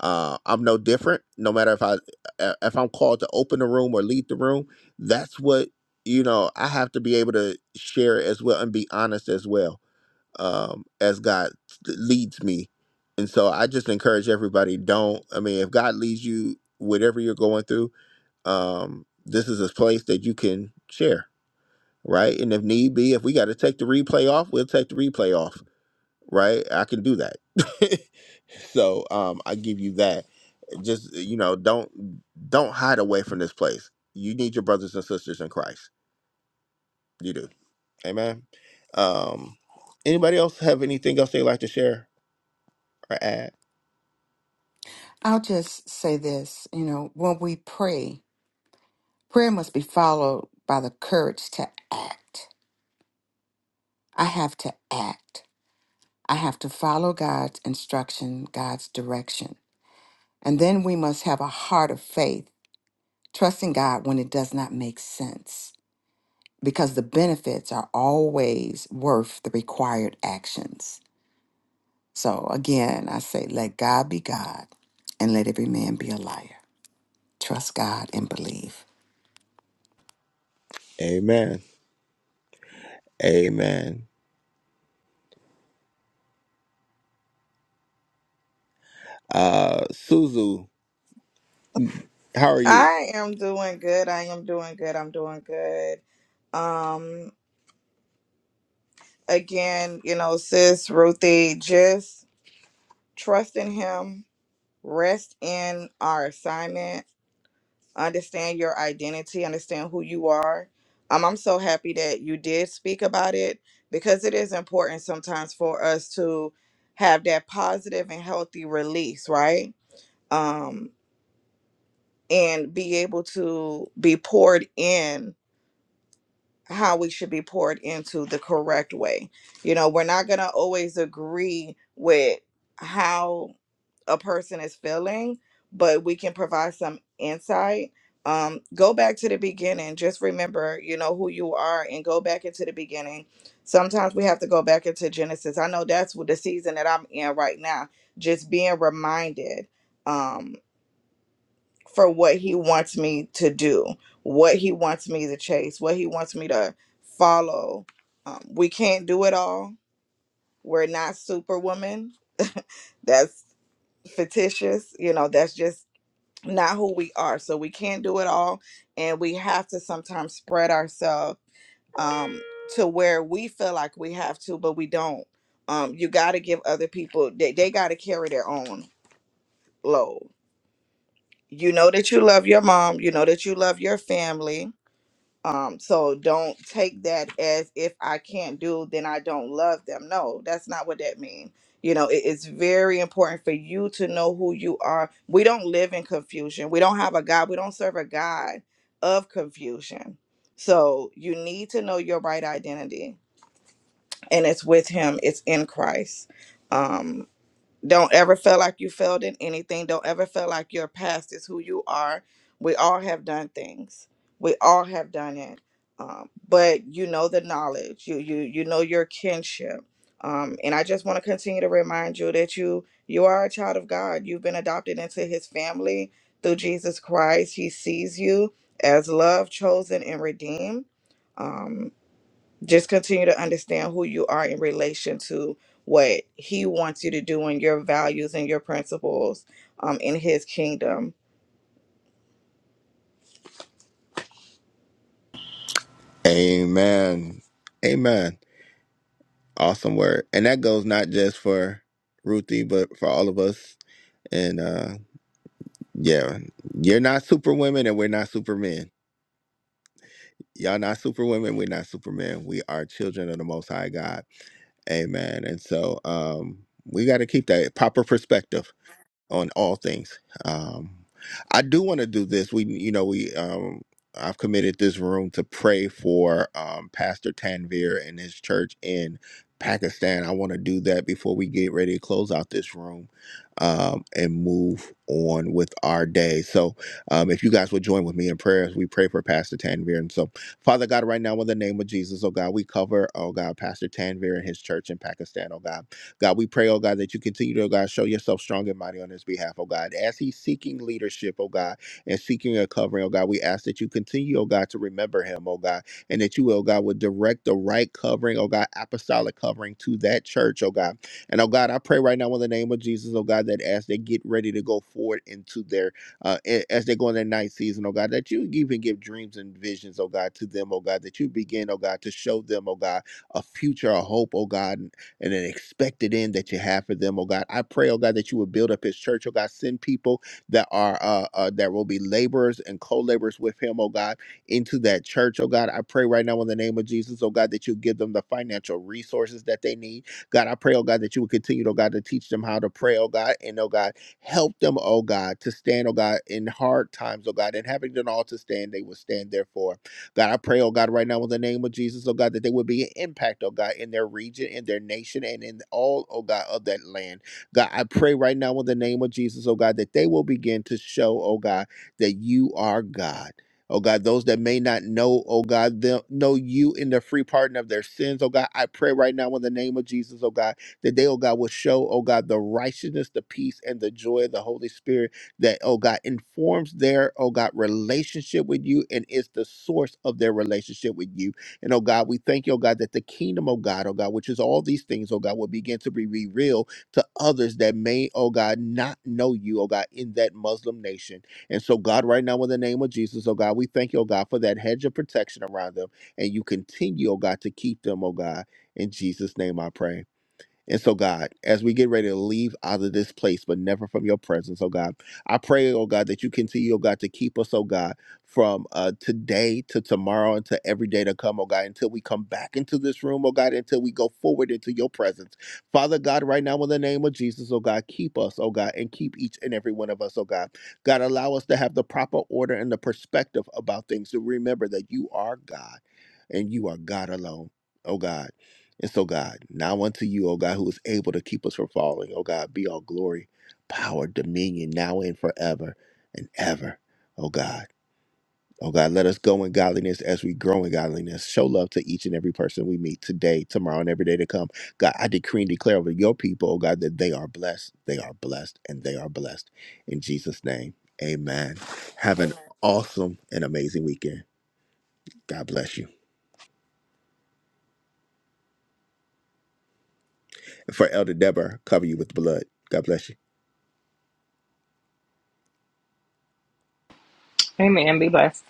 Uh, I'm no different. No matter if I uh, if I'm called to open the room or lead the room, that's what you know. I have to be able to share as well and be honest as well um, as God leads me. And so I just encourage everybody don't, I mean, if God leads you, whatever you're going through, um, this is a place that you can share, right? And if need be, if we got to take the replay off, we'll take the replay off, right? I can do that. so um, I give you that. Just, you know, don't don't hide away from this place. You need your brothers and sisters in Christ. You do. Amen. Um, anybody else have anything else they'd like to share or add? I'll just say this, you know, when we pray, prayer must be followed by the courage to act. I have to act. I have to follow God's instruction, God's direction. And then we must have a heart of faith, trusting God when it does not make sense, because the benefits are always worth the required actions. So again, I say, let God be God and let every man be a liar. Trust God and believe. Amen. Amen. Uh Suzu, how are you? I am doing good. I am doing good. I'm doing good. Um, again, you know, sis Ruthie, just trust in Him. Rest in our assignment. understand your identity, understand who you are. Um, I'm so happy that you did speak about it because it is important sometimes for us to have that positive and healthy release, right? Um, and be able to be poured in how we should be poured into the correct way. You know, we're not going to always agree with how a person is feeling, but we can provide some insight. Um, go back to the beginning. Just remember, you know, who you are and go back into the beginning. Sometimes we have to go back into Genesis. I know that's what the season that I'm in right now, just being reminded um, for what he wants me to do, what he wants me to chase, what he wants me to follow. Um, we can't do it all. We're not superwoman. That's fictitious. You know, that's just not who we are. So we can't do it all. And we have to sometimes spread ourselves um, to where we feel like we have to, but we don't. Um, you got to give other people, they, they got to carry their own load. You know that you love your mom. You know that you love your family um, so don't take that as if I can't do, then I don't love them. No, that's not what that means. You know, it- it's very important for you to know who you are. We don't live in confusion. We don't have a God. We don't serve a God of confusion. So you need to know your right identity, and it's with Him. It's in Christ. Um, don't ever feel like you failed in anything. Don't ever feel like your past is who you are. We all have done things. We all have done it. Um, but you know the knowledge. You you you know your kinship. Um, and I just want to continue to remind you that you you are a child of God. You've been adopted into His family through Jesus Christ. He sees you as loved, chosen, and redeemed just continue to understand who you are in relation to what he wants you to do and your values and your principles um, in his kingdom Amen. Amen. Awesome word. And that goes not just for Ruthie, but for all of us. And uh yeah, you're not superwomen and we're not supermen. Y'all not superwomen, we're not supermen. We are children of the most high God. Amen. And so um we gotta keep that proper perspective. on all things. Um, I do want to do this. We, you know, we, um, I've committed this room to pray for um, Pastor Tanvir and his church in Pakistan. I want to do that before we get ready to close out this room um, and move on with our day. So, um, if you guys would join with me in prayer as we pray for Pastor Tanvir. And so, Father God, right now, in the name of Jesus, oh God, we cover, oh God, Pastor Tanvir and his church in Pakistan, oh God. God, we pray, oh God, that you continue to, oh God, show yourself strong and mighty on his behalf, oh God. As he's seeking leadership, oh God, and seeking a covering, oh God, we ask that you continue, oh God, to remember him, oh God, and that you, oh God, would direct the right covering, oh God, apostolic covering to that church, oh God. And oh God, I pray right now in the name of Jesus, oh God, that as they get ready to go forward into their uh, a- as they go in their night season, oh God, that you even give dreams and visions, oh God, to them, oh God, that you begin, oh God, to show them, oh God, a future, a hope, oh God and an expected end that you have for them, oh God. I pray, oh God, that you would build up his church, oh God. Send people that are uh, uh that will be laborers and co-laborers with him, oh God, into that church, oh God. I pray right now in the name of Jesus, oh God, that you give them the financial resources that they need. God, I pray, oh God, that you would continue, oh God, to teach them how to pray, oh God, and oh God, help them, oh God, to stand, oh God, in hard times, oh God, and having done all to stand, they will stand therefore. God, I pray, oh God, right now in the name of Jesus, oh God, that there would be an impact, oh God, in their region, in their nation, and in all, oh God, of that land. God, I pray right now in the name of Jesus, oh God, that they will begin to show, oh God, that you are God. Oh God, those that may not know, oh God, them, know you in the free pardon of their sins, oh God, I pray right now in the name of Jesus, oh God, that they, oh God, will show, oh God, the righteousness, the peace, and the joy of the Holy Spirit that, oh God, informs their, oh God, relationship with you and is the source of their relationship with you. And oh God, we thank you, oh God, that the kingdom, oh God, oh God, which is all these things, oh God, will begin to be revealed to others that may, oh God, not know you, oh God, in that Muslim nation. And so, God, right now, in the name of Jesus, oh God, we thank you, oh God, for that hedge of protection around them. And you continue, oh God, to keep them, oh God. In Jesus' name I pray. And so, God, as we get ready to leave out of this place, but never from your presence, oh God, I pray, oh God, that you continue, oh God, to keep us, oh God, from uh, today to tomorrow and to every day to come, oh God, until we come back into this room, oh God, until we go forward into your presence. Father God, right now, in the name of Jesus, oh God, keep us, oh God, and keep each and every one of us, oh God. God, allow us to have the proper order and the perspective about things to remember that you are God and you are God alone, oh God. And so, God, now unto you, O God, who is able to keep us from falling, O God, be all glory, power, dominion, now and forever and ever, O God. O God, let us go in godliness as we grow in godliness. Show love to each and every person we meet today, tomorrow, and every day to come. God, I decree and declare over your people, O God, that they are blessed, they are blessed, and they are blessed. In Jesus' name, amen. Have an awesome and amazing weekend. God bless you. For Elder Deborah, cover you with the blood. God bless you. Amen. Be blessed.